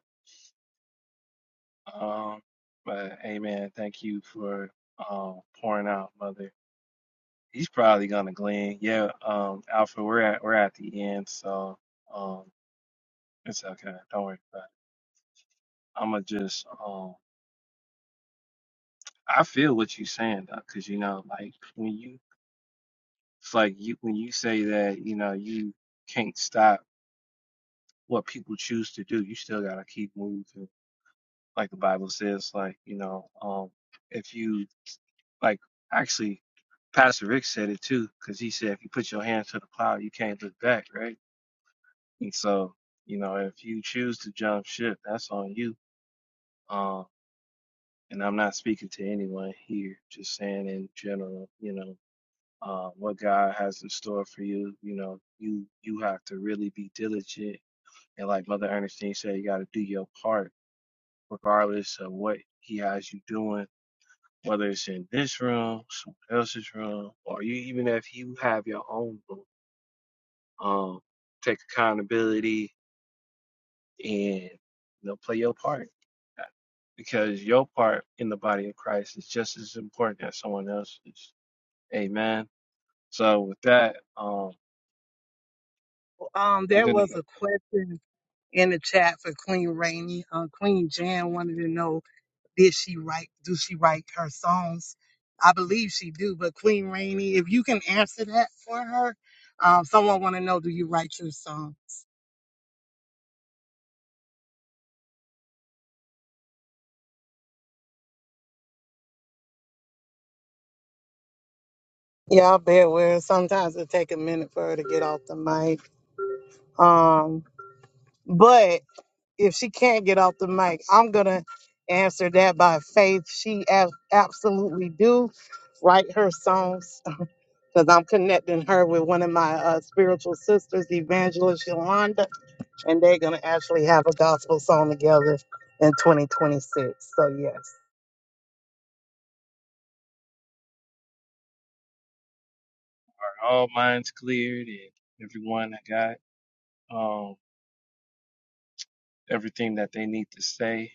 Um, but hey, man, thank you for um pouring out, mother. He's probably gonna glean. Yeah. Um, Alpha, we're at we're at the end, so um, it's okay. Don't worry about it. I'ma just um. I feel what you're saying, though, 'cause you know, like when you It's like you when you say that, you know, you can't stop what people choose to do, you still gotta keep moving. Like the Bible says, like, you know, um if you like actually Pastor Rick said it too, because he said if you put your hand to the plow, you can't look back, right? And so, you know, if you choose to jump ship, that's on you. Um, and I'm not speaking to anyone here, just saying in general, you know, uh, what God has in store for you, you know, you you have to really be diligent And like Mother Ernestine said, you got to do your part, regardless of what he has you doing, whether it's in this room, someone else's room, or you even if you have your own room, um, take accountability and you know play your part because your part in the body of Christ is just as important as someone else's. Amen. So with that, um, Um, I'm there gonna was get a question in the chat for Queen Rainey. Uh, Queen Jan wanted to know, did she write, do she write her songs? I believe she do, but Queen Rainey, if you can answer that for her, um, someone want to know, do you write your song? Yeah, I bet where sometimes it take a minute for her to get off the mic. Um, But if she can't get off the mic, I'm gonna answer that by faith. She ab- absolutely do write her songs because I'm connecting her with one of my uh, spiritual sisters, Evangelist Yolanda, and they're gonna actually have a gospel song together in 2026. So yes. all minds cleared and everyone that got um everything that they need to say.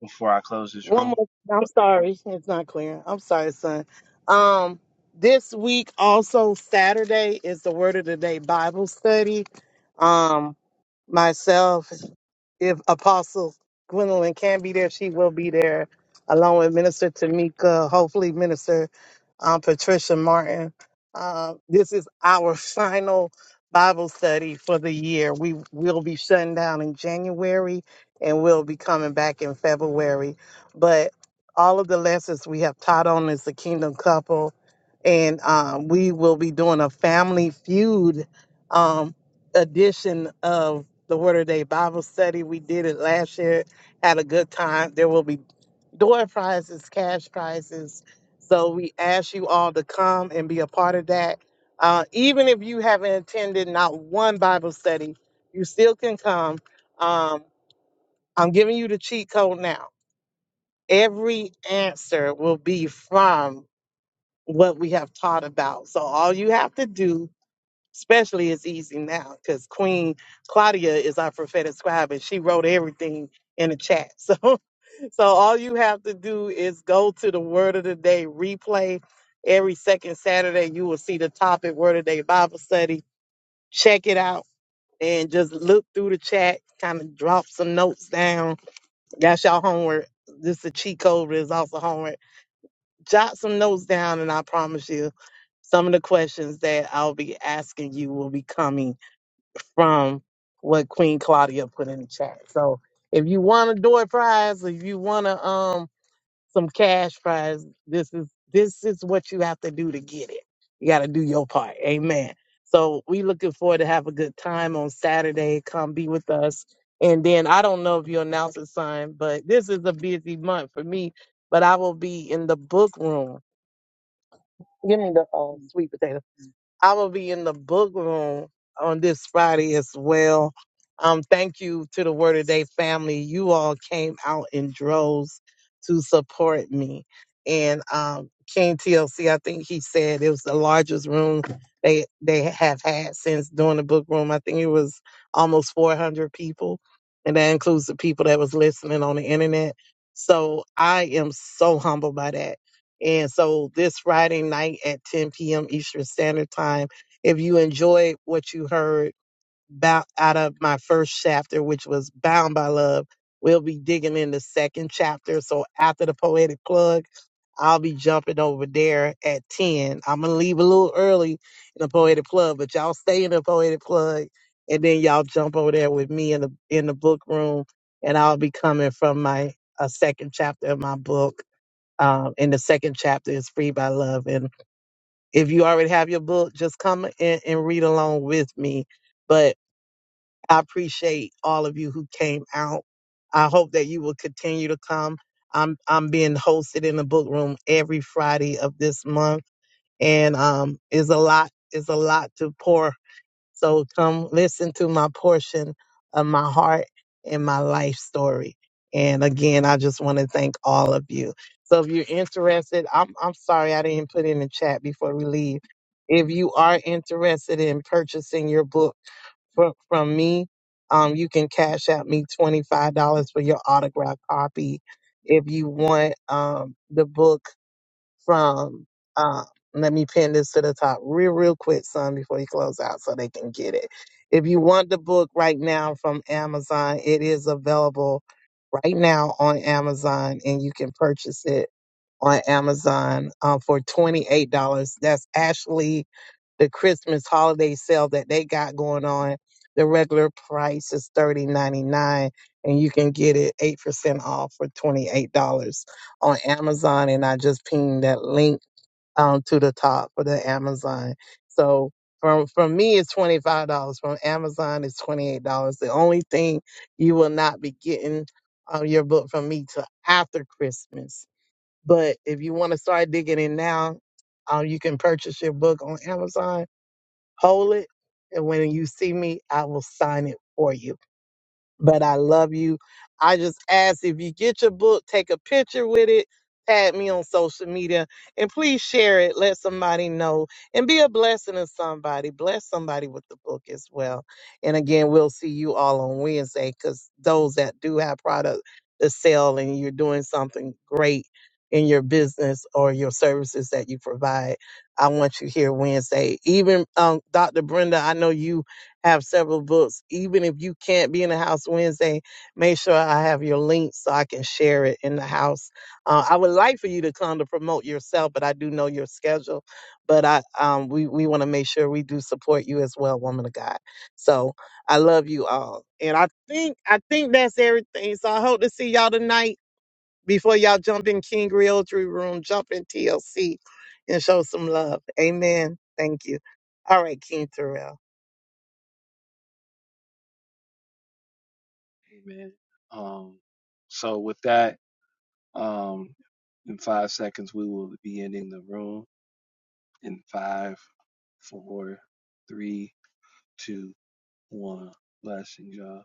before I close this One room. more. I'm sorry, it's not clear. I'm sorry, son. Um, this week also Saturday is the Word of the Day Bible study. Um. myself, if Apostle Gwendolyn can be there, she will be there, along with Minister Tamika, hopefully Minister um, Patricia Martin. Uh, this is our final Bible study for the year. We will be shutting down in January and we'll be coming back in February. But all of the lessons we have taught on is the Kingdom Couple, and um, we will be doing a family feud um, edition of the Word of Day Bible study. We did it last year, had a good time. There will be door prizes, cash prizes. So we ask you all to come and be a part of that. Uh, even if you haven't attended not one Bible study, you still can come. Um, I'm giving you the cheat code now. Every answer will be from what we have taught about. So all you have to do, especially is easy now, because Queen Claudia is our prophetic scribe and she wrote everything in the chat. So so all you have to do is go to the Word of the Day replay. Every second Saturday, you will see the topic Word of the Day Bible study. Check it out and just look through the chat, kind of drop some notes down. That's y'all homework. This is a cheat code, but it's also homework. Jot some notes down, and I promise you, some of the questions that I'll be asking you will be coming from what Queen Claudia put in the chat. So if you want a door prize, if you want to, um, some cash prize. This is this is what you have to do to get it. You got to do your part. Amen. So we looking forward to have a good time on Saturday. Come be with us. And then I don't know if you announce a sign, but this is a busy month for me. But I will be in the book room. Give me the uh, sweet potato I will be in the book room on this Friday as well. Um, thank you to the Word of Day family. You all came out in droves to support me. And um, King TLC, I think he said it was the largest room they they have had since doing the book room. I think it was almost 400 people, and that includes the people that was listening on the internet. So I am so humbled by that and so this Friday night at 10 p.m. Eastern Standard Time, if you enjoyed what you heard about out of my first chapter, which was Bound by Love, we'll be digging in the second chapter. So after the poetic plug, I'll be jumping over there at 10. I'm going to leave a little early in the poetic plug, but y'all stay in the poetic plug and then y'all jump over there with me in the in the book room and I'll be coming from my a second chapter of my book um, and the second chapter is free by love and if you already have your book just come in and read along with me but i appreciate all of you who came out i hope that you will continue to come i'm i'm being hosted in the book room every friday of this month and um is a lot is a lot to pour so come listen to my portion of my heart and my life story. And again, I just want to thank all of you. So if you're interested, I'm I'm sorry I didn't put in the chat before we leave. If you are interested in purchasing your book from, from me, um, you can cash out me $25 for your autographed copy. If you want um, the book from um let me pin this to the top real real quick son before you close out so they can get it if you want the book right now from amazon it is available right now on amazon and you can purchase it on amazon um, for $28 that's actually the christmas holiday sale that they got going on the regular price is thirty ninety nine, and you can get it 8% off for $28 on Amazon, and I just pinged that link um, to the top for the Amazon. So from from me it's twenty five dollars. From Amazon it's twenty eight dollars. The only thing you will not be getting um, your book from me till after Christmas. But if you want to start digging in now, um, you can purchase your book on Amazon. Hold it, and when you see me, I will sign it for you but I love you. I just ask if you get your book, take a picture with it, tag me on social media, and please share it. Let somebody know and be a blessing to somebody. Bless somebody with the book as well. And again, we'll see you all on Wednesday because those that do have product to sell and you're doing something great in your business or your services that you provide, I want you here Wednesday. Even um, Dr. Brenda, I know you have several books. Even if you can't be in the house Wednesday, make sure I have your link so I can share it in the house. Uh, I would like for you to come to promote yourself, but I do know your schedule. But I, um, we we want to make sure we do support you as well, woman of God. So I love you all, and I think I think that's everything. So I hope to see y'all tonight before y'all jump in King Realtree Room, jump in TLC, and show some love. Amen. Thank you. All right, King Terrell. Amen. Um, so with that, um, in five seconds we will be ending the room. In five, four, three, two, one. Blessings, y'all.